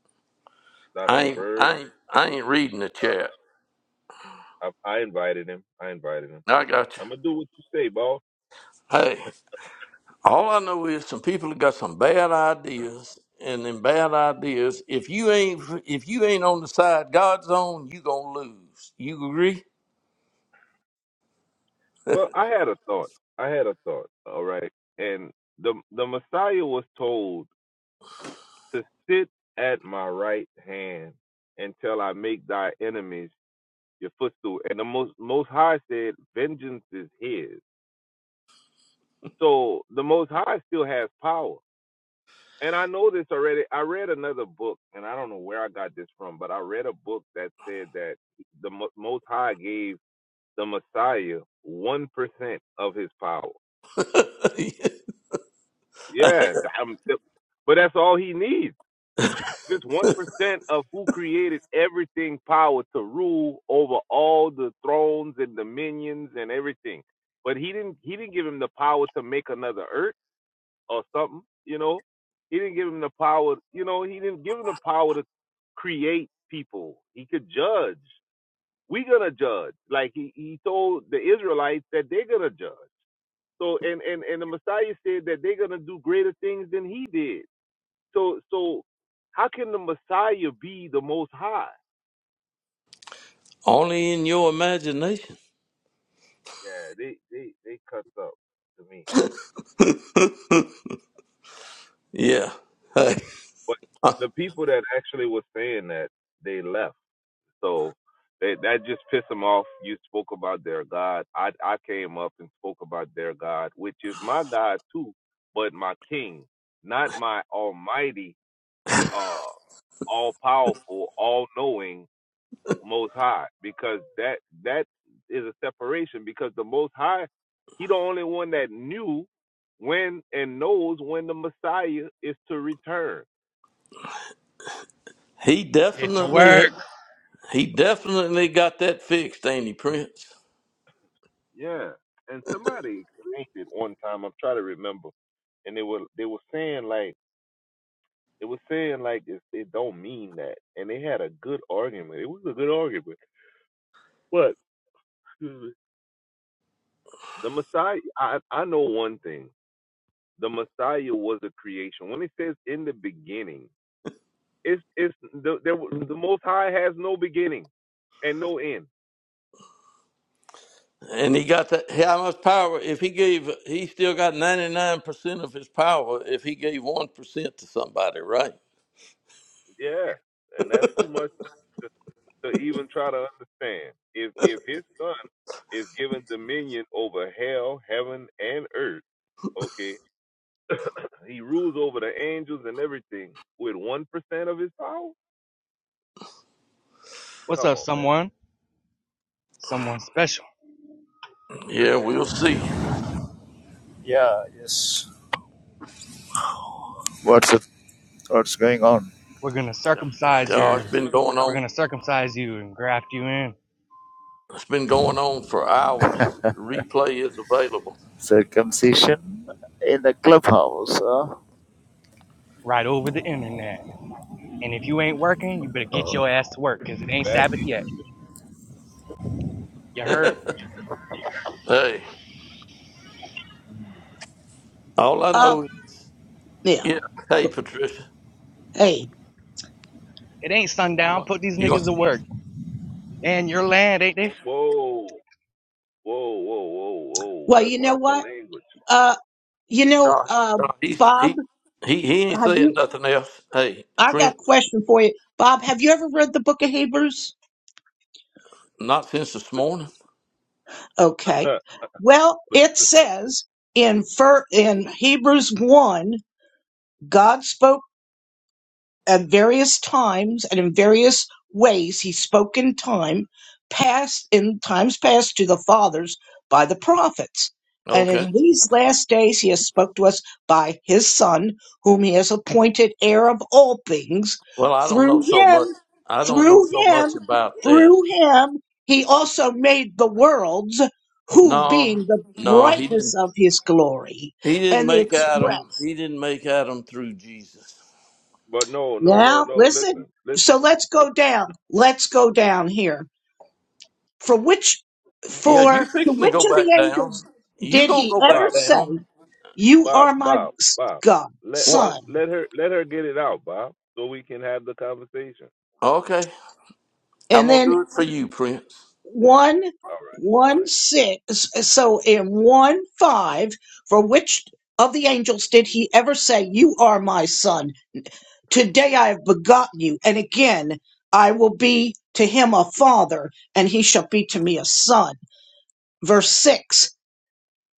A: I ain't. I ain't. I ain't reading the chat. I got you. Hey. All I know is some people got some bad ideas, and them bad ideas. If you ain't if you ain't on the side God's on, you gonna lose. You agree? Only in your imagination. Yeah. Hey, he
H: Get to
A: definitely
H: work.
A: he definitely got that fixed, ain't he, Prince? And he got that how much power if he gave he still got ninety nine percent of his power if he gave one percent to somebody, right?
H: What's up, someone? Someone special.
A: Yeah, we'll see.
I: Yeah, yes. What's up? What's going on?
H: We're gonna circumcise
A: Oh, it's
H: your.
A: been going
H: We're
A: on
H: gonna circumcise you and graft you in
A: It's been going on for hours. Replay is available.
I: Circumcision in the clubhouse. huh?
H: right over the internet. And if you ain't working, you better get your ass to work, cause it ain't Sabbath yet. You heard?
A: Hey, all I
F: Uh,
A: know,
F: yeah.
A: yeah. Hey, Patricia,
F: Hey,
H: It ain't sundown. Put these
A: you gonna?
H: niggas to work. And your land, ain't they?
F: well, you know what? Uh, you know,
A: Nah,
F: uh,
A: nah, he
F: Bob,
A: he he he ain't
F: have you?
A: saying nothing else. Hey,
F: I got
A: Prince,
F: a question for you. Bob, have you ever read the book of Hebrews?
A: not since this morning.
F: Okay. Well, it says in fir- in Hebrews 1, God spoke at various times and in various ways. He spoke in time past in times past to the fathers by the prophets. And
A: Okay.
F: in these last days he has spoke to us by his son, whom he has appointed heir of all things.
A: Well, I don't know
F: Through
A: so
F: him
A: much. I don't know
F: Through
A: so
F: him,
A: much about that.
F: through him, he also made the worlds, who
A: No,
F: being the
A: no, he
F: brightness
A: didn't.
F: of his glory
A: He didn't
F: and the
A: make Adam.
F: express.
A: He didn't make Adam through Jesus.
F: Now, listen. So let's go down. Let's go down here. For which,
A: Yeah, you
F: for to
A: fixing to
F: which
A: go
F: of
A: back
F: the
A: down.
F: angels
A: You
F: did
A: gonna
F: he
A: go
F: ever
A: back down?
F: say, You are my s- God,
A: What?
F: son?
A: Okay. I'm
F: And
A: gonna
F: then
A: do it for you, Prince.
F: one one six so in one five for which of the angels did he ever say you are my son today i have begotten you and again i will be to him a father and he shall be to me a son verse 6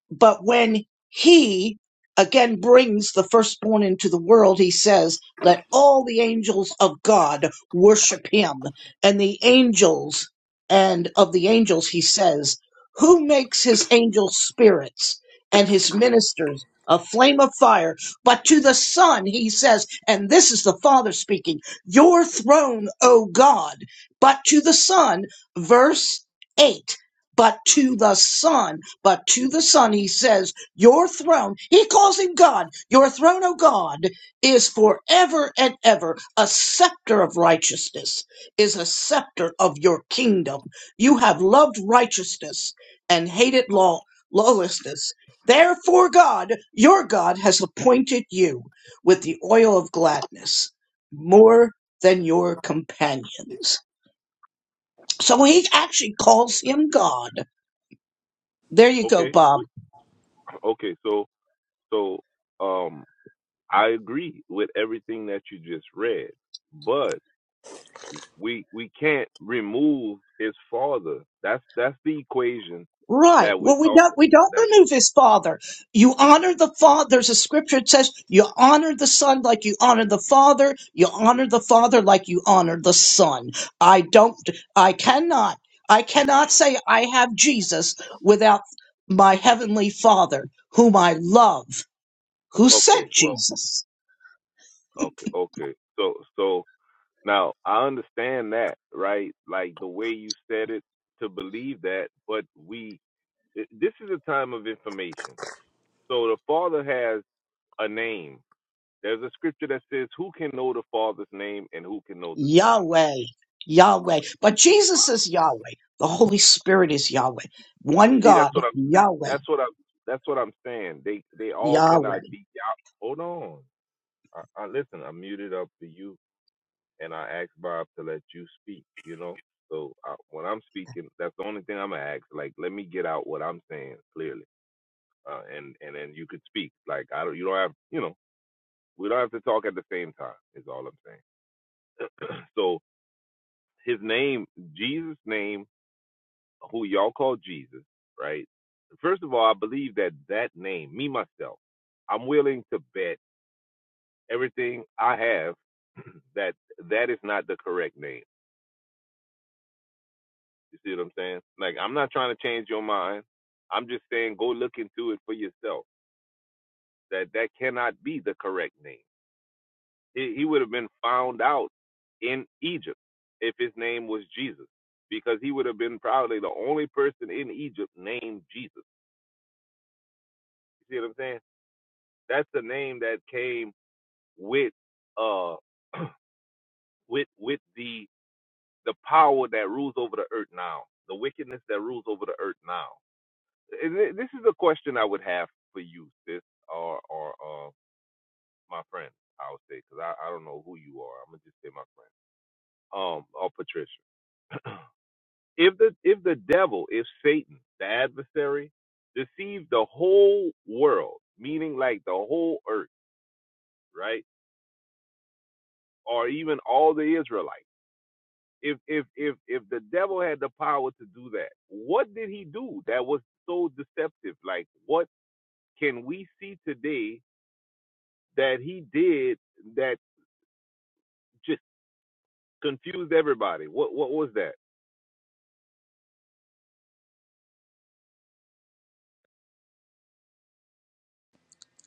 F: but when he again brings the firstborn into the world, he says, Let all the angels of God worship him. And the angels, and of the angels, he says, Who makes his angels spirits and his ministers a flame of fire? But to the Son, he says, and this is the Father speaking, Your throne, O God. But to the Son, verse 8, but to the Son. But to the Son, he says, Your throne, he calls him God, your throne, O God, is forever and ever. A scepter of righteousness is a scepter of your kingdom. You have loved righteousness and hated law, lawlessness. Therefore, God, your God, has appointed you with the oil of gladness more than your companions. So he actually calls him God. There you go, Bob. Right. Well, we don't we don't remove his father. You honor the father. There's a scripture that says you honor the son like you honor the father. You honor the father like you honor the son. I don't. I cannot. I cannot say I have Jesus without my heavenly Father, whom I love, who sent Jesus. Yahweh, Yahweh. But Jesus is Yahweh. The Holy Spirit is Yahweh. One God, Yahweh, Yahweh.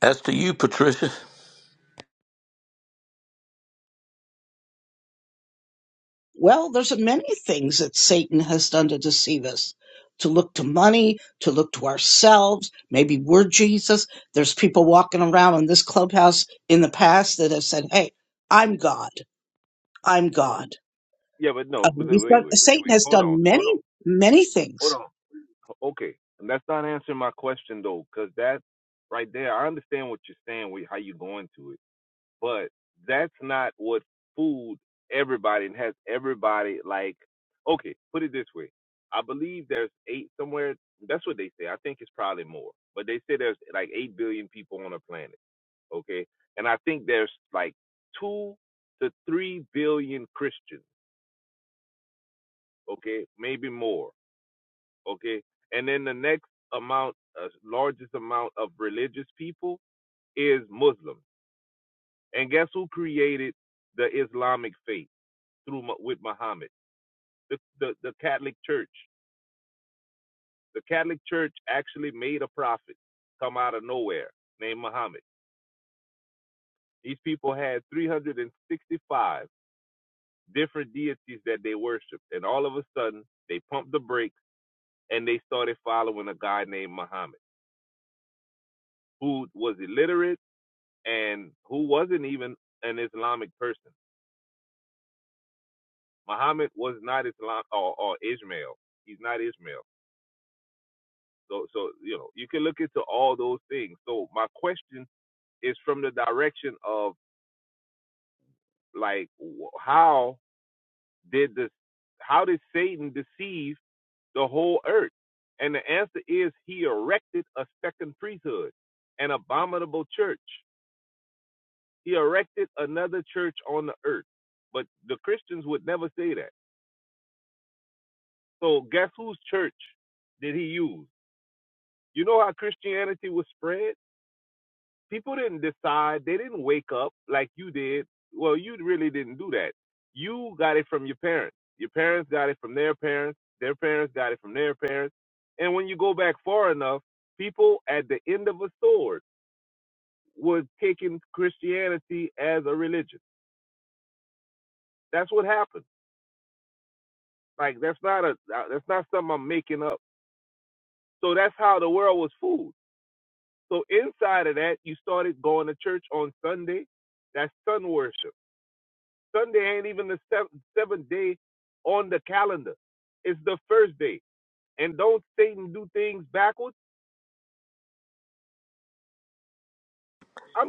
A: As to you, Patricia.
F: Well, there's many things that Satan has done to deceive us. To look to money, to look to ourselves. Maybe we're Jesus. There's people walking around in this clubhouse in the past that have said, Hey, I'm God. I'm God. Uh, he's done, Satan has done many, many things.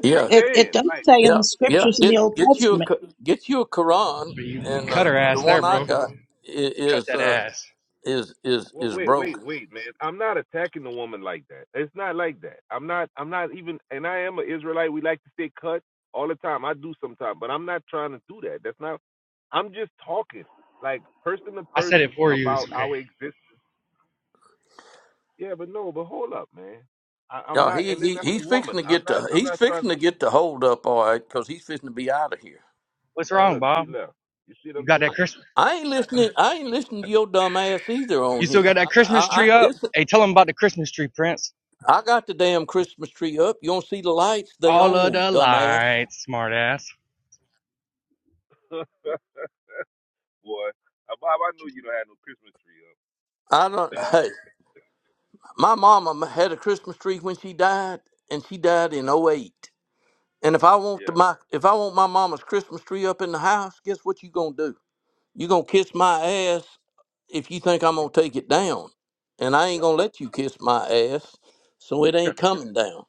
A: Yeah,
F: It, it does say in
A: yeah,
F: the
A: yeah.
F: scriptures in the
A: Get
F: Old
A: get you a
F: Testament.
A: Q- get you a Quran,
H: But you
A: and
H: cut
A: uh,
H: her
A: the
H: ass there,
A: one I
H: bro.
A: got i-
H: Cut
A: is
H: that
A: uh,
H: ass.
A: is is is broken.
H: I said it for you. It's okay.
A: Yeah, he, he he's fixing to get the he's fixing to get the hold up all right because he's fixing to be out of here.
H: What's wrong, Bob? You got that Christmas?
A: I ain't listening. I ain't listening to your dumb ass either
H: You
A: on
H: still
A: here.
H: got that Christmas
A: I,
H: tree
A: I
H: up?
A: this
H: Hey, tell them about the Christmas tree, Prince.
A: I got the damn Christmas tree up. You don't see the lights they
H: All of
A: own,
H: the
A: dumbass.
H: lights, smartass.
A: I don't. My mama had a Christmas tree when she died, and she died in '08. And if I want to my if I want my mama's Christmas tree up in the house, guess what you gonna do? You gonna kiss my ass if you think I'm gonna take it down. And I ain't gonna let you kiss my ass, so it ain't coming down.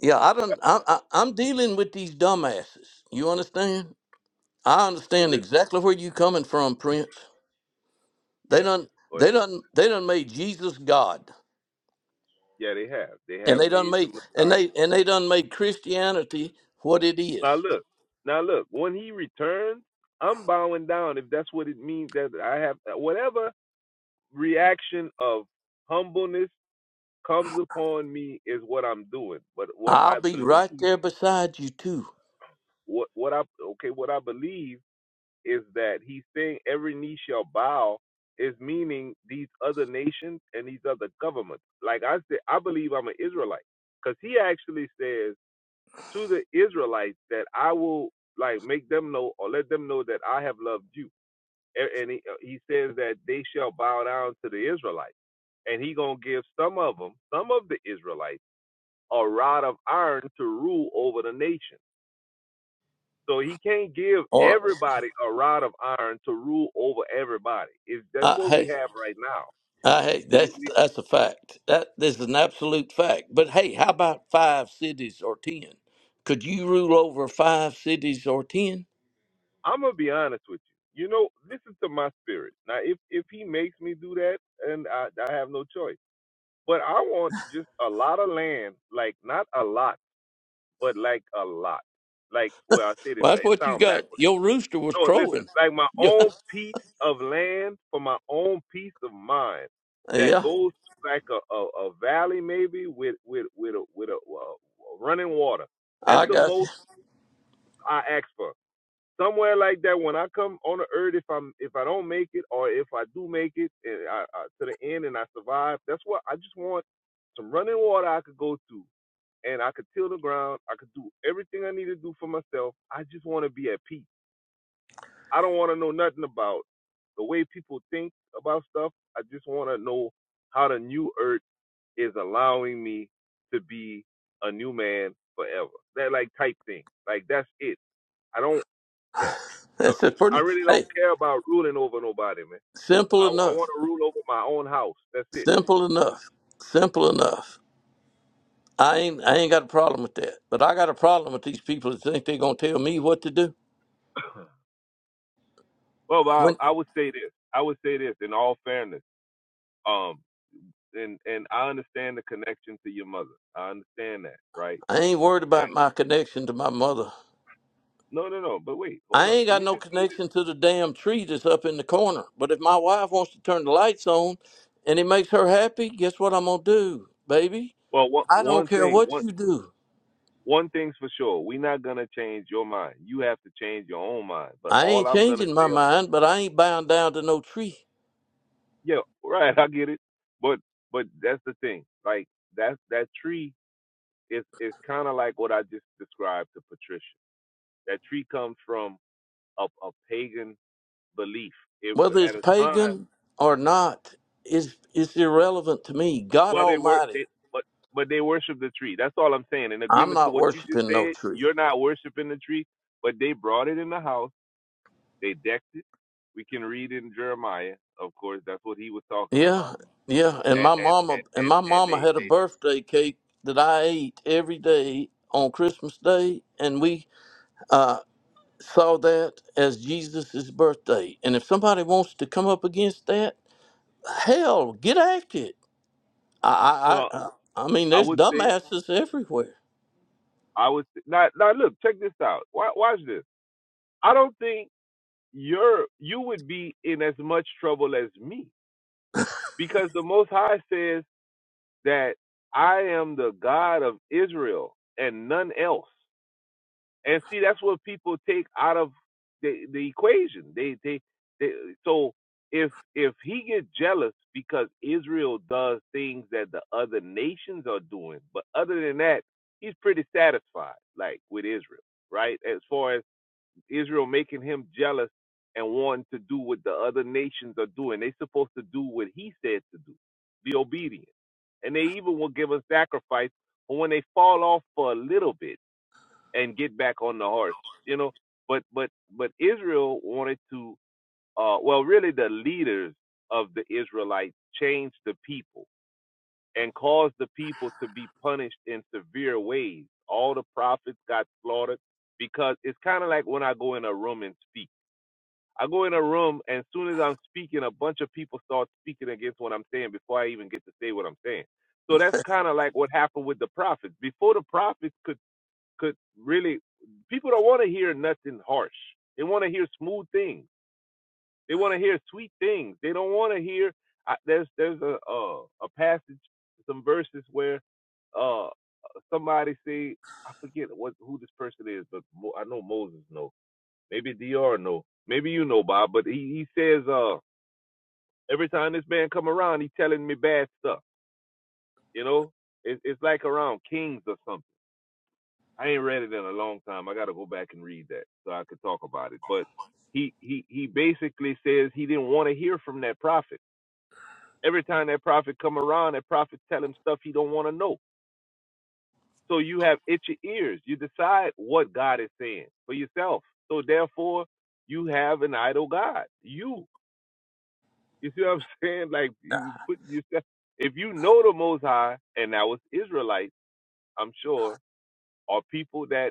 A: Yeah, I don't. I, I, I'm dealing with these dumbasses. You understand? I understand exactly where you coming from, Prince. They done. They done. They done made Jesus God. and they done made and they and they done made Christianity what it is. I'll be right there beside you too. Or uh, hey, uh, hey, that's that's a fact. That this is an absolute fact. But hey, how about five cities or ten? Could you rule over five cities or ten? Well, that's what you got. Your rooster was crowing. Yeah, yeah, I got you. That's a pretty hey, simple enough. Simple enough. Simple enough. I ain't I ain't got a problem with that. But I got a problem with these people that think they're gonna tell me what to do. When I ain't worried about my connection to my mother. I ain't got no connection to the damn tree that's up in the corner. But if my wife wants to turn the lights on and it makes her happy, guess what I'm gonna do, baby? I don't care what you do. I ain't changing my mind, but I ain't bound down to no tree. Whether it's pagan or not, is is irrelevant to me. God Almighty, I'm not worshiping no tree. Yeah, yeah. And my mama and my mama had a birthday cake that I ate every day on Christmas Day, and we uh, saw that as Jesus' birthday. And if somebody wants to come up against that, hell, get at it. I I I, I I mean, there's dumbasses everywhere.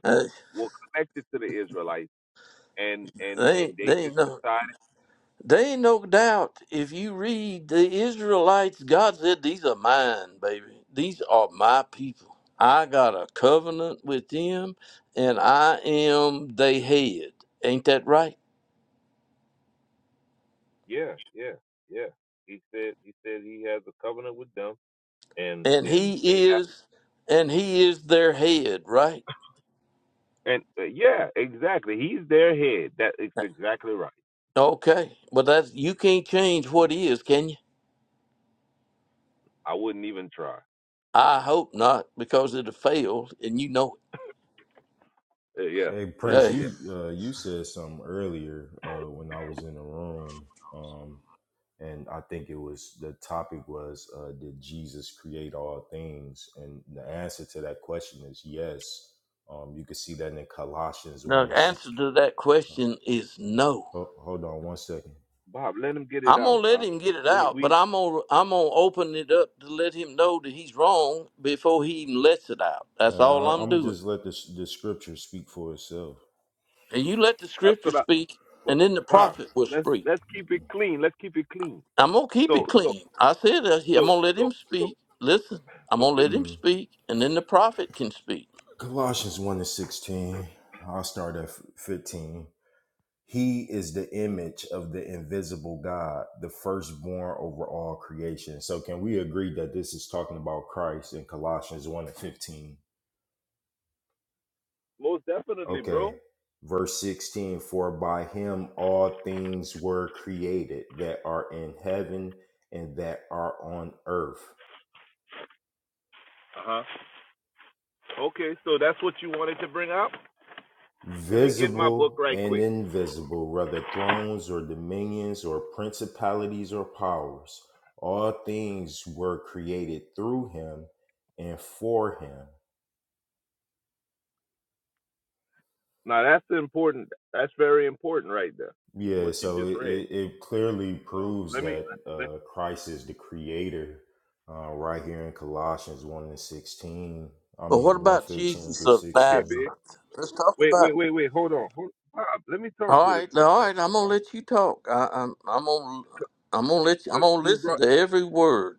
A: Uh, They ain't, they ain't no. They ain't no doubt if you read the Israelites, God said, These are mine, baby. These are my people. I got a covenant with them, and I am they head. Ain't that right? And he is and he is their head, right? Okay. But that's you can't change what is, can you? I hope not, because it'll fail and you know
G: Hey
A: it.
G: Prince,
A: Hey.
G: you uh, you said something earlier uh, when I was in the room, um, and I think it was the topic was uh, did Jesus create all things? And the answer to that question is yes. Um, you can see that in Colossians
A: now,
G: one
A: The
G: and six.
A: answer to that question is no.
G: Ho- hold on one second.
A: I'm gonna let him get it out, but I'm gonna I'm gonna open it up to let him know that he's wrong before he even lets it out.
G: Uh,
A: That's all
G: I-
A: I'm
G: I'm gonna
A: doing.
G: just let this the scripture speak for itself.
A: And you let the scripture speak, and then the prophet will speak. I'm gonna keep it clean. I said that he- I'm gonna let him speak. Listen, I'm gonna let him
G: Mm.
A: speak, and then the prophet can speak.
G: Colossians one and sixteen. I'll start at f- fifteen. He is the image of the invisible God, the firstborn over all creation. So, can we agree that this is talking about Christ in Colossians 1 and 15? Okay. Verse 16 For by him all things were created that are in heaven and that are on earth. visible and invisible, whether thrones or dominions or principalities or powers. All things were created through him and for him. Yeah, so it, it it clearly proves that uh, Christ is the creator uh, right here in Colossians 1 and 16. I
A: But what
G: mean,
A: about
G: 115
A: Jesus
G: through
A: of
G: 16.
A: Nazareth? Let's talk about. All right, now, all right. I'm gonna let you talk. I, I'm I'm gonna I'm gonna let you. I'm gonna listen to every word.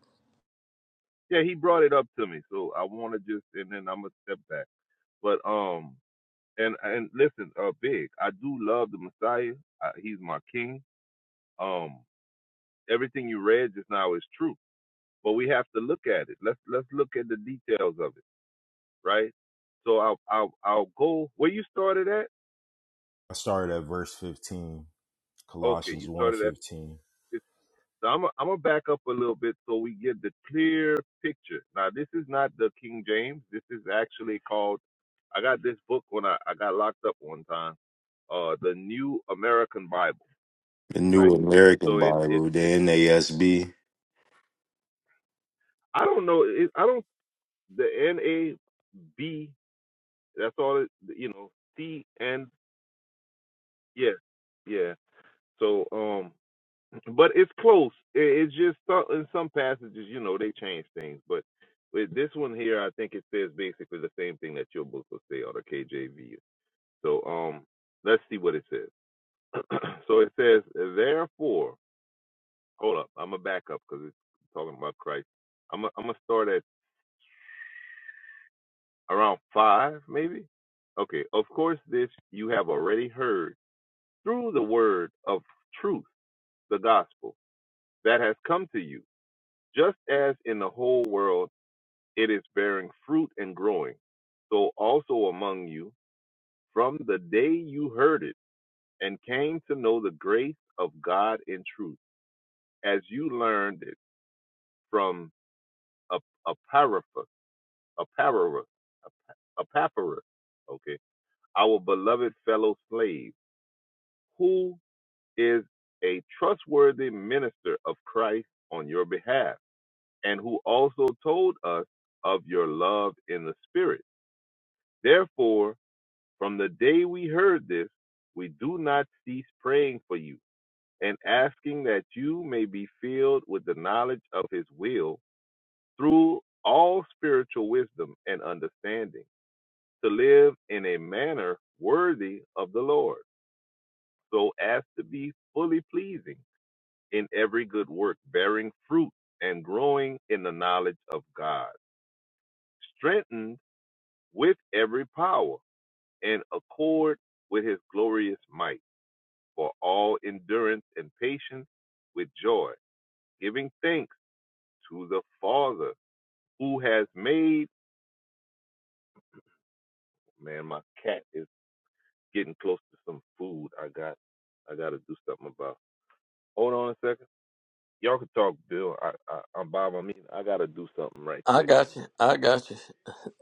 G: I started at verse 15, Colossians one 15. The New American Bible, the NASB.
A: I got you. I got you.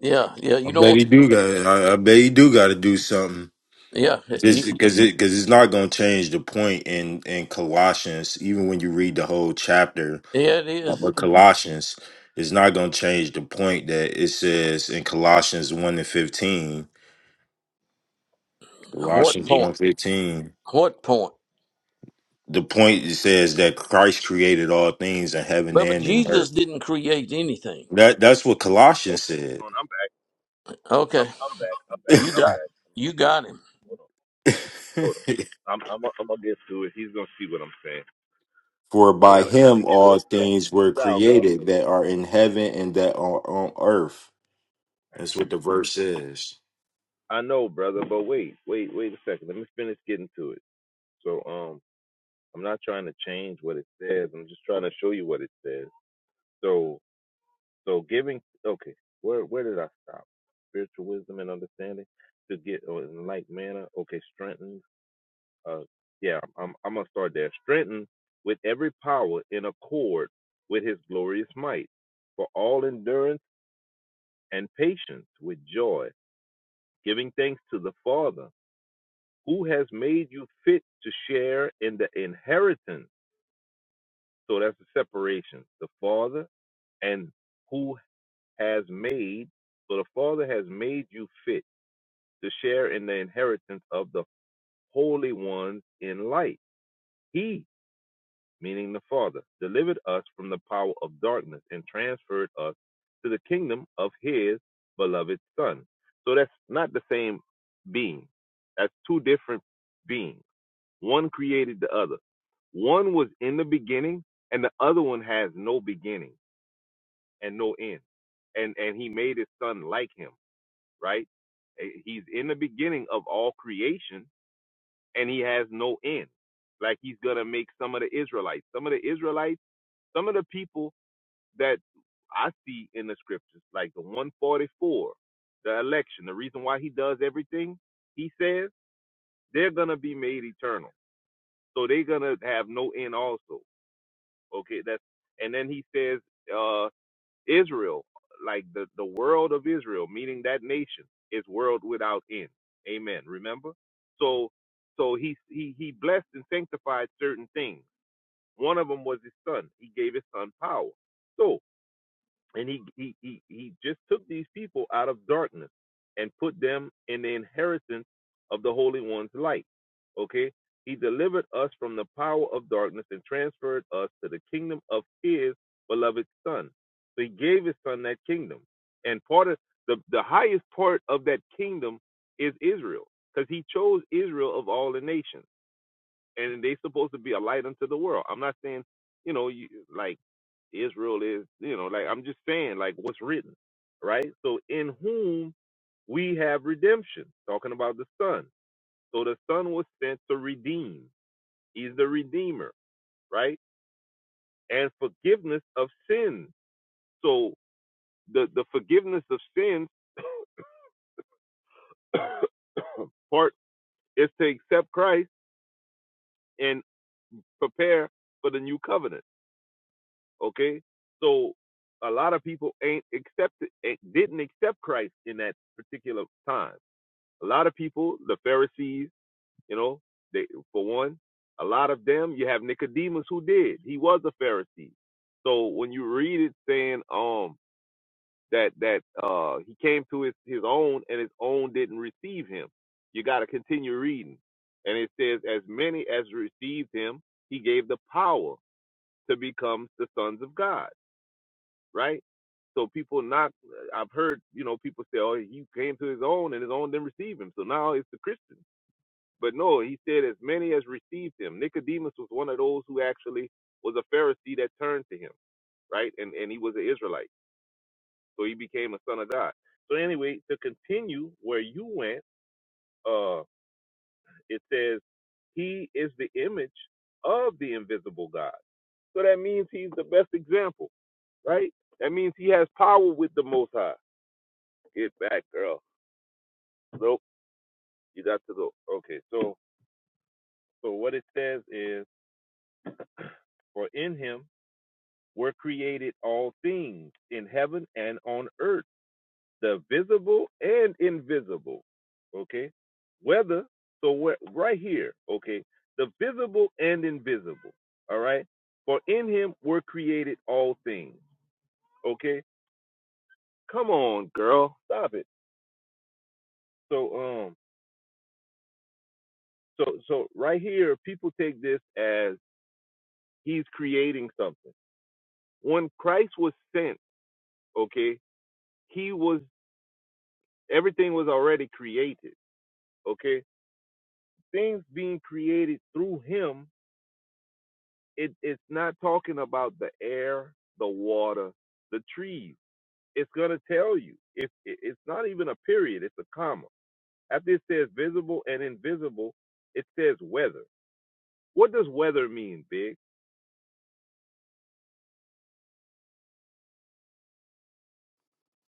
A: Yeah, yeah.
G: I
A: You don't
G: bet
A: want
G: he
A: to.
G: do got. I, I bet he do got to do something.
A: Yeah,
G: Because
A: y-
G: because it, cause it's not going to change the point in in Colossians. Even when you read the whole chapter
A: yeah. It is.
G: of Colossians, it's not going to change the point that it says in Colossians one and fifteen.
A: What
G: Colossians one
A: point?
G: and fifteen.
A: What point?
G: The point it says that Christ created all things in heaven
A: But but
G: and in
A: Jesus
G: earth.
A: didn't create anything.
G: That that's what Colossians said.
A: Okay, you got it. You got him.
G: For by him all things were created that are in heaven and that are on earth. That's what the verse is.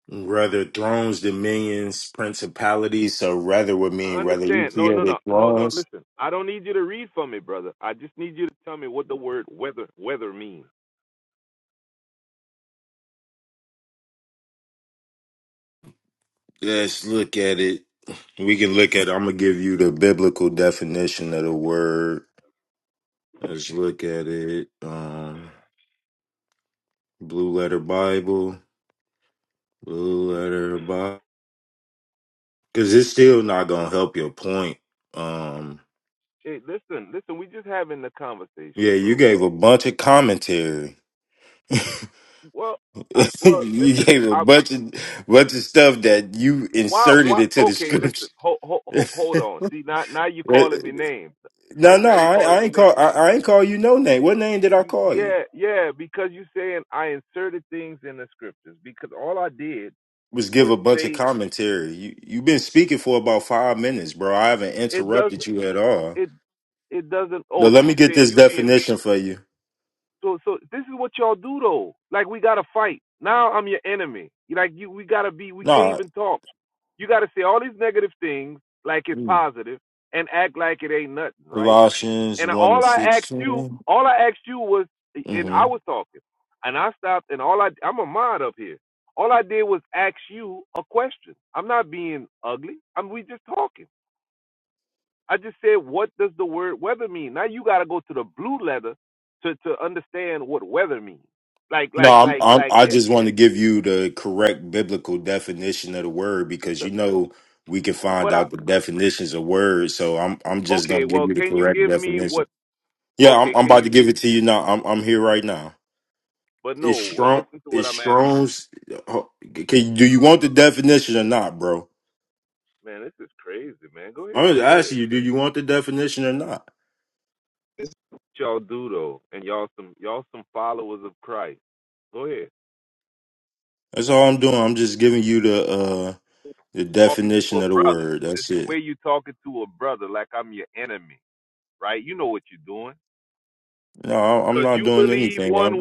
G: Rather thrones, dominions, principalities. So rather would mean rather you created thrones. Let's look at it. We can look at. I'm gonna give you the biblical definition of the word. Let's look at it. Um, blue letter Bible, blue letter Bible, because it's still not gonna help your point. Um, Yeah, you gave a bunch of commentary. you gave a bunch of bunch of stuff that you inserted into the scripture. no, no, I, I ain't call I, I ain't call you no name. What name did I call you? Was give a bunch of commentary. You you've been speaking for about five minutes, bro. I haven't interrupted you at all. Now let me get this definition for you. Nah, mm, Colossians one and 16 Mm-hmm. No, I'm, I'm, I just want to give you the correct biblical definition of the word because you know we can find out the definitions of words. So I'm I'm just gonna give you the correct definition. Yeah, I'm, I'm about to give it to you now. I'm I'm here right now. It's strong. It's Strong's. oh, Can do you want the definition or not, bro? I'm just asking you. Do you want the definition or not? That's all I'm doing. I'm just giving you the uh the definition of the word. That's it. No, I- I'm not doing anything. I'm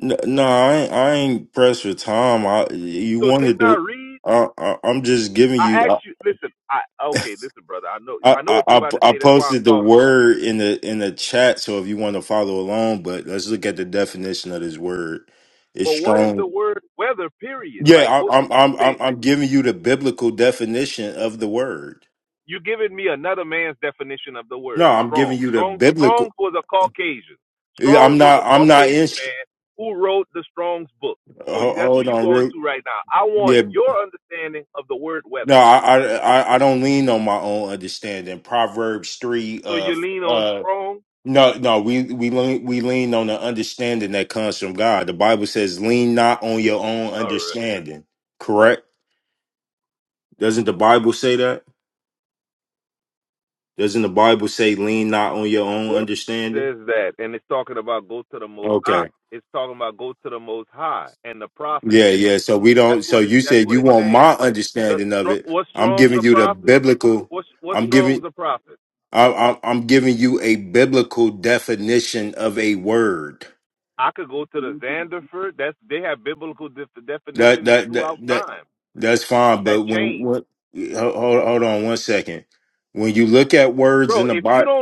G: No, no, I ain't, I ain't pressed for time. I you wanted to. I, I I'm just giving you. I, I I I posted the word in the in the chat, so if you want to follow along, but let's look at the definition of this word. It's strong. Yeah, I, I'm I'm I'm I'm giving you the biblical definition of the word. No, I'm giving you the biblical. Yeah, I'm not. I'm not in. ho- Hold on, real. Yeah, No, I, I I I don't lean on my own understanding. Proverbs three of uh no no we we lean we lean on the understanding that comes from God. The Bible says, "Lean not on your own understanding." Correct? Doesn't the Bible say that? Doesn't the Bible say, "Lean not on your own understanding"? Okay. Yeah, yeah. So we don't. So you said you want my understanding of it. I'm giving you the biblical. I'm giving. I, I, I'm giving you a biblical definition of a word. That that that, that that's fine. But when what? Hold, hold on one second. When you look at words in the Bible,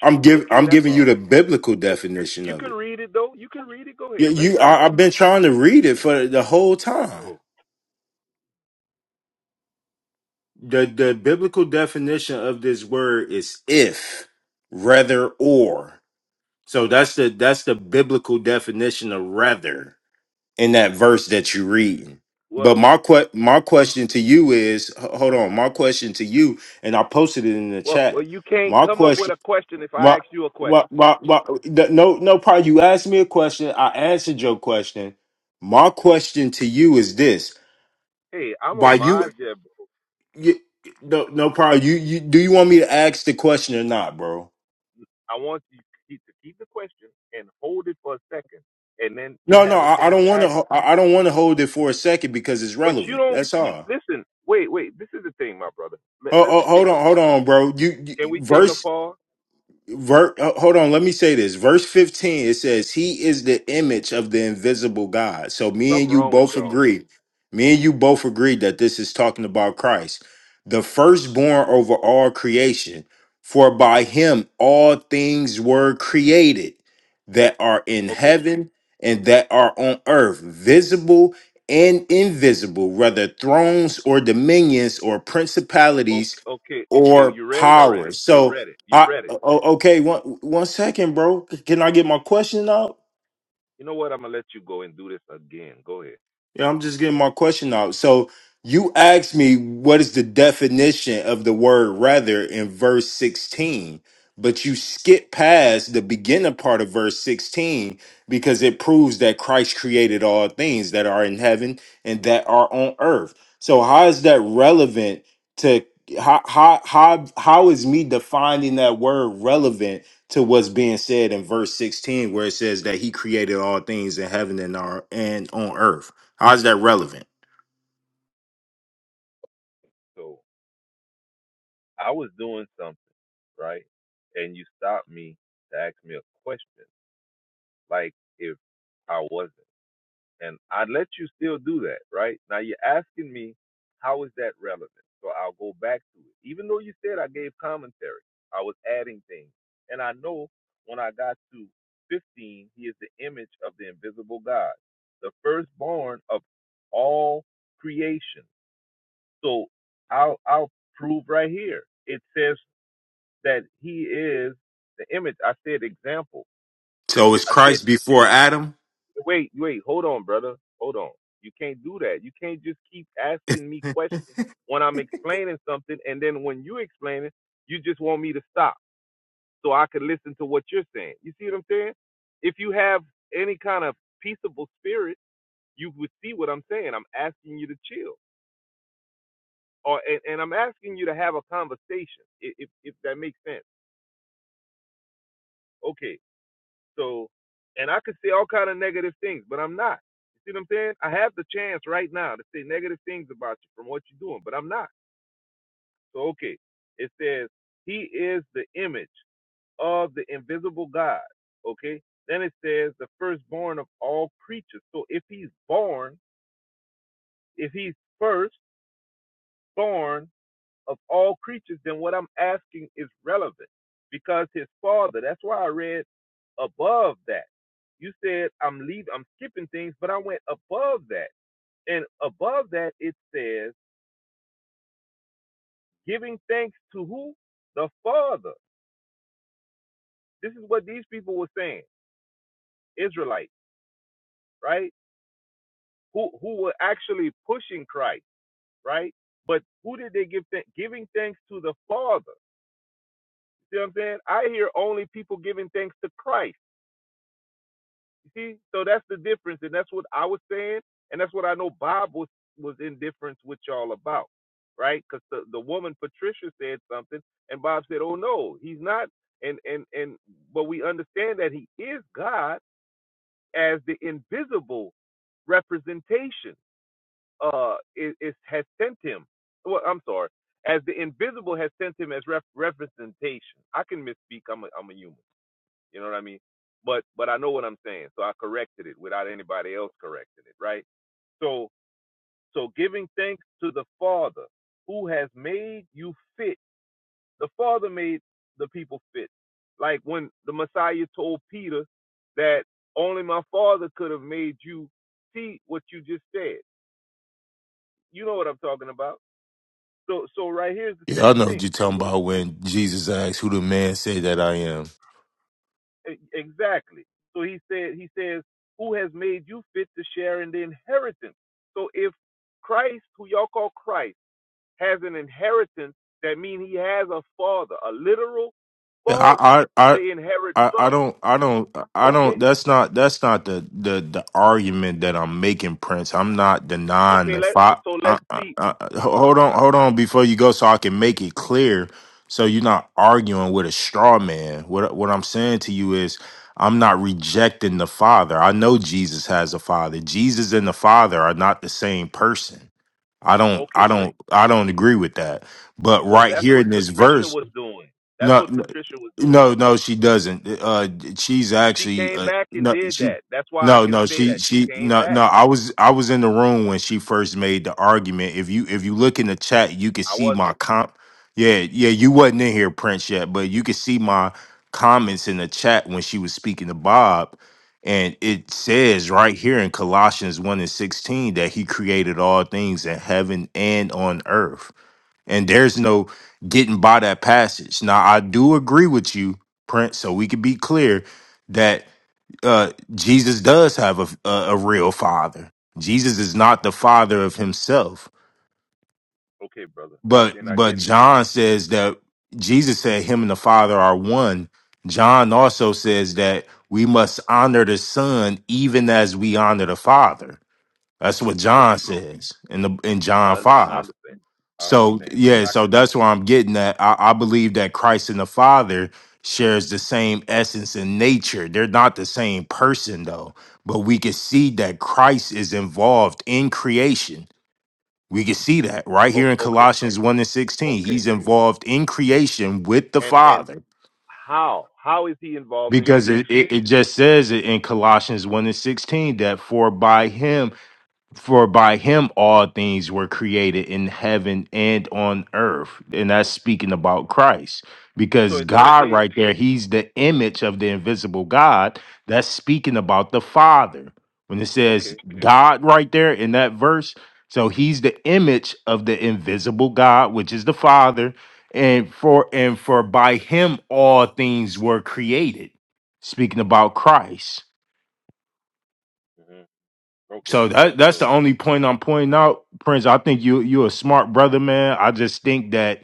G: I'm give I'm giving you the biblical definition of it. You, you I, I've been trying to read it for the whole time. The the biblical definition of this word is if, rather, or. So that's the that's the biblical definition of rather. in that verse that you're reading. But my que- my question to you is, h- hold on, my question to you, and I posted it in the chat. My question, my, my, my, my the- no, no problem. You asked me a question, I answered your question. My question to you is this: By you, you no, no problem. You, you, do you want me to ask the question or not, bro? No, no, I, I don't want to. I I don't want to hold it for a second because it's relevant. That's all. Hold, hold on, hold on, bro. You, you verse Ver, uh, hold on, let me say this. Verse 15, it says, He is the image of the invisible God. So me and you both agree. Me and you both agree that this is talking about Christ, the firstborn over all creation. For by him all things were created that are in heaven and that are on earth, visible and invisible, whether thrones or dominions or principalities or powers. So, uh, Oh, okay, one one second, bro. Can I get my question out? Yeah, I'm just getting my question out. So you asked me what is the definition of the word rather in verse 16, but you skip past the beginning part of verse 16 because it proves that Christ created all things that are in heaven and that are on earth. So how is that relevant to how how how, how is me defining that word relevant to what's being said in verse 16 where it says that he created all things in heaven and are and on earth? How's that relevant? So is Christ before Adam? Yeah, I know what you're talking about when Jesus asked who the man said that I am. Yeah, I, I, I, I don't, I don't, I don't. That's not, that's not the, the, the argument that I'm making, Prince. I'm not denying the five. I, I, I, ho- hold on, hold on, before you go, so I can make it clear. So you're not arguing with a straw man. What, what I'm saying to you is, I'm not rejecting the Father. I know Jesus has a Father. Jesus and the Father are not the same person. I don't, I don't, I don't agree with that. But right here in this verse, no, no, no, no, she doesn't. Uh, she's actually uh, no, she, no, no, she, she, no, no. I was, I was in the room when she first made the argument. If you, if you look in the chat, you can see my comp. Yeah, yeah, you wasn't in here, Prince, yet, but you can see my comments in the chat when she was speaking to Bob, and it says right here in Colossians one and sixteen that He created all things in heaven and on earth. And there's no getting by that passage. Now, I do agree with you, Prince, so we can be clear that uh, Jesus does have a, a, a real father. Jesus is not the father of himself. But but John says that Jesus said him and the Father are one. John also says that we must honor the Son even as we honor the Father. That's what John says in the in John 5. So yeah, so that's where I'm getting that. I, I believe that Christ and the Father shares the same essence and nature. They're not the same person though, but we can see that Christ is involved in creation. We can see that right here in Colossians 1 and 16. He's involved in creation with the Father. Because it, it, it just says it in Colossians 1 and 16 that for by him for by him all things were created in heaven and on earth. And that's speaking about Christ. Because God, right there, he's the image of the invisible God. That's speaking about the Father. When it says God right there in that verse, so he's the image of the invisible God, which is the Father. And for and for by him all things were created. Speaking about Christ. So that that's the only point I'm pointing out, Prince. I think you you're a smart brother, man. I just think that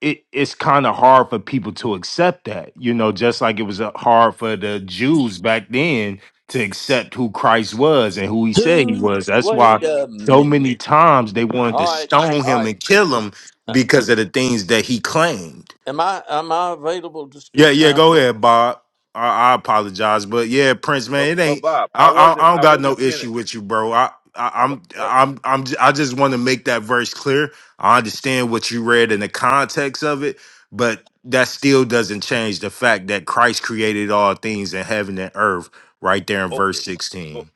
G: it it's kind of hard for people to accept that. You know, just like it was uh, hard for the Jews back then to accept who Christ was and who he said he
A: Who?
G: was. That's
A: Wait
G: why
A: a
G: so
A: minute.
G: many times they wanted to
A: All right.
G: stone
A: All
G: him
A: right.
G: and kill him
A: Uh,
G: because of the things that he claimed.
A: Am I am I available to
G: Yeah,
A: speak
G: yeah,
A: now?
G: go
A: Pre-
G: ahead, Bob. I, I apologize, but yeah, Prince, man, it ain't. I, I, I don't got no issue with you, bro. I, I I'm, I'm, I'm. j- I just want to make that verse clear. I understand what you read in the context of it, but that still doesn't change the fact that Christ created all things in heaven and earth. Right there in verse sixteen.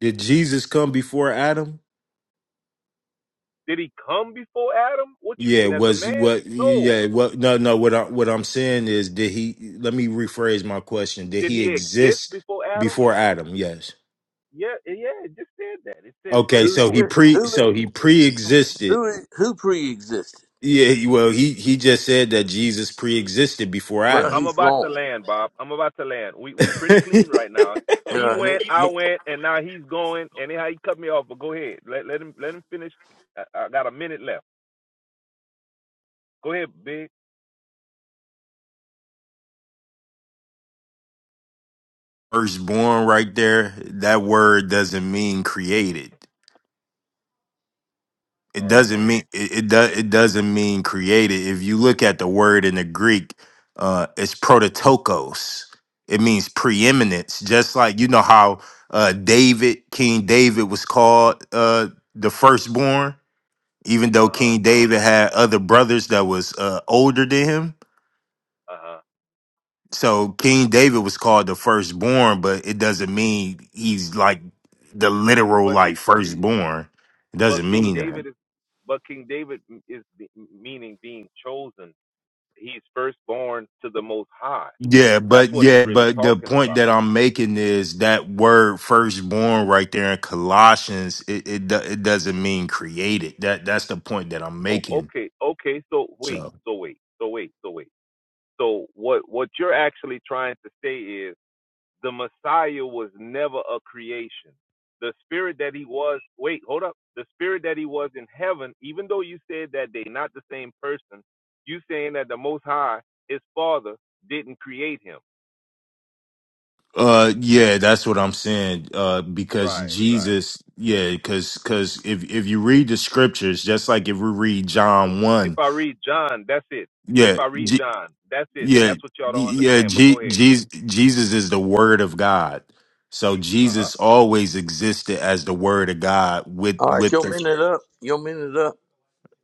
G: Did Jesus come before Adam? Yeah, was what? Yeah, what? No, no. What I what I'm saying is, did he? Let me rephrase my question. Did he exist before Adam? Yes. Okay,
A: Who
G: so he
A: did?
G: pre
A: Who
G: so he pre-existed.
A: who who pre-existed?
G: Yeah, he- well, he he just said that Jesus pre-existed before
A: Well,
G: Adam.
A: he's wrong. Uh, he- he-
G: Firstborn, right there. That word doesn't mean created. it doesn't mean it, it does it doesn't mean created. If you look at the word in the Greek, uh, it's prototokos. It means preeminence. Just like you know how uh, David, King David, was called uh, the firstborn, even though King David had other brothers that was uh, older than him. So King David was called the firstborn, but it doesn't mean he's like the literal like firstborn. It doesn't mean that. Yeah, but yeah, but the point that I'm making is that word firstborn right there in Colossians, it it, do- it doesn't mean created. That that's the point that I'm making. So, uh yeah, that's what I'm saying uh because Jesus, yeah, cuz cuz if if you read the scriptures, just like if we read John 1, yeah, G, yeah, yeah, G, Jesus Jesus is the word of God. So Jesus always existed as the Word of God with
A: all right,
G: with
A: your
G: the
A: minute up. Your minute up.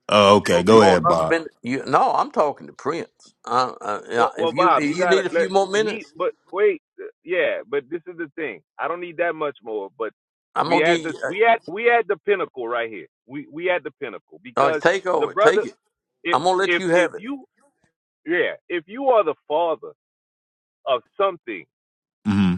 G: Oh, okay.
A: You
G: Go
A: want
G: ahead,
A: another
G: Bob.
A: minute? You, no, I'm talking to Prince. Uh, uh, yeah, if you if you need a few more minutes, I'm gonna give you. Uh, uh, take over, take it. I'm gonna let you have it.
G: hmm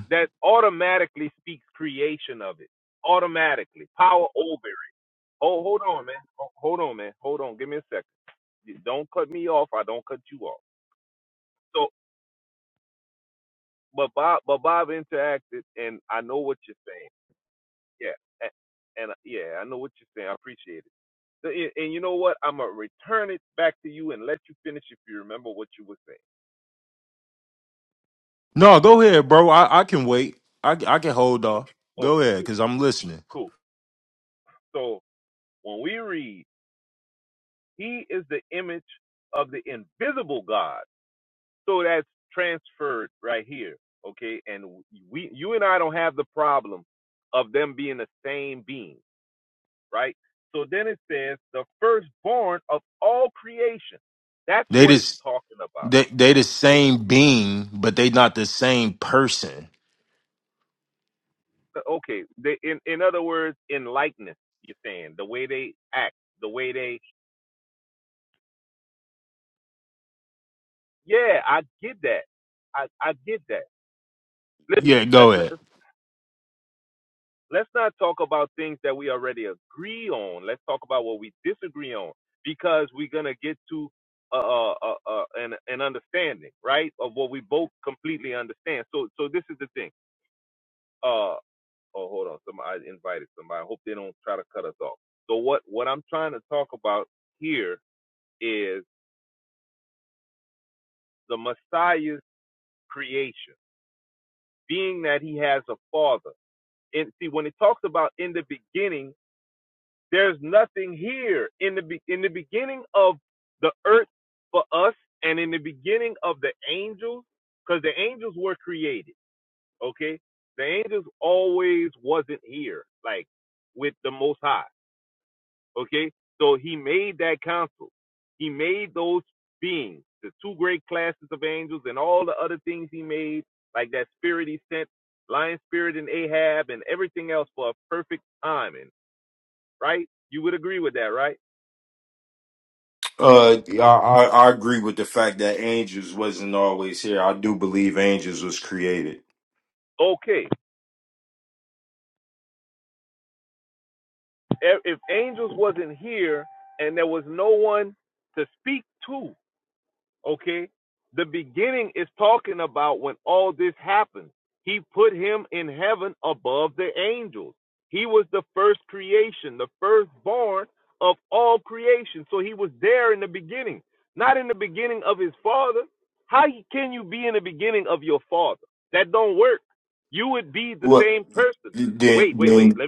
G: No, go ahead, bro. I, I can wait. I I can hold off. Go ahead, cause I'm listening. They just they they the same being, but they not the same person. Yeah, go ahead. Uh, I, I I agree with the fact that angels wasn't always here. I do believe angels was created. What? Then, then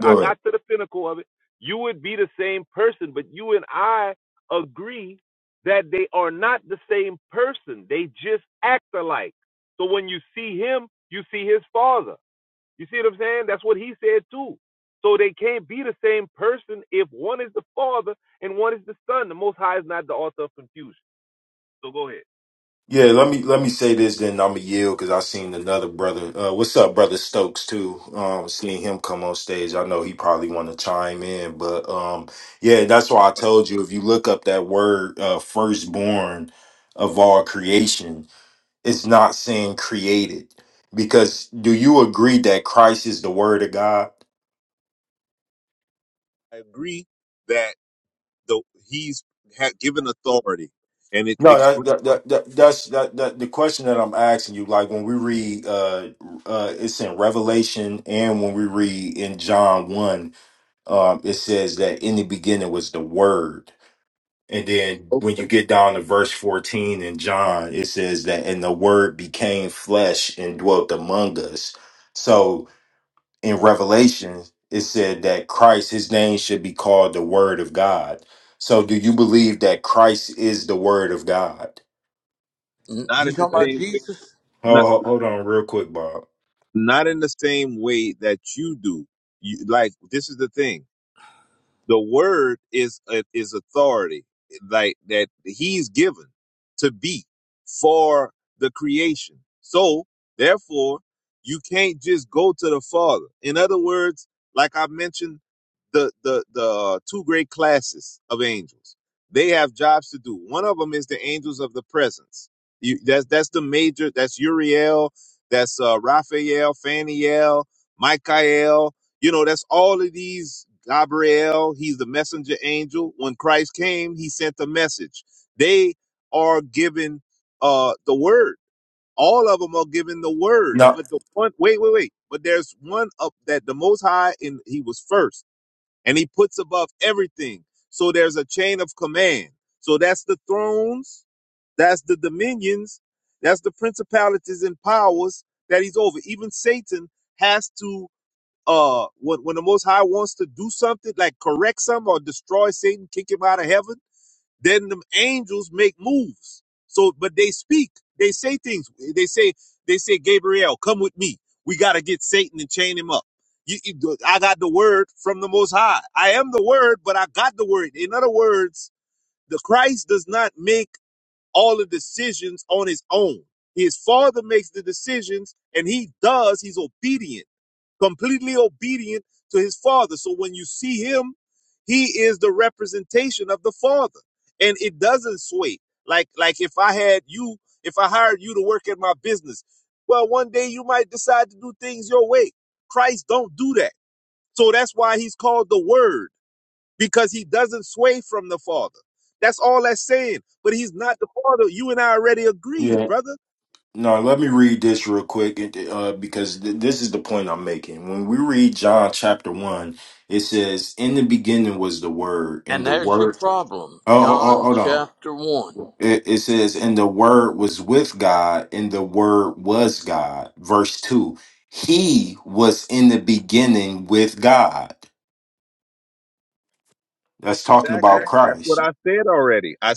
G: go ahead. Yeah, let me let me say this. Then I'm a yield because I seen another brother. Uh, what's up, brother Stokes? Too um, seeing him come on stage. I know he probably want to chime in, but um, yeah, that's why I told you. If you look up that word, uh, firstborn of all creation, it's not saying created. Because do you agree that Christ is the Word of God? No, that, that, that, that that's that, that the question that I'm asking you, like when we read uh uh it's in Revelation and when we read in John one, um it says that in the beginning was the word. And then when you get down to verse 14 in John, it says that and the word became flesh and dwelt among us. So in Revelation, it said that Christ, his name should be called the Word of God. So do you believe that Christ is the Word of God?
A: N- You talking about Jesus?
G: Oh, ho- hold on, real quick, Bob.
J: They are in uh, word, altered,
G: No,
J: but the wait, but the one up that the most high in first, and he above everything. So then, so that's the things, that's things, that's the prince of powers that he, Satan has to uh when when the most high wants to do something like correct some or destroy Satan, kick him out of heaven Then the angels make moves. So, but they speak. They say things. They say, they say, Gabriel, come with me. We got to get Satan and chain him up. You, you- I got the word from the Most High. I am the word, but I got the word. In other words, the Christ does not make all the decisions on his own. His father makes the decisions and he does. He's obedient, completely obedient to his father. So when you see him he is the representation of the Father, and it doesn't sway. Like like if you if I hired you to work business, well, one day you might decide to do things your way. Christ don't do that, so that's why he's called the Word because he doesn't sway from the Father. That's all that's saying. But he's not the Father. You and I already agreed,
G: yeah,
J: brother.
G: no. Let me read this real quick, it- uh, because th- this is the point I'm making. When we read John chapter one, it says, "In the beginning was the Word, and
A: And
G: the
A: there's your
G: Word."
A: problem.
G: Oh, ho- ho-
A: John
G: hold on.
A: chapter one.
G: It, it says, "And the Word was with God, and the Word was God." Verse two. He was in the beginning with God. That's talking about Christ.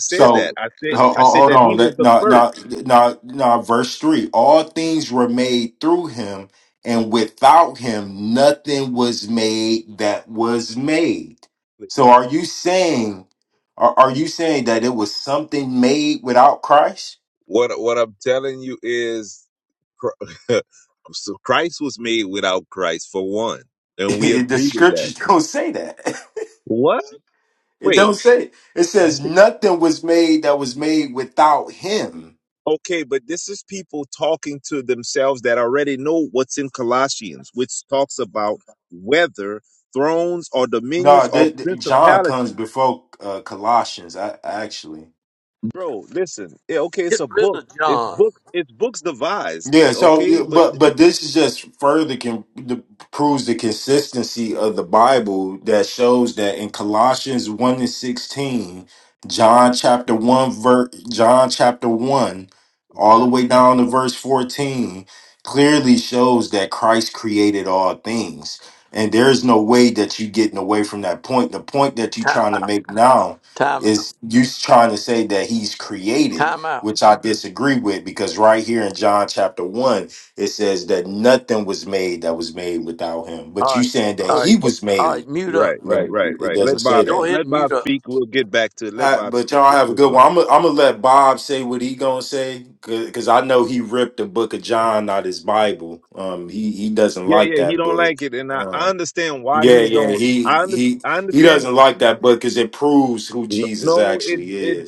G: So ho- ho- hold on. Let no no no no. Verse three: All things were made through him, and without him nothing was made that was made. So are you saying? Are, are you saying that it was something made without Christ?
J: Is- And we
G: the
J: agree with that.
G: scriptures don't say that. It
J: Wait.
G: don't say it. It says nothing was made that was made without him.
J: Okay, but this is people talking to themselves that already know what's in Colossians, which talks about whether thrones or dominions
G: No,
J: or
G: th- th- John
J: principalities.
G: comes before uh, Colossians. I actually.
J: Bro, listen, it
A: Get rid
J: book,
A: of
J: it,
A: John.
J: it's books devised,
G: Yeah, so yeah,
J: okay? But
G: but but this is just further can the, proves the consistency of the Bible that shows that in Colossians 1 and 16, John chapter 1 ver, John chapter 1 all the way down to verse 14 clearly shows that Christ created all things. And there's no way that you're getting away from that point. The point that you're
A: Time,
G: trying to make now
A: time, out.
G: is you trying to say that he's created
A: time out.
G: which I disagree with because right here in John chapter 1, it says that nothing was made that was made without him. But
A: All
G: you
A: right,
G: saying that
A: all right,
G: he was
A: all right.
G: made,
A: Mute up.
G: but it doesn't say
A: Go
G: that.
A: ahead and mute up.
G: Uh, but y'all have a good one. I'm gonna I'm gonna let Bob say what he gonna say because I know he ripped the book of John out his Bible. Um, he he doesn't like that book. Um, yeah, yeah, he he he doesn't like that book because it proves who Jesus actually is.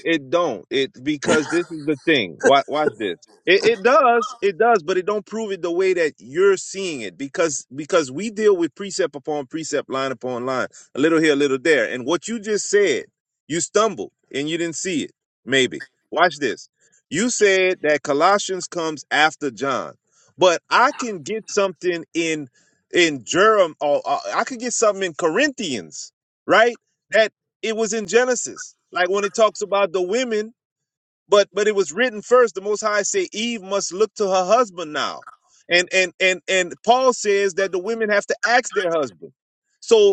J: limited because because we deal with precept upon precept, line upon line, a little here, a little there. And what you just said, you stumbled and you didn't see it. Maybe watch this. You said that Colossians comes after John, but I can get something in in Jerem, or uh, I could get something in Corinthians, right? That it was in Genesis, like when it talks about the women but but it was written first the most high said eve must look to her husband now and and and and paul says that the women have to ask their husband so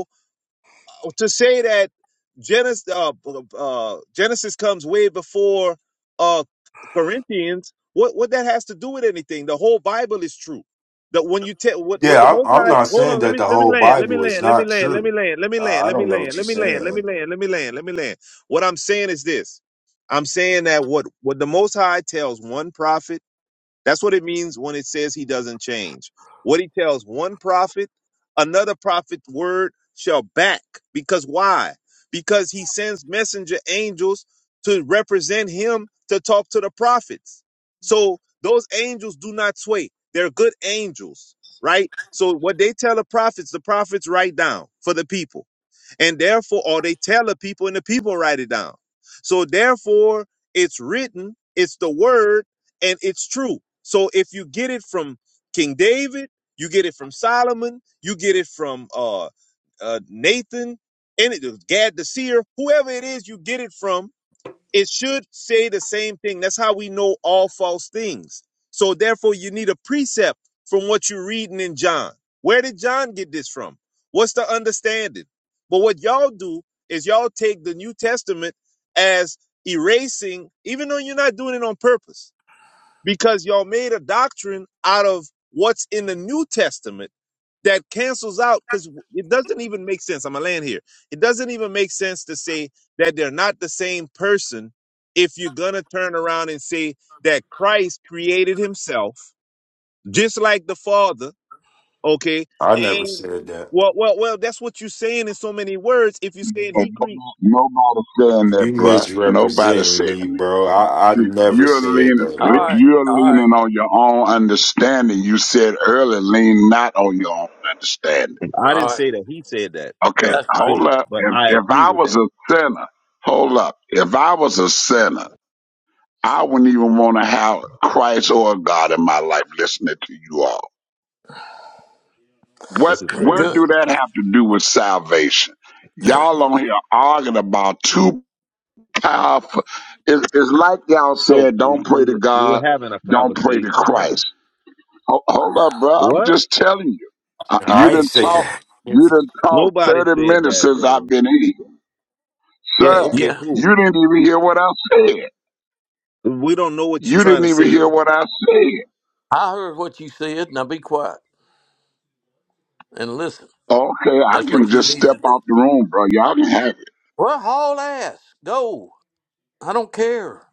J: to say that Genesis uh, uh, Genesis comes way before uh, Corinthians, what what that has to do with anything? The whole Bible is true. That when you tell what what the
G: Yeah,
J: Most
G: I'm, I'm
J: High,
G: not
J: hold
G: saying
J: on, let
G: that
J: me
G: the
J: let me
G: whole
J: land, let me
G: Bible is
J: land, let me
G: not
J: land, let me
G: true.
J: land, let me land,
G: I I
J: let me
G: don't know
J: land,
G: what you're
J: let me land, let me
G: saying.
J: land, let me land, let me land. What I'm saying is this: I'm saying that what what the Most High tells one prophet. That's what it means when it says he doesn't change. What he tells one prophet, another prophet word shall back. Because why? Because he sends messenger angels to represent him to talk to the prophets. So those angels do not sway. They're good angels, right? So what they tell the prophets, the prophets write down for the people. And therefore, or they tell the people and the people write it down. It's written. So if you get it from King David, as erasing, even though you're purpose, because y'all made a doctrine out of what's in the New Testament that cancels out because it doesn't even make sense. I'm gonna land here. It doesn't even make sense to say that they're not the same person if you're gonna turn around and say that Christ created himself just like the Father, okay?
G: I never
J: And
G: said that.
K: But no, nobody, saying that,
G: You
K: bruh. Nobody
G: misrepresenting
K: saying
G: me,
K: that.
G: bro. I, I never
K: You're
G: said
K: leaning,
G: that,
A: All
G: bro.
A: right,
K: you're
A: all right,
K: leaning on your own understanding. You said earlier, lean not on your own understanding.
A: all right.
K: Okay,
A: That's
K: hold
A: right.
K: up. If, if I was a sinner, hold up. If I was a sinner, I wouldn't even want to have Christ or God in my life listening to you all. What, what
A: Good.
K: do that have to do with salvation? Y'all on here arguing about two powerful. It's, it's like y'all
J: so
K: said, don't pray to God, don't pray to Christ. Ho- Hold up, bro. I'm just telling you. Uh, You
G: I ain't
K: didn't
G: say
K: talk.
G: that.
K: You didn't talk 30 minutes since I've been here, sir.
A: Yeah,
K: You didn't even hear what I said. You didn't even hear what I said.
A: I heard what you said. Now be quiet and listen.
K: Okay, I
A: That's
K: can
A: what you
K: just
A: need
K: step
A: to do.
K: out the room, bro. Y'all can have it.
A: Well, haul ass. Go. I don't care.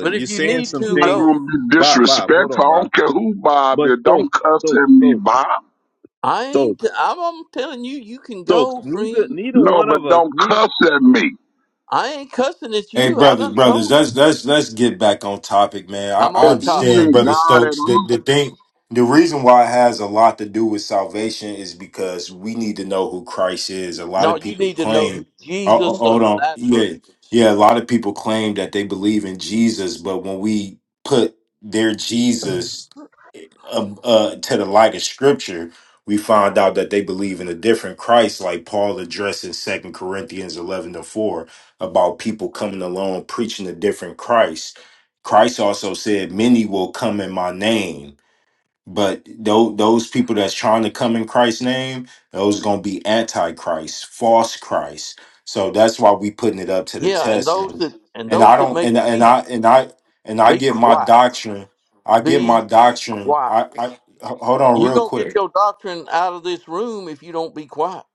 A: But if you need
K: I'm
A: to,
K: not
A: go.
K: gonna be disrespectful. I don't care who Bob is. Don't cuss at me, Bob.
A: I ain't. I'm, I'm telling you, you can go, friend.
K: No, but don't cuss at me.
A: I ain't cussing at
G: Hey,
A: you. I
G: brothers,
A: done
G: brothers,
A: told you.
G: let's let's let's get back on topic, man. I,
A: I'm
G: I
K: If
A: on
K: you
A: top.
G: understand,
K: ain't
G: brother
K: God at
G: Stokes. The
K: all.
G: the thing, the reason why it has a lot to do with salvation is because we need to know who Christ is. A lot
A: No,
G: of
A: you
G: people
A: need to know
G: claim,
A: who
G: oh, oh,
A: Jesus
G: hold
A: of
G: on,
A: Nazareth.
G: yeah, yeah. A lot of people claim that they believe in Jesus, but when we put their Jesus um, uh, to the light of scripture, we find out that they believe in a different Christ, like Paul addressed in 2 Corinthians 11 to 4 about people coming along preaching a different Christ. Christ also said, Many will come in my name. But those those people that's trying to come in Christ's name, those gonna be antichrist, false Christ. So that's why we putting it up to the
A: Yeah, and
G: test. Yeah.
A: those that and
G: And
A: those
G: I
A: that
G: don't
A: make
G: and and I
A: Jesus
G: and I and I
A: be
G: get my
A: quiet.
G: doctrine. I get my
A: Be
G: doctrine.
A: quiet.
G: I, I h- hold on
A: You
G: real
A: gonna get
G: quick.
A: your doctrine out of this room if you don't be quiet.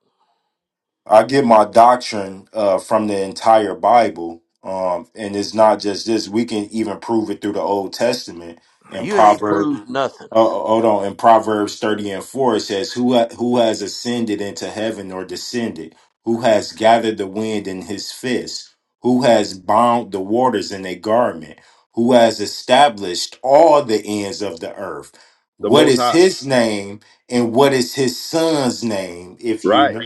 G: I get my doctrine uh, from the entire Bible. Um, and it's not just this. We can even prove it through the Old Testament in
A: You ain't
G: Proverbs.
A: proved nothing.
G: Oh, hold on. In Proverbs 30 and 4, it says, who, ha- who has ascended into heaven or descended? Who has gathered the wind in his fist? Who has bound the waters in a garment? Who has established all the ends of the earth? What is his name and what is his son's name, if you know?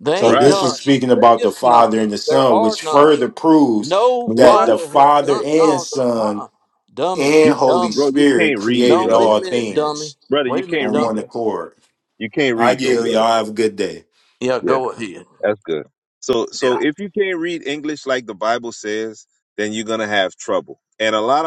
A: There
G: So,
A: ain't
G: this
A: none.
G: is speaking
A: There
G: about the
A: is none.
G: Father and the
A: There
G: Son,
A: are
G: which
A: none.
G: further proves
A: No
G: that the
A: father has
G: Father
A: done.
G: and
A: No, uh
G: Son
A: uh Dummy.
G: and Holy
A: Dummy.
G: Spirit
A: No,
G: created
A: wait a
G: all
A: minute,
G: things
A: dummy. Wait a minute,
G: on
A: dummy.
G: one accord. I yield. Y'all have a good day.
A: Yeah, go ahead. Yeah.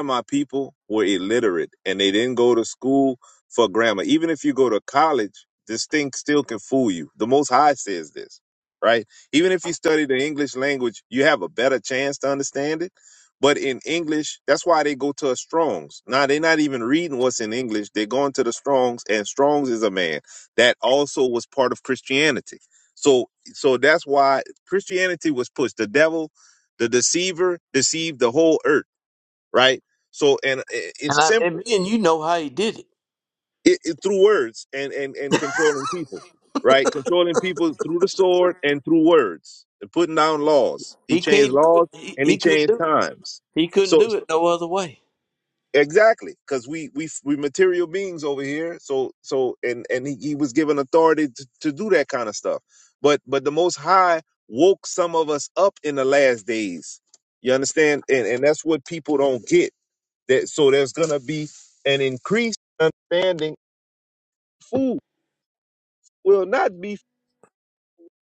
J: lot of my people were illiterate and they didn't go to school for grammar. Even if you go to college, this thing still can fool you. The Most High says this, right? Even if you study the English language, you have a better chance to understand it. But in English, that's why they go to a Strong's. Now they're not even reading what's in English. They're going to the Strong's, and Strong's is a man that also was part of Christianity. So, so that's why Christianity was pushed. The devil the deceiver deceived the whole earth right? So, and i-
A: And
J: it's
A: I and me
J: simple.
A: and you know how he did it.
J: It, it through words and and and controlling people, right? Controlling people through the sword and through words and putting down laws. He
A: He
J: changed
A: can't do it.
J: laws
A: He,
J: and he
A: he couldn't
J: changed
A: do it.
J: times.
A: He couldn't
J: So,
A: do it
J: so
A: no other way.
J: exactly, because we we we material beings over here. So so and and he, he was given authority to, to do that kind of stuff. But but the Most High woke some of us up in the last days. You understand? And and that's what people don't get. That so there's gonna be an increase understanding food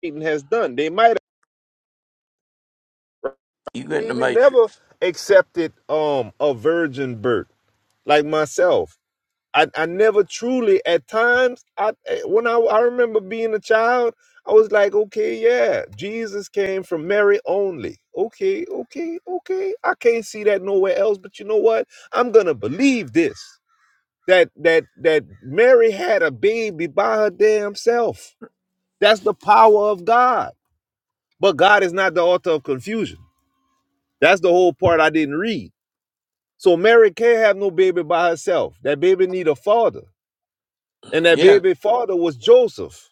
J: eating has done. They might
A: You went in the
J: maybe never
A: matrix.
J: accepted um a virgin birth like myself. I, I never truly at times I eh, when I, I remember being a child I was like okay yeah Jesus came from Mary only okay okay okay I can't see that nowhere else but you know what I'm gonna believe this that that that Mary had a baby by her damn self that's the power of God but God is not the author of confusion That's the whole part I didn't read. So Mary can't have no baby by herself. That baby need a father. And that
A: Yeah.
J: baby father was Joseph.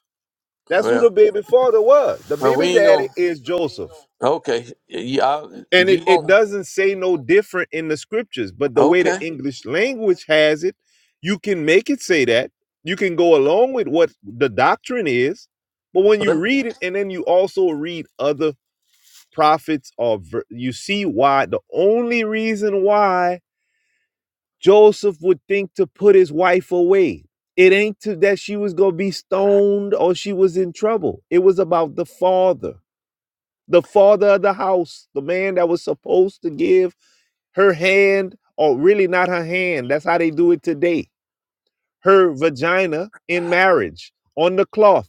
J: That's who the
A: Well,
J: baby father was. The
A: well, we
J: baby
A: ain't
J: daddy
A: gonna.
J: is Joseph.
A: Okay. Yeah. I,
J: And
A: if you
J: it, it
A: want.
J: doesn't say no different in the scriptures, but the way the
A: Okay.
J: English language has it, you can make it say that. You can go along with what the doctrine is, but when
A: Let
J: you
A: me-
J: read it and then you also read other prophets or ver- you see why the only reason why Joseph would think to put his wife away. It ain't to, that she was going to be stoned or she was in trouble. It was about the father, the father of the house, the man that was supposed to give her hand, or really not her hand. That's how they do it today. Her vagina in marriage on the cloth.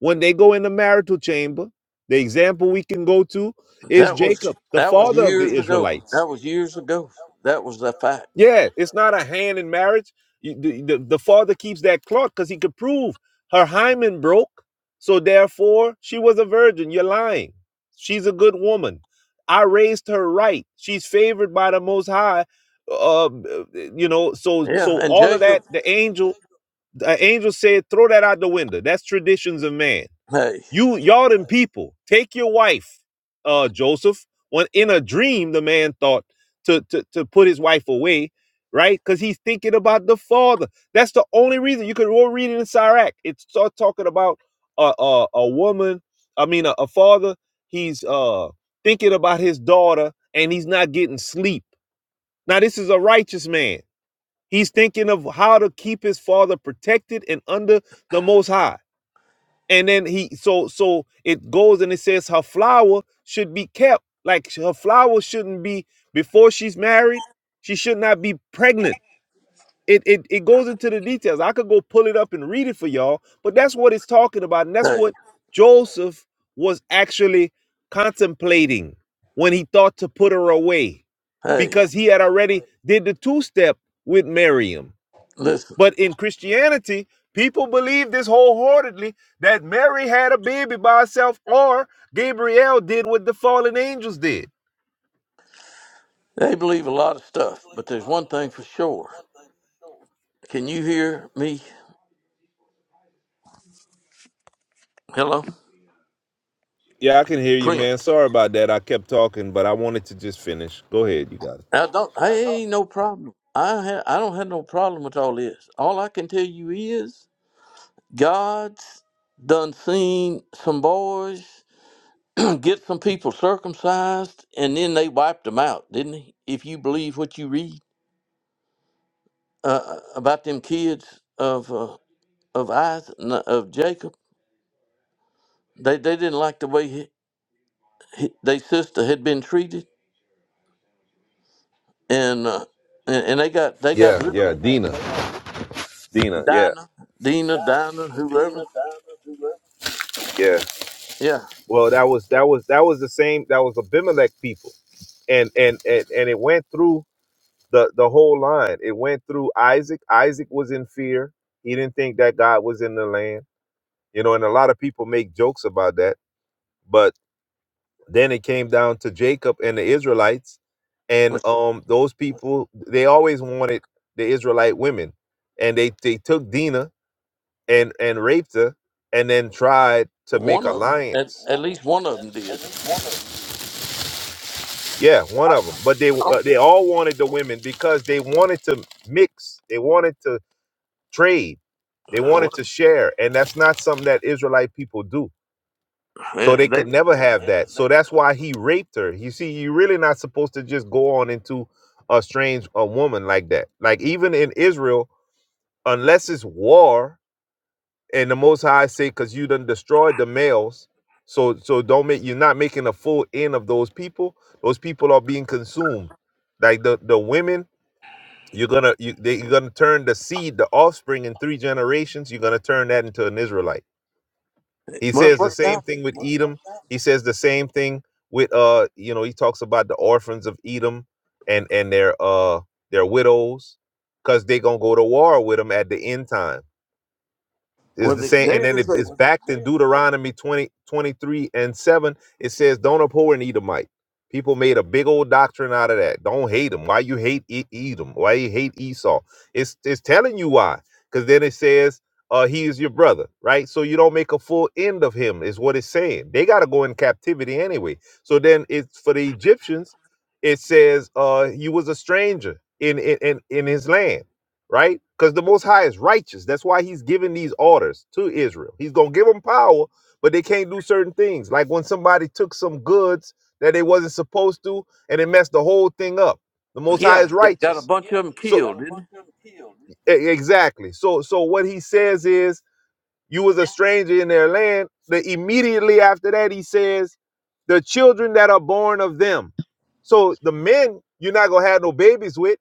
J: When they go in the marital chamber, the example we can go to is
A: that was
J: Jacob, the
A: that was
J: father of the
A: years ago.
J: Israelites.
A: That was years ago. That was the fact.
J: Yeah, it's not a hand in marriage. You- The, the, the father keeps that clock because he could prove her hymen broke. So therefore, she was a virgin. You're lying. She's a good woman. I raised her right. She's favored by the Most High. Uh, you know, so
A: Yeah.
J: so
A: And
J: all of
A: Jacob.
J: that. The angel, the angel said, "Throw that out the window." That's traditions of man.
A: Hey.
J: You y'all them people, take your wife, uh, Joseph. When in a dream, the man thought to to, to put his wife away, right? Because he's thinking about the father. That's the only reason. You could all read it in Sirach. It's start talking about a a, a woman. I mean, a, a father. He's uh thinking about his daughter, and he's not getting sleep. Now, this is a righteous man. He's thinking of how to keep his father protected and under the Most High and then he
A: Hey. Hey.
J: he did the miriam
A: Listen,
J: christianity
A: they believe a lot of stuff, but there's one thing for sure. Can you hear me? Hello, Prince. I don't. Hey, ain't no problem. I ha- I don't have no problem with all this. All I can tell you is God's done seen some boys get some people circumcised, and then they wiped them out, didn't he? If you believe what you read uh, uh, about them kids of uh, of Isaac, n- of Jacob, they they didn't like the way he, he, they sister had been treated and uh, and, and they got they got
J: yeah
A: rid
J: yeah dina
A: of
J: dina yeah
A: Dinah, Dina, Dinah, whoever.
J: yeah
A: Yeah,
J: well that was that was that was the same that was abimelech people and and and, and it went through the the whole line. It went through Isaac. Isaac was in fear. He didn't think that God was in the land. You know, and a lot of people make jokes about that. But then it came down to Jacob and the Israelites, and
A: was
J: um, those people they always wanted the Israelite women, and they they took Dinah and and raped her, and then tried to make
A: one of them. At,
J: alliance.
A: at least one of them did.
J: Yeah, one
A: I,
J: of them. But they
A: I don't.
J: uh, they all wanted the women because they wanted to mix. They wanted to trade. They wanted
A: What,
J: to share, and that's not something that Israelite people do. So
A: eh,
J: they
A: they
J: could never have that. So that's why he raped her. You see, you're really not supposed to just go on into a strange a woman like that. Like even in Israel, unless it's war, and the Most High say, "Cause you done destroyed the males." So so don't make you're not making a full end of those people. Those people are being consumed. Like the the women you're gonna you, they, you're gonna turn the seed, the offspring, in three generations. You're gonna turn that into an Israelite. He
A: well,
J: says the
A: what
J: same
A: now?
J: thing with Edom. He says the same thing with uh, you know, he talks about the orphans of Edom and and their uh their widows, cause they gonna go to war with them at the end time is
A: Well,
J: the
A: they,
J: same and
A: there
J: then it,
A: is a
J: it's backed in deuteronomy 20 23 and 7 it says don't abhor an edomite people made a big old doctrine out of that don't hate them why you hate E- edom why you hate esau it's it's telling you why because then it says uh he is your brother right so you don't make a full end of him is what it's saying they got to go in captivity anyway so then it's for the egyptians it says uh you was a stranger in in in, in his land right? Because the Most High is righteous. That's why He's giving these orders to Israel. He's gonna give them power, but they can't do certain things. Like when somebody took some goods that they wasn't supposed to, and it messed the whole thing up. The Most High is
A: yeah. Got a
J: righteous.
A: bunch of them
J: They So got
A: killed,
J: a
A: didn't
J: bunch
A: it?
J: of them killed. E- Exactly. So so what he says is you was a stranger in their land. Then immediately after that he says the children that are born of them. So the men you're not gonna have no babies with.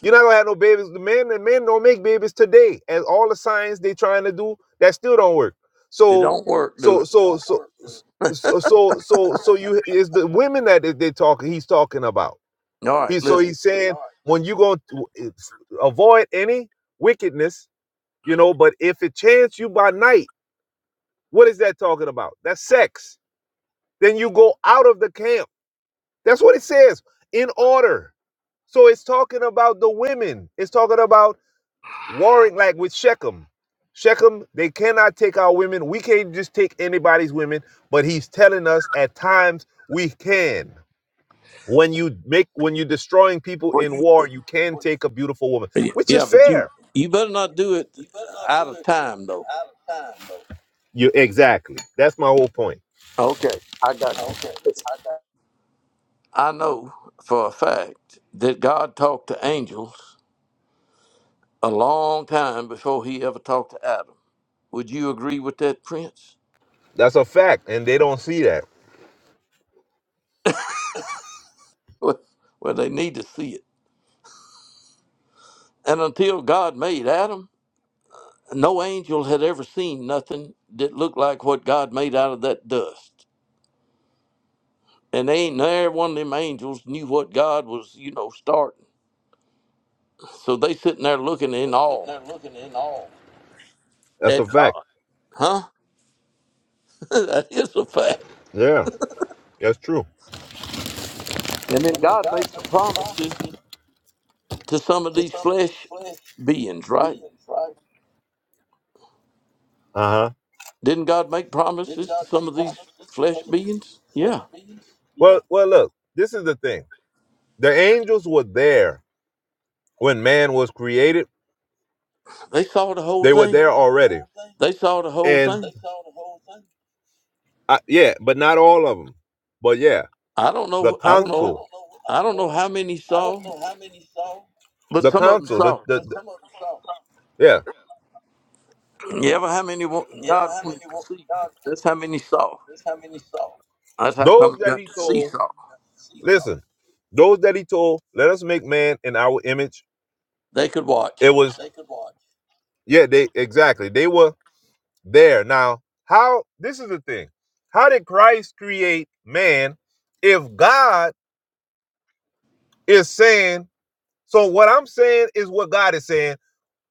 J: You're not gonna have no babies. The men, the men don't make babies today, and all the science they trying to do that still don't work.
A: It
J: So,
A: don't work, do
J: so,
A: it.
J: so, so, so, so, so, so you is the women that they they talking. He's talking about.
A: All right,
J: He so
A: listen.
J: he's saying when you gonna avoid any wickedness, you know. But if it chance you by night, what is that talking about? That's sex. Then you go out of the camp. That's what it says in order. So it's talking about the women. It's talking about warring like with Shechem. Shechem, they cannot take our women. We can't just take anybody's women, but he's telling us at times we can. When you make when you're destroying people
A: Well,
J: in war, you can take a beautiful woman,
A: you
J: which is
A: yeah, but you
J: fair.
A: you better not do it uh, out of time though.
J: You exactly. That's my whole point.
A: Okay, I got. You. Listen, I know for a fact that God talked to angels a long time before he ever talked to Adam. Would you agree with that, Prince?
J: That's a fact. And they don't see that.
A: Well, well, they need to see it. And until God made Adam, no angel had ever seen nothing that looked like what God made out of that dust. And they ain't there one of them angels knew what God was, you know, starting. So they sitting there looking in awe
J: That's
A: at
J: a fact.
A: God. Huh? that is a fact.
J: Yeah. That's true.
A: And then God made some promises to some of these flesh beings, right?
J: Uh-huh.
A: Didn't God make promises to some of these flesh beings? Yeah.
J: Well well look, this is the thing. The angels were there when man was created.
A: They saw the whole
J: They were
A: thing.
J: there already.
A: They saw the whole
J: And
A: thing.
J: I, yeah, but not all of them. But yeah,
A: I don't
J: the
A: know. I don't know.
J: council,
A: I don't know how many saw, but
J: the
A: some of them
J: council, the
A: saw.
J: the, the- yeah,
A: You ever how many wa- God wanted to see? That's how many saw. That's how come
J: those
A: you
J: that
A: got
J: he
A: to see
J: told.
A: saw.
J: Listen, those that he told, let us make man in our image.
A: They could
J: It
A: watch.
J: was yeah, they exactly they were there. Now, how this is the thing? How did Christ create man if God is saying? So what I'm saying is what God is saying.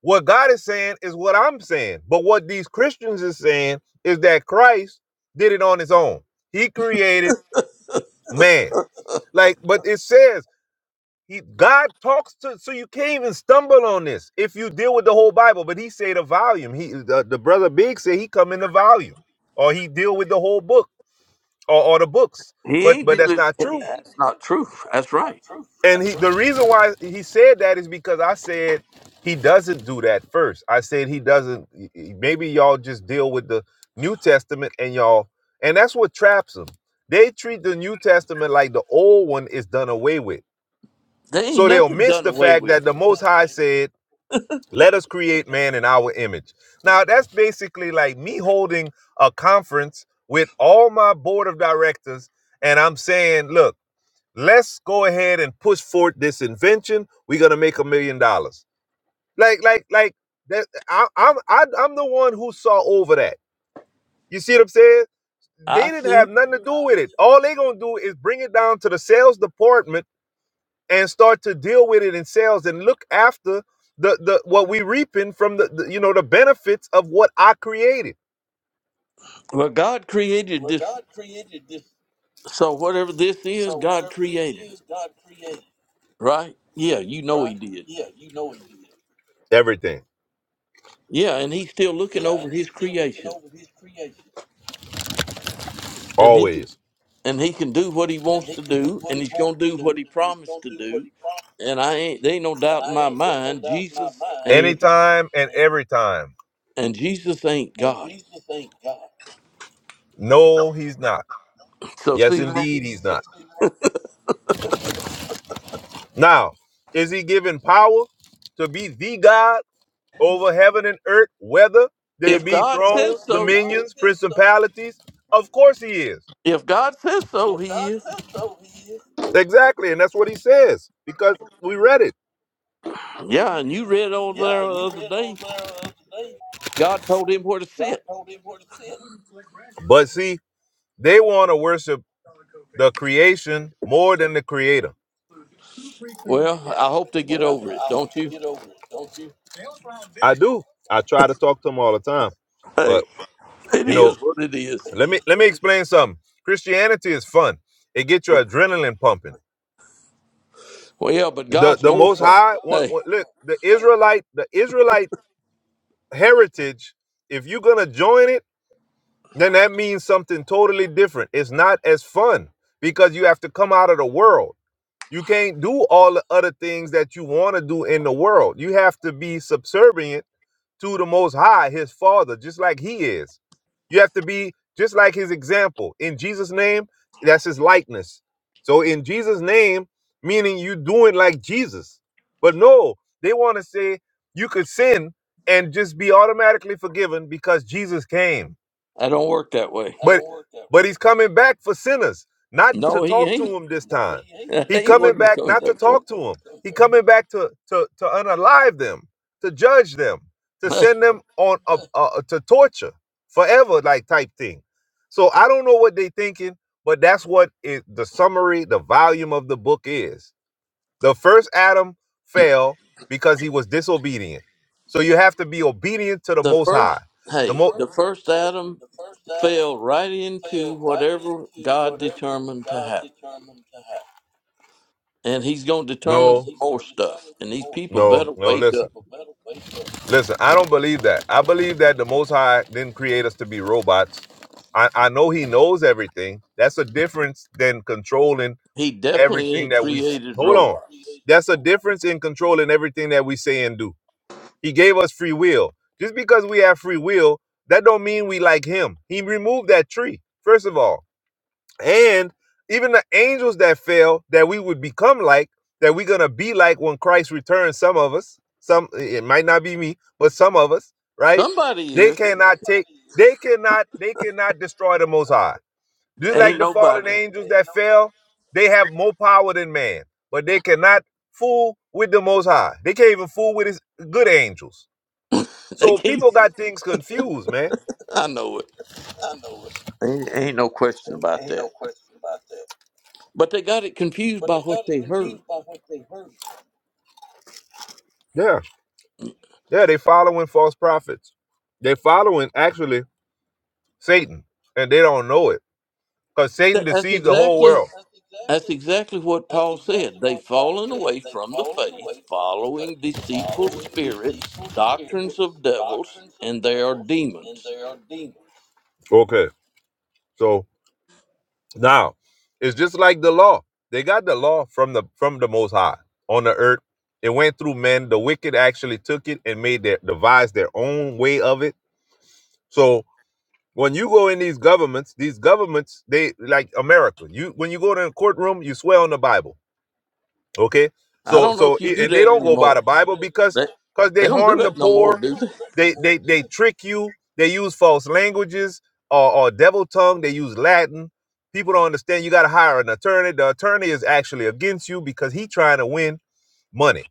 J: What God is saying is what I'm saying. But what these Christians is saying is that Christ did it on his own. He created man. Like, but it says he God talks to so you can't even stumble on this if you deal with the whole Bible. But he say the volume. He the, the brother Big said he come in the volume. Or he deal with the whole book or, or the books.
A: He
J: But
A: ain't
J: but that's
A: dealing.
J: not true.
A: That's not true. That's right.
J: And he, the reason why he said that is because I said he doesn't do that first. I said he doesn't. Maybe y'all just deal with the New Testament and y'all, and that's what traps them. They treat the New Testament like the old one is done away with.
A: They ain't
J: So they'll
A: nothing
J: miss
A: done
J: the
A: away
J: fact that
A: with.
J: the Most High said, "Let us create man in our image." Now that's basically like me holding a conference with all my board of directors, and I'm saying, "Look." Let's go ahead and push forward this invention. We're gonna make a million dollars. Like, like, like that. I, I'm, I, I'm the one who saw over that. You see what I'm saying? They
A: I
J: didn't
A: see.
J: have nothing to do with it. All they gonna do is bring it down to the sales department and start to deal with it in sales and look after the, the what we reaping from the, the you know the benefits of what I created.
A: Well, God created this. So whatever this is, God created it, right? Yeah, you know He did.
J: Everything,
A: Yeah, and he's still looking over his creation, and he can,
J: always.
A: and he can do what he wants to do, and he's gonna do what he promised to do. And I ain't there ain't no
J: And
A: doubt in
J: I
A: my
J: ain't there ain't no
A: mind,
J: doubt in my
A: Jesus
J: mind.
A: ain't
J: Anytime and every time.
A: and Jesus ain't God.
J: No, he's not.
A: So
J: Yes,
A: see, that?
J: indeed, he's not. Now, is he given power to be the God over heaven and earth, whether they
A: if
J: be
A: God says
J: thrones,
A: so,
J: dominions, principalities? Of course he is.
A: if God says so, He is.
J: Exactly. And that's what he says because we read it.
A: Yeah, and you read over there the other day, God told him where to sit.
J: But see, they want to worship the creation more than the creator.
A: Well, I hope they get over it, don't you?
J: I do. I try to talk to them all the time.
A: Hey,
J: But,
A: it
J: you
A: is
J: know,
A: what it is.
J: let me let me explain something. Christianity is fun. It gets your adrenaline pumping.
A: Well, yeah, but
J: the
A: God's
J: the
A: more
J: most
A: fun.
J: high one,
A: Hey,
J: one- look the israelite the israelite heritage if you're gonna join it then that means something totally different it's not as fun because you have to come out of the world you can't do all the other things that you want to do in the world you have to be subservient to the Most High, his Father, just like he is. You have to be just like his example. In Jesus' name, that's his likeness. So in Jesus' name, meaning you doing like Jesus. But no, they want to say you could sin and just be automatically forgiven because Jesus came
A: I don't work that way.
J: but but he's coming back for sinners, not to
A: No, he
J: talk to
A: ain't.
J: him this time.
A: That
J: He
A: ain't what
J: coming
A: he
J: back
A: comes
J: not to
A: back for.
J: talk to him. He coming back to to to unalive them, to judge them, to send
A: the
J: them on a, a to torture forever, like type thing. So I don't know what they thinking, but that's what it, the summary, the volume of the book is. The first Adam fell because he was disobedient. So you have to be obedient to the Most High.
A: first,
J: The, the
A: hey,
J: most
A: the first Adam fell right into whatever God determined to happen. And he's going to determine
J: No.
A: some more stuff. And these people
J: No,
A: better
J: no,
A: wake
J: listen.
A: up.
J: Listen, I don't believe that. I believe that the Most High didn't create us to be robots. I, I know He knows everything. That's a difference than controlling
A: He definitely
J: everything
A: ain't
J: that we. s-
A: created
J: Hold on.
A: robots.
J: That's a difference in controlling everything that we say and do. He gave us free will. Just because we have free will, that don't mean we like Him. He removed that tree, first of all and even the angels that fell that we would become like that we're gonna be like when christ returns some of us some it might not be me but some of us right
A: Somebody
J: they
A: is.
J: cannot take they cannot they cannot destroy the most high just like
A: Ain't
J: the fallen
A: nobody.
J: angels that fell they have more power than man but they cannot fool with the most high they can't even fool with his good angels
A: They
J: so
A: can't.
J: people got things confused man
A: I know it. Ain't, ain't no question about that. But they got it confused by what they heard.
J: yeah yeah they following false prophets they following actually Satan, and they don't know it because Satan
A: That- That's
J: deceived the whole
A: exactly.
J: world.
A: That's exactly what Paul said. They've fallen away from the faith, following deceitful spirits, doctrines of devils, and they are demons.
J: Okay, so now it's just like the law. They got the law from the from the Most High on the earth. It went through men. The wicked actually took it and made their devised their own way of it. So when you go in these governments, these governments, they like America. You when you go to a courtroom, you swear on the Bible. Okay,
A: I
J: so
A: don't know
J: so
A: if you
J: i-
A: do
J: and they
A: that
J: don't go by
A: anymore.
J: the Bible because
A: They,
J: because they
A: they don't do
J: harm the
A: that no more,
J: poor.
A: do they?
J: They they they trick you. They use false languages or, or devil tongue. They use Latin. People don't understand. You got to hire an attorney. The attorney is actually against you because he trying to win money.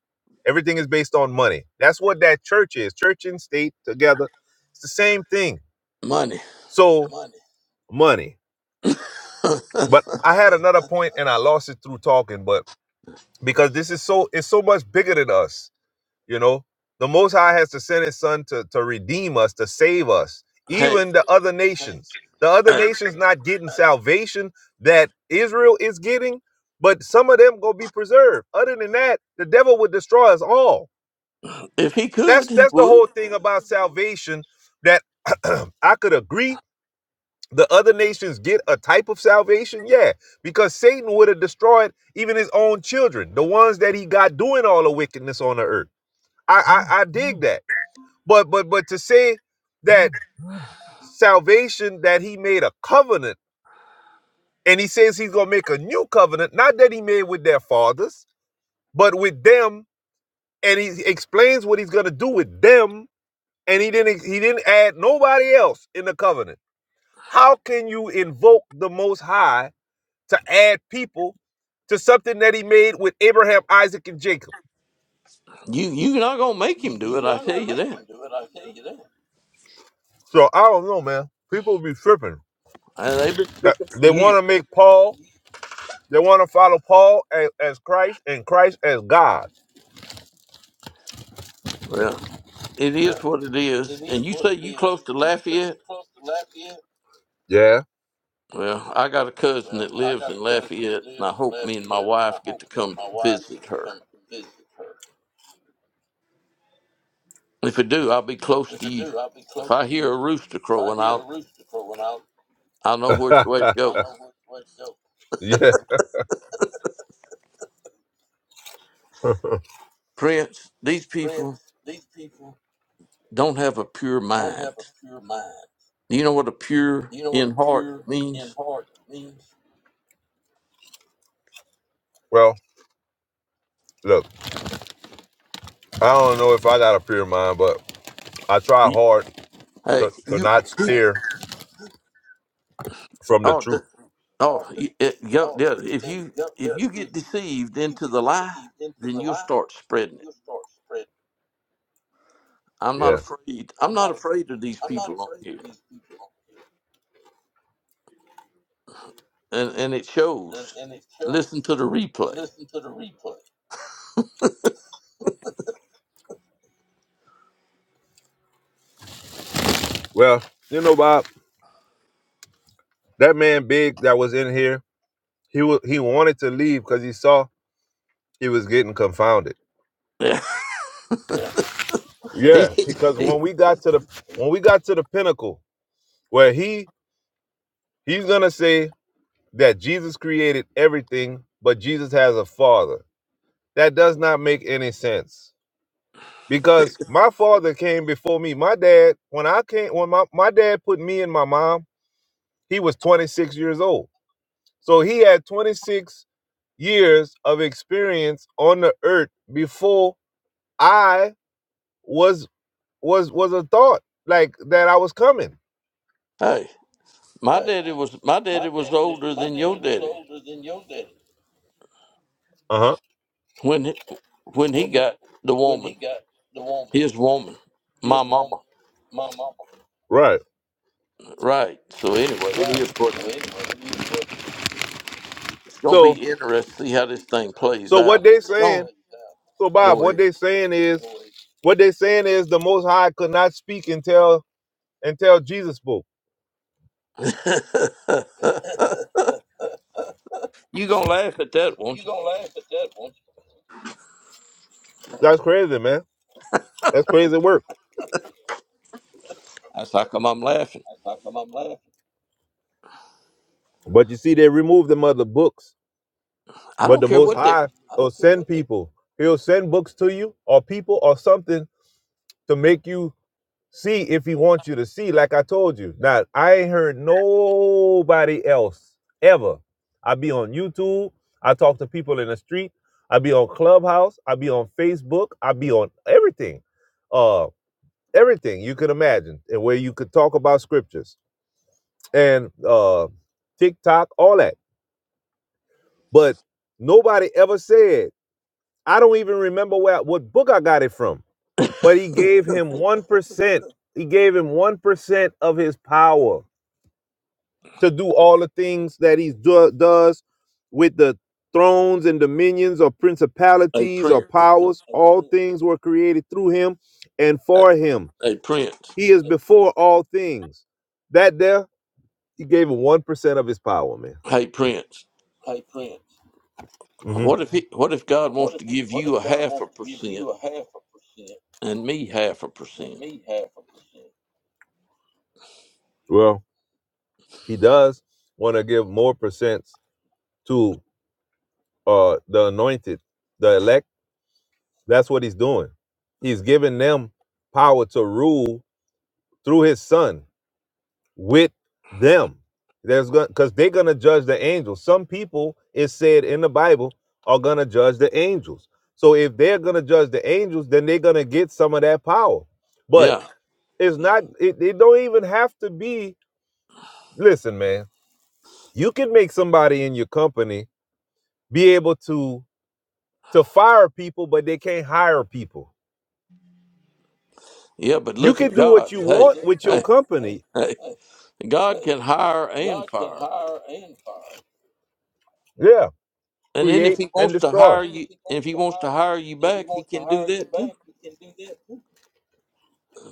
J: Everything is based on money. That's what that church is. Church and state together. It's the same thing.
A: Money.
J: So money. But I had another point and I lost it through talking. But because this is so, it's so much bigger than us You know, the Most High has to send His Son to, to redeem us, to save us,
A: hey,
J: even the other nations. The other
A: hey,
J: nations not getting salvation that Israel is getting, but some of them gonna be preserved. Other than that, the devil would destroy us all.
A: if he could,
J: That's
A: he
J: that's the
A: would.
J: whole thing about salvation. That I could agree the other nations get a type of salvation, yeah, because Satan would have destroyed even his own children, the ones that he got doing all the wickedness on the earth. I I, I dig that. But but but to say that salvation that he made a covenant and he says he's gonna make a new covenant, not that he made with their fathers, but with them, and he explains what he's gonna do with them, and he didn't he didn't add nobody else in the covenant. How can you invoke the most high to add people to something that he made with Abraham, Isaac, and Jacob?
A: You, you're not going to make him do it, I tell you that.
J: So I don't know, man. People be tripping.
A: And they've been tricking for
J: They want
A: years.
J: to make Paul They want to follow Paul as, as Christ and Christ as God.
A: Well, it is what it is. And you say you close to Lafayette?
J: Yeah.
A: Well, I got a cousin that lives in Lafayette, and I hope me and my wife get to come visit her. If I do, I'll be close to you. If I hear a rooster crowing, I'll I'll know which way to go.
J: yeah.
A: Prince, these people don't have a pure mind. You know what a pure in heart means?
J: Well, look, I don't know if I got a pure mind, but I try
A: You-
J: hard
A: Hey,
J: to, to
A: you
J: not
A: people,
J: steer from the
A: oh,
J: truth.
A: th- oh, you- it, yo- yeah, if you if you get deceived into the lie, then you'll start spreading it. I'm not
J: Yeah.
A: afraid. I'm not afraid of these people on here. and and it shows. Listen to the replay.
J: Well, you know, Bob, that man big that was in here, he wa- he wanted to leave because he saw he was getting confounded.
A: he,
J: Yeah,
A: he,
J: because
A: he-
J: when we got to the when we got to the pinnacle where he he's gonna say that Jesus created everything, but Jesus has a father. That does not make any sense. Because my father came before me. My dad, when I came, when my, my dad put me and my mom, he was 26 years old. So he had 26 years of experience on the earth before I was was was a thought like that I was coming.
A: hey, my daddy was my daddy was older than your daddy
J: Uh-huh.
A: when he- when he got the woman, his woman, my mama.
J: Right.
A: Right. So anyway, it is what it is. It's gonna
J: So
A: be interesting to see how this thing plays
J: so what
A: out.
J: they
A: It's
J: saying
A: gone.
J: so Bob,
A: Go
J: what
A: ahead.
J: they saying is what they saying is the most high could not speak and tell and tell Jesus book.
A: you gonna laugh at that, won't you?
J: That's crazy, man. That's crazy work.
A: That's how come I'm laughing.
J: But you see, they remove them other books.
A: I
J: But
A: don't
J: the
A: care
J: Most
A: what they
J: High will send people. He'll send books to you or people or something to make you see if he wants you to see, like I told you. Now, I ain't heard nobody else ever. I be on YouTube. I talk to people in the street. I be on Clubhouse. I be on Facebook. I be on everything. Uh, everything you could imagine and where you could talk about scriptures and uh, TikTok, all that. But nobody ever said. I don't even remember where what book I got it from. But he gave him one percent. He gave him one percent of his power to do all the things that he do, does with the thrones and dominions or
A: hey
J: principalities or
A: Prince.
J: powers. All things were created through him and
A: Hey
J: for him.
A: hey, Prince.
J: He is before all things. That there, he gave him one percent of his power, man.
A: Hey Prince.
J: hmm
A: What if he, what if God wants to give you a half a percent and me half a percent?
J: Well, He does want to give more percents to uh, the anointed, the elect. That's what he's doing. He's giving them power to rule through his son with them. There's going because they're gonna judge the angels. Some people, it's said in the Bible, are gonna judge the angels. So if they're gonna judge the angels, then they're gonna get some of that power. But
A: Yeah,
J: it's not. It, it don't even have to be. Listen, man. You can make somebody in your company be able to to fire people, but they can't hire people.
A: yeah, but
J: You
A: look at
J: can do what
A: God.
J: you
A: Hey,
J: want with your
A: hey,
J: company.
A: hey. God can hire and fire,
J: Yeah,
A: and then if
J: create
A: He
J: and
A: wants to
J: destroy.
A: hire you, if He wants to hire you back, He can do that too.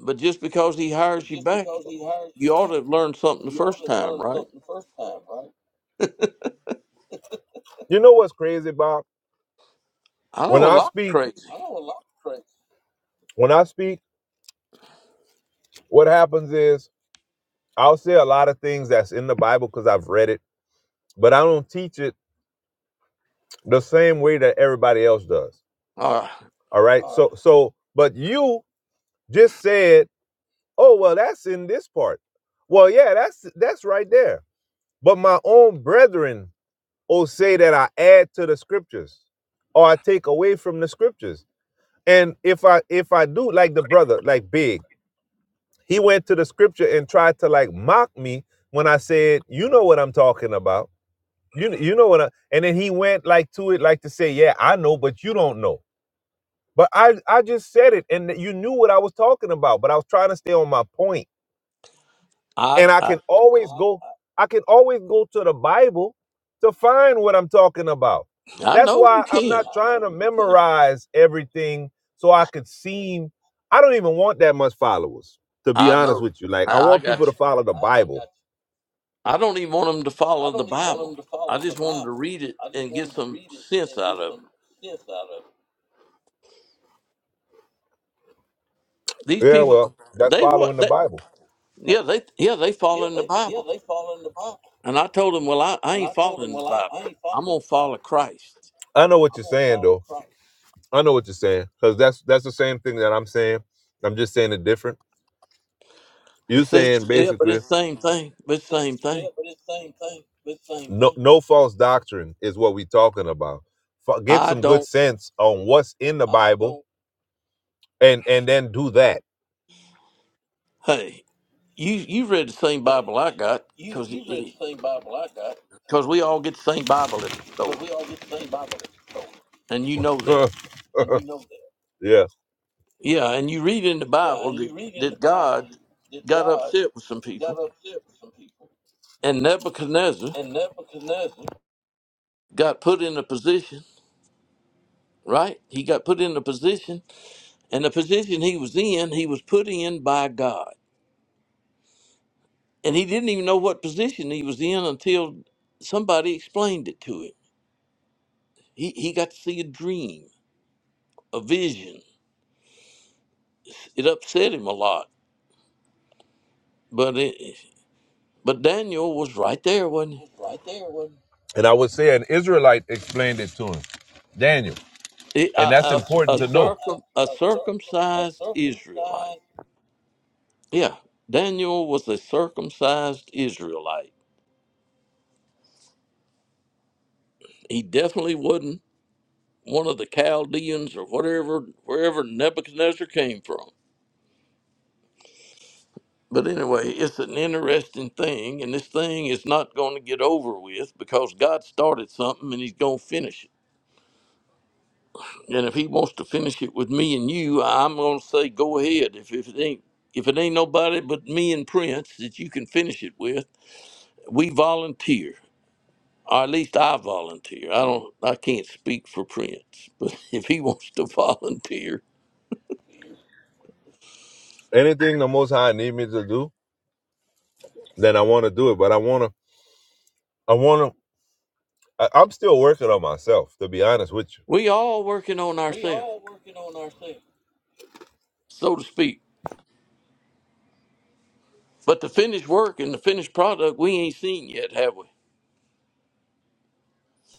A: But just because He hires you back, you ought to have learned something the first time, right?
J: You know what's crazy, Bob?
A: I
J: When
A: know a
J: I
A: lot of
J: speak,
A: crazy.
J: when I speak, what happens is I'll say a lot of things that's in the Bible because I've read it, but I don't teach it the same way that everybody else does.
A: All right,
J: All right. So, so, but you just said, "Oh, well, that's in this part." Well, yeah, that's that's right there. But my own brethren or say that I add to the scriptures or I take away from the scriptures. And if I if I do like the brother, like Big, he went to the scripture and tried to like mock me when I said, you know what I'm talking about. You you know what I and then he went like to it like to say, Yeah, I know, but you don't know. But I, I just said it and you knew what I was talking about, but I was trying to stay on my point
A: I
J: and I
A: I
J: can always go I can always go to the Bible to find what I'm talking about.
A: I
J: That's
A: know you
J: why I'm
A: can.
J: not trying to memorize everything so I could seem I don't even want that much followers to be
A: I
J: honest
A: know.
J: with you. Like
A: I,
J: I
A: I
J: want
A: got
J: people
A: you.
J: to follow the Bible.
A: I don't even want them to follow the Bible. I just want them to read it and get some sense out of it. These
J: Yeah,
A: people,
J: well, that's
A: they
J: following
A: what?
J: the
A: They,
J: Bible.
A: yeah, they yeah they follow in the Bible. And I told them, well, I, I ain't following the Bible. I'm gonna follow Christ.
J: I know what you're saying though. I know what you're saying cuz that's that's the same thing that I'm saying. I'm just saying it different. You are
A: It's,
J: saying
A: it's yeah, but
J: basically
A: it's same thing. But it's same thing.
J: the the No, no no false doctrine is what we talking about. F- Get
A: I
J: some good
A: don't.
J: sense on what's in the Bible, don't. and and then do that.
A: Hey, you you read the same Bible I got because because we all get the same Bible at the store, and you know
J: Huh,
A: that.
J: yeah,
A: Yeah, and you read in the Bible that, that God got upset with some people And Nebuchadnezzar got put in a position, right? He got put in a position, and the position he was in, he was put in by God. And he didn't even know what position he was in until somebody explained it to him. He, he got to see a dream, a vision. It upset him a lot, but it, but Daniel was right there, wasn't
J: and I would say an Israelite explained it to him, Daniel,
A: he? It-
J: and that's
A: a, a, a,
J: important Yeah. to know.
A: circum, a circumcised Israelite. Yeah, Daniel was a circumcised Israelite. He definitely wasn't one of the Chaldeans or whatever, wherever Nebuchadnezzar came from. But anyway, it's an interesting thing, and this thing is not going to get over with because God started something and He's going to finish it. And if He wants to finish it with me and you, I'm going to say, go ahead. If, if it ain't if it ain't nobody but me and Prince that you can finish it with, we volunteer. Or at least I volunteer. I don't I can't speak for Prince, but if he wants to volunteer,
J: Anything the Most High need me to do, then I want to do it. But I want to, I want to. I'm still working on myself, to be honest with you.
A: we all working on ourselves so to speak. But the finished work and the finished product, we ain't seen yet, have we?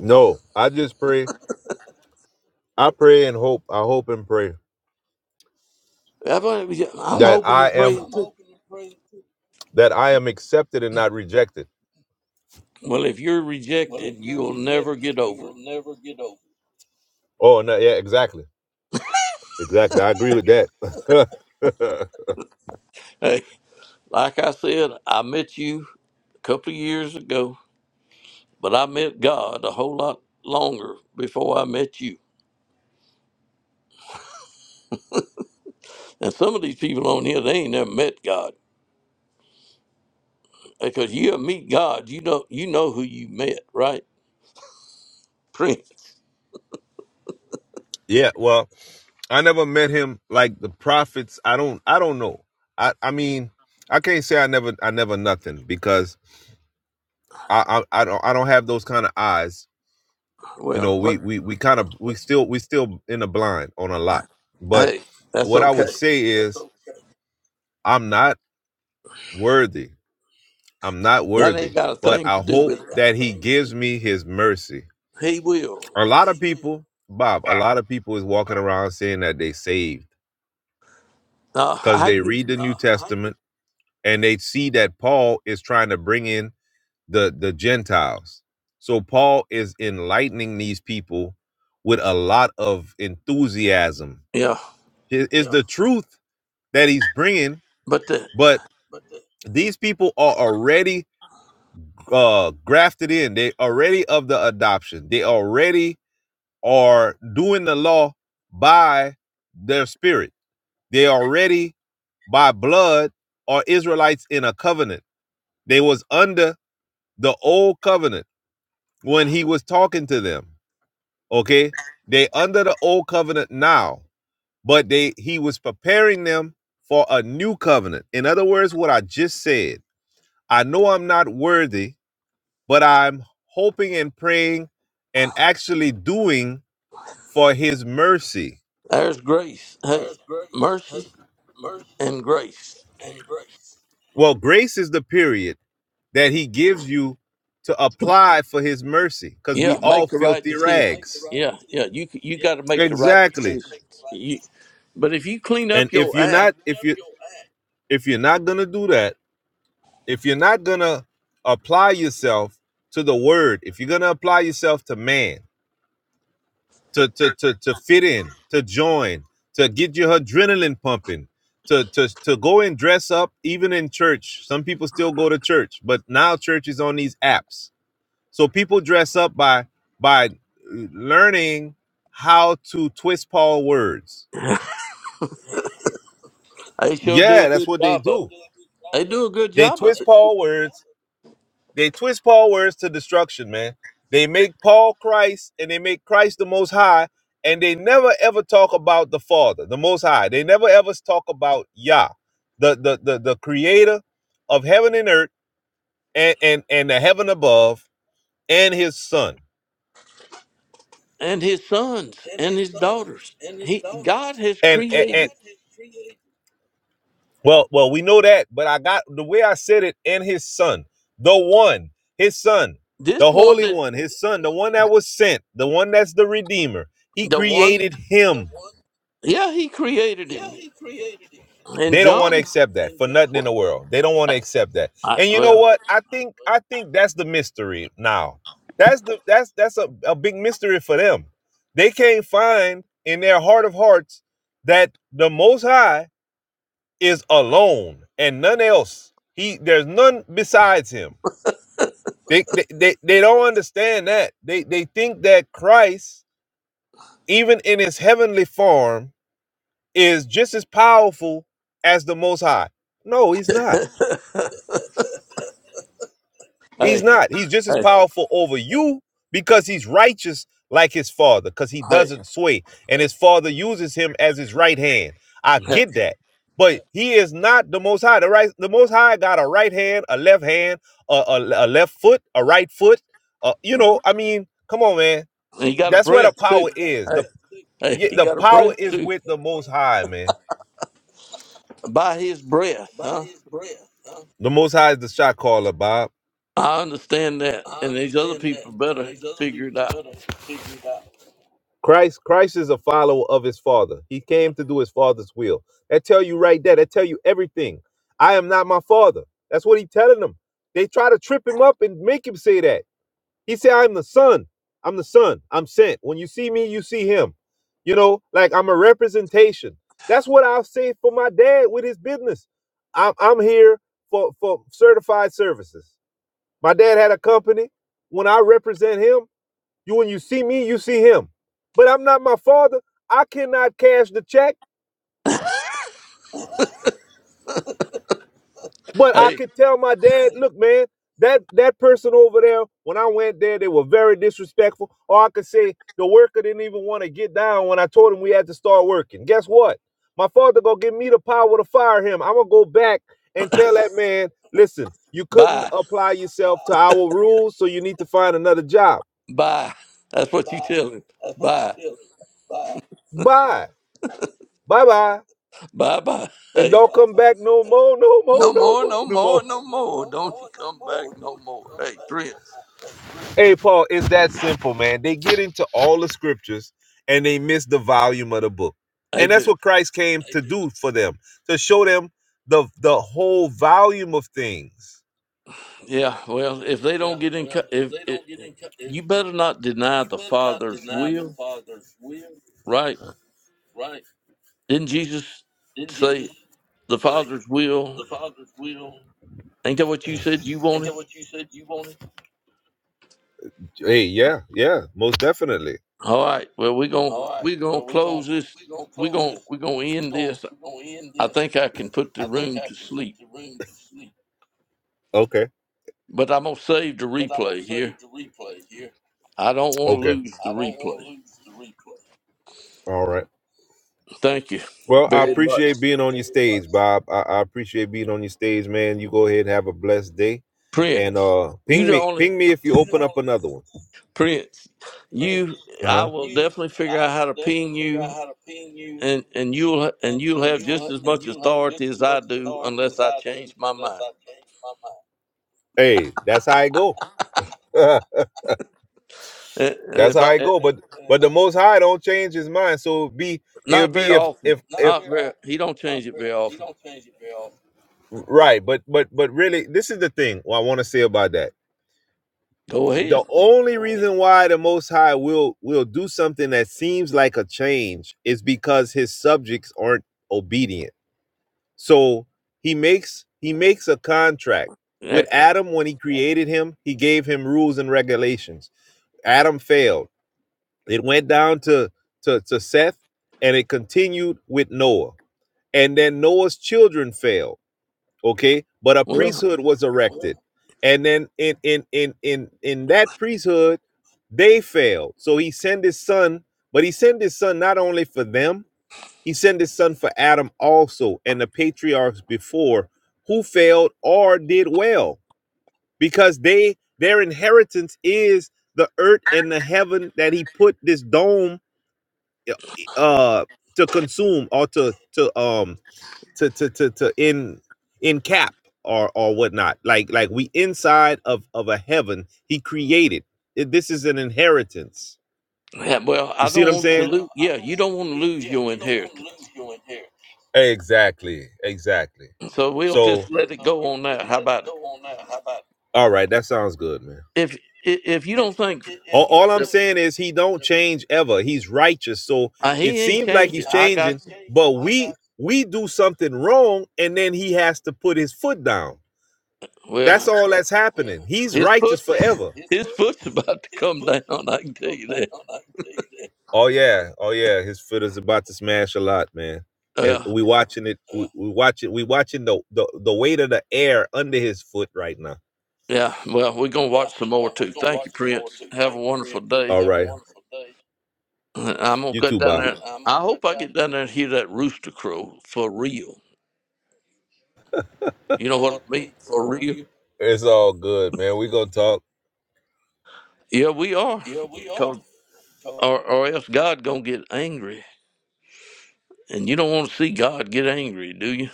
J: No, I just pray. I pray and hope. I hope and pray.
A: Have I- I'm
J: that
A: hoping
J: I
A: and
J: am
A: praying too.
J: that I am accepted and not rejected.
A: Well, if you're rejected, you'll never get over it.
J: Oh no, yeah, exactly. Exactly. I agree with that.
A: Hey, like I said, I met you a couple of years ago, but I met God a whole lot longer before I met you. And some of these people on here, they ain't never met God because you meet God, you don't, you know who you met, right, Prince?
J: yeah, well, I never met him like the prophets. I don't I don't know. I I mean, I can't say I never I never nothing because I I, I don't I don't have those kind of eyes. You
A: Well,
J: know, we
A: what?
J: we we kind of we still we still in the blind on a lot. But
A: Hey, that's
J: what I
A: okay.
J: would say is I'm not worthy I'm not
A: That
J: worthy,
A: ain't got a
J: but
A: thing
J: I
A: to do
J: hope
A: with it.
J: that he gives me his mercy.
A: He will.
J: A lot of people, Bob, a lot of people is walking around saying that they saved
A: Uh,
J: because
A: how
J: they
A: you,
J: read the New Testament and they see that Paul is trying to bring in the the Gentiles. So Paul is enlightening these people with a lot of enthusiasm.
A: yeah,
J: It is the truth that he's bringing,
A: but the,
J: but these people are already uh grafted in. They already of the adoption. They already are doing the law by their spirit. They already by blood are Israelites in a covenant. They was under the old covenant when he was talking to them. Okay? They under the old covenant now, but they he was preparing them for a new covenant. In other words, what I just said, I know I'm not worthy, but I'm hoping and praying and actually doing for his mercy
A: there's grace. Hey, mercy and grace.
J: Well, grace is the period that he gives you to apply for his mercy because we
A: Yeah,
J: all
A: make the right
J: filthy
A: decision.
J: rags.
A: Yeah, yeah, you you got to make the right
J: Exactly.
A: decisions. You, but if you clean
J: And
A: up
J: if
A: your
J: you're
A: act,
J: not if you if you're not going to do that, if you're not going to apply yourself to the word, if you're going to apply yourself to man, to to to to fit in, to join, to get your adrenaline pumping, to to to go and dress up even in church. Some people still go to church, but now church is on these apps So people dress up by by learning how to twist Paul words.
A: they sure do
J: Yeah,
A: a
J: that's
A: good
J: what they
A: job of
J: do.
A: it. They do a good
J: They
A: job of
J: twist
A: it,
J: Paul words. They twist Paul words to destruction, man. They make Paul Christ and they make Christ the most high and they never ever talk about the Father, the most high. They never ever talk about Yah, the the the, the creator of heaven and earth and, and and the heaven above and his son.
A: and his sons and his daughters. He God has
J: And and,
A: created
J: and Well, well, we know that, but I got the way I said it, and his son, the one, his son,
A: this
J: the
A: one
J: holy
A: that
J: one, his son, the one that was sent, the one that's the redeemer. He
A: the one.
J: created him.
A: Yeah, he created him, and
J: They don't want to
A: John.
J: accept that for nothing in the world. They don't want to accept that.
A: I,
J: And you know
A: well,
J: what? I think I think that's the mystery now. That's the that's that's a, a big mystery for them. They can't find in their heart of hearts that the most high is alone and none else. He there's none besides him. They they, they, they don't understand that. They they think that Christ, even in his heavenly form, is just as powerful as the most high. No, he's not. He's
A: hey,
J: not. He's just as
A: hey,
J: powerful over you because he's righteous like his father, because he
A: hey,
J: doesn't sway. And his father uses him as his right hand. I
A: hey,
J: get that. But he is not the most high. The right the most high got a right hand, a left hand, a, a, a left foot, a right foot. Uh, you know, I mean, come on, man.
A: and he got a
J: That's where the
A: breath too.
J: power is.
A: Hey,
J: The
A: Hey,
J: yeah,
A: he
J: the
A: got a
J: power
A: breath
J: is
A: too.
J: with the most high, man.
A: By his breath, huh?
J: The most high is the shot caller, Bob.
A: I understand that. And these other people better figure it out.
J: Christ, Christ is a follower of his father. He came to do his father's will. That tell you right there. That tell you everything. I am not my father. That's what he telling them. They try to trip him up and make him say that. He said, I'm the son. I'm the son. I'm sent. When you see me, you see him. You know, like I'm a representation. That's what I will say for my dad with his business. I'm, I'm here for, for certified services. My dad had a company. When I represent him, you when you see me, you see him. But I'm not my father. I cannot cash the check, but I
A: Hey,
J: could tell my dad, look, man, that that person over there, when I went there, they were very disrespectful. Or I could say the worker didn't even want to get down when I told him we had to start working. Guess what? My father gonna give me the power to fire him. I'm gonna go back and tell that man, listen, you couldn't
A: bye.
J: apply yourself to our rules, so you need to find another job.
A: Bye. That's what you tell him. Bye.
J: Bye. Bye bye.
A: Bye bye.
J: and
A: Hey.
J: don't come back no more, no more,
A: No
J: no
A: more,
J: more,
A: no
J: no more.
A: more, no more. Don't you come back no more. Hey, Prince.
J: Hey, Paul, it's that simple, man. They get into all the scriptures and they miss the volume of the book.
A: They
J: And that's
A: do.
J: what Christ came to do for them, to show them the the whole volume of things.
A: Yeah, well, if they don't get in, co- if it, you better not deny the Father's will, right? Didn't Jesus say the Father's will? Ain't that what you said you wanted?
J: Hey, yeah, yeah, most definitely.
A: All right. Well, we're going to we're going to close this. We're going to we're going to end this. I think I can put the room to sleep,
J: Okay,
A: but I'm going to save the replay here. I don't want to
J: okay,
A: lose the replay.
J: all right.
A: Thank you
J: Well, I
A: very much,
J: appreciate being on your stage, Bob. I, I appreciate being on your stage, man. You go ahead and have a blessed day. And
A: Prince.
J: uh
A: You
J: ping
A: the
J: me,
A: only
J: ping me if you open up another one.
A: Prince. You, I
J: Uh-huh.
A: will definitely figure out how to ping you, and and you'll and you'll have just as much authority as I do, unless I change my mind.
J: Hey, that's how I go. That's
A: And, and if
J: how
A: I,
J: it
A: eh,
J: go. But but the Most High don't change His mind. So it'd be it'll
A: not very
J: be if
A: often,
J: if Not if
A: not
J: very
A: very.
J: often.
A: He don't change it very often.
J: right. But but but really, this is the thing what I want to say about that.
A: Go ahead.
J: The only reason why the Most High will will do something that seems like a change is because His subjects aren't obedient. So He makes He makes a contract with
A: Eh, Yeah.
J: Adam when He created him. He gave him rules and regulations. Adam failed. It went down to, to, to Seth and it continued with Noah. And then Noah's children failed. Okay. But a
A: Well,
J: priesthood was erected. And then in in in in in that priesthood, they failed. So he sent his son, but he sent his son not only for them, he sent his son for Adam also and the patriarchs before who failed or did well because they their inheritance is the earth and the heaven that he put this dome eh, uh to consume or to to um to to to to in in cap or or whatnot like like we inside of of a heaven he created It- this is an inheritance
A: yeah, well,
J: you
A: I
J: see
A: don't
J: what i'm
A: want to
J: saying Well,
A: lose.
J: I
A: Yeah,
J: don't
A: you
J: want
A: don't
J: to
A: want to
J: lose.
A: lose
J: Yeah,
A: your
J: you don't want to
A: inheritance,
J: lose your inheritance. exactly exactly
A: so we'll
J: so
A: just let it go on that. How about it?
J: all right that sounds good man
A: If i- if you don't think
J: All, all I'm saying is he don't change ever. He's righteous. So
A: uh,
J: it
A: he ain't
J: seems like he's
A: changing, I
J: changing,
A: got you.
J: but we we do something wrong and then he has to put his foot down. That's
A: Well,
J: all that's happening. He's
A: his
J: righteous
A: foot
J: forever.
A: his foot's about to come down. I can tell you that.
J: Oh yeah, oh yeah. His foot is about to smash a lot, man. And
A: Yeah,
J: we watching it. We, we watch it. We watching the, the the weight of the air under his foot right now.
A: yeah. Well, we're gonna
J: Yeah,
A: watch some more
J: well, we
A: too.
J: gonna
A: Thank
J: watch
A: you,
J: some more
A: Prince.
J: too.
A: Have a
J: Thank you,
A: wonderful
J: Prince. All
A: day.
J: Have right. a wonderful day.
A: I'm gonna
J: You
A: get
J: too,
A: down
J: Bob.
A: there.
J: I'm going
A: I
J: to cut
A: hope I
J: that.
A: get down there and hear that rooster crow for real. You know what I mean? For real.
J: It's all good, man. We gonna talk.
A: Yeah, we are. 'Cause or or else God gonna get angry, and you don't want to see God get angry, do you?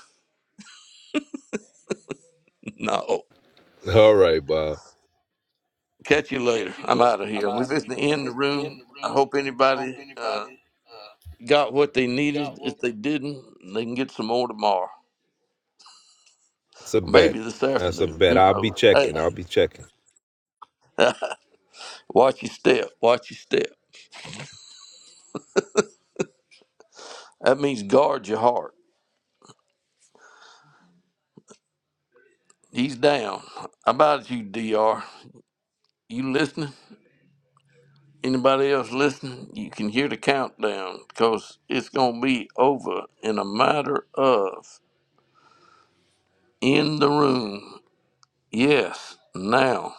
A: no.
J: All right, Bob.
A: Catch you later. I'm out of here. We're just in the room. I hope anybody uh, got what they needed. If they didn't, they can get some more tomorrow,
J: It's a
A: or
J: bet.
A: maybe this
J: That's a
A: afternoon.
J: bet.
A: Who
J: I'll be
A: knows? Hey,
J: checking. I'll be checking.
A: watch your step. Watch your step. That means guard your heart. He's down. How about you, Dr. You listening? Anybody else listening? You can hear the countdown because it's going to be over in a matter of in the room. Yes, now.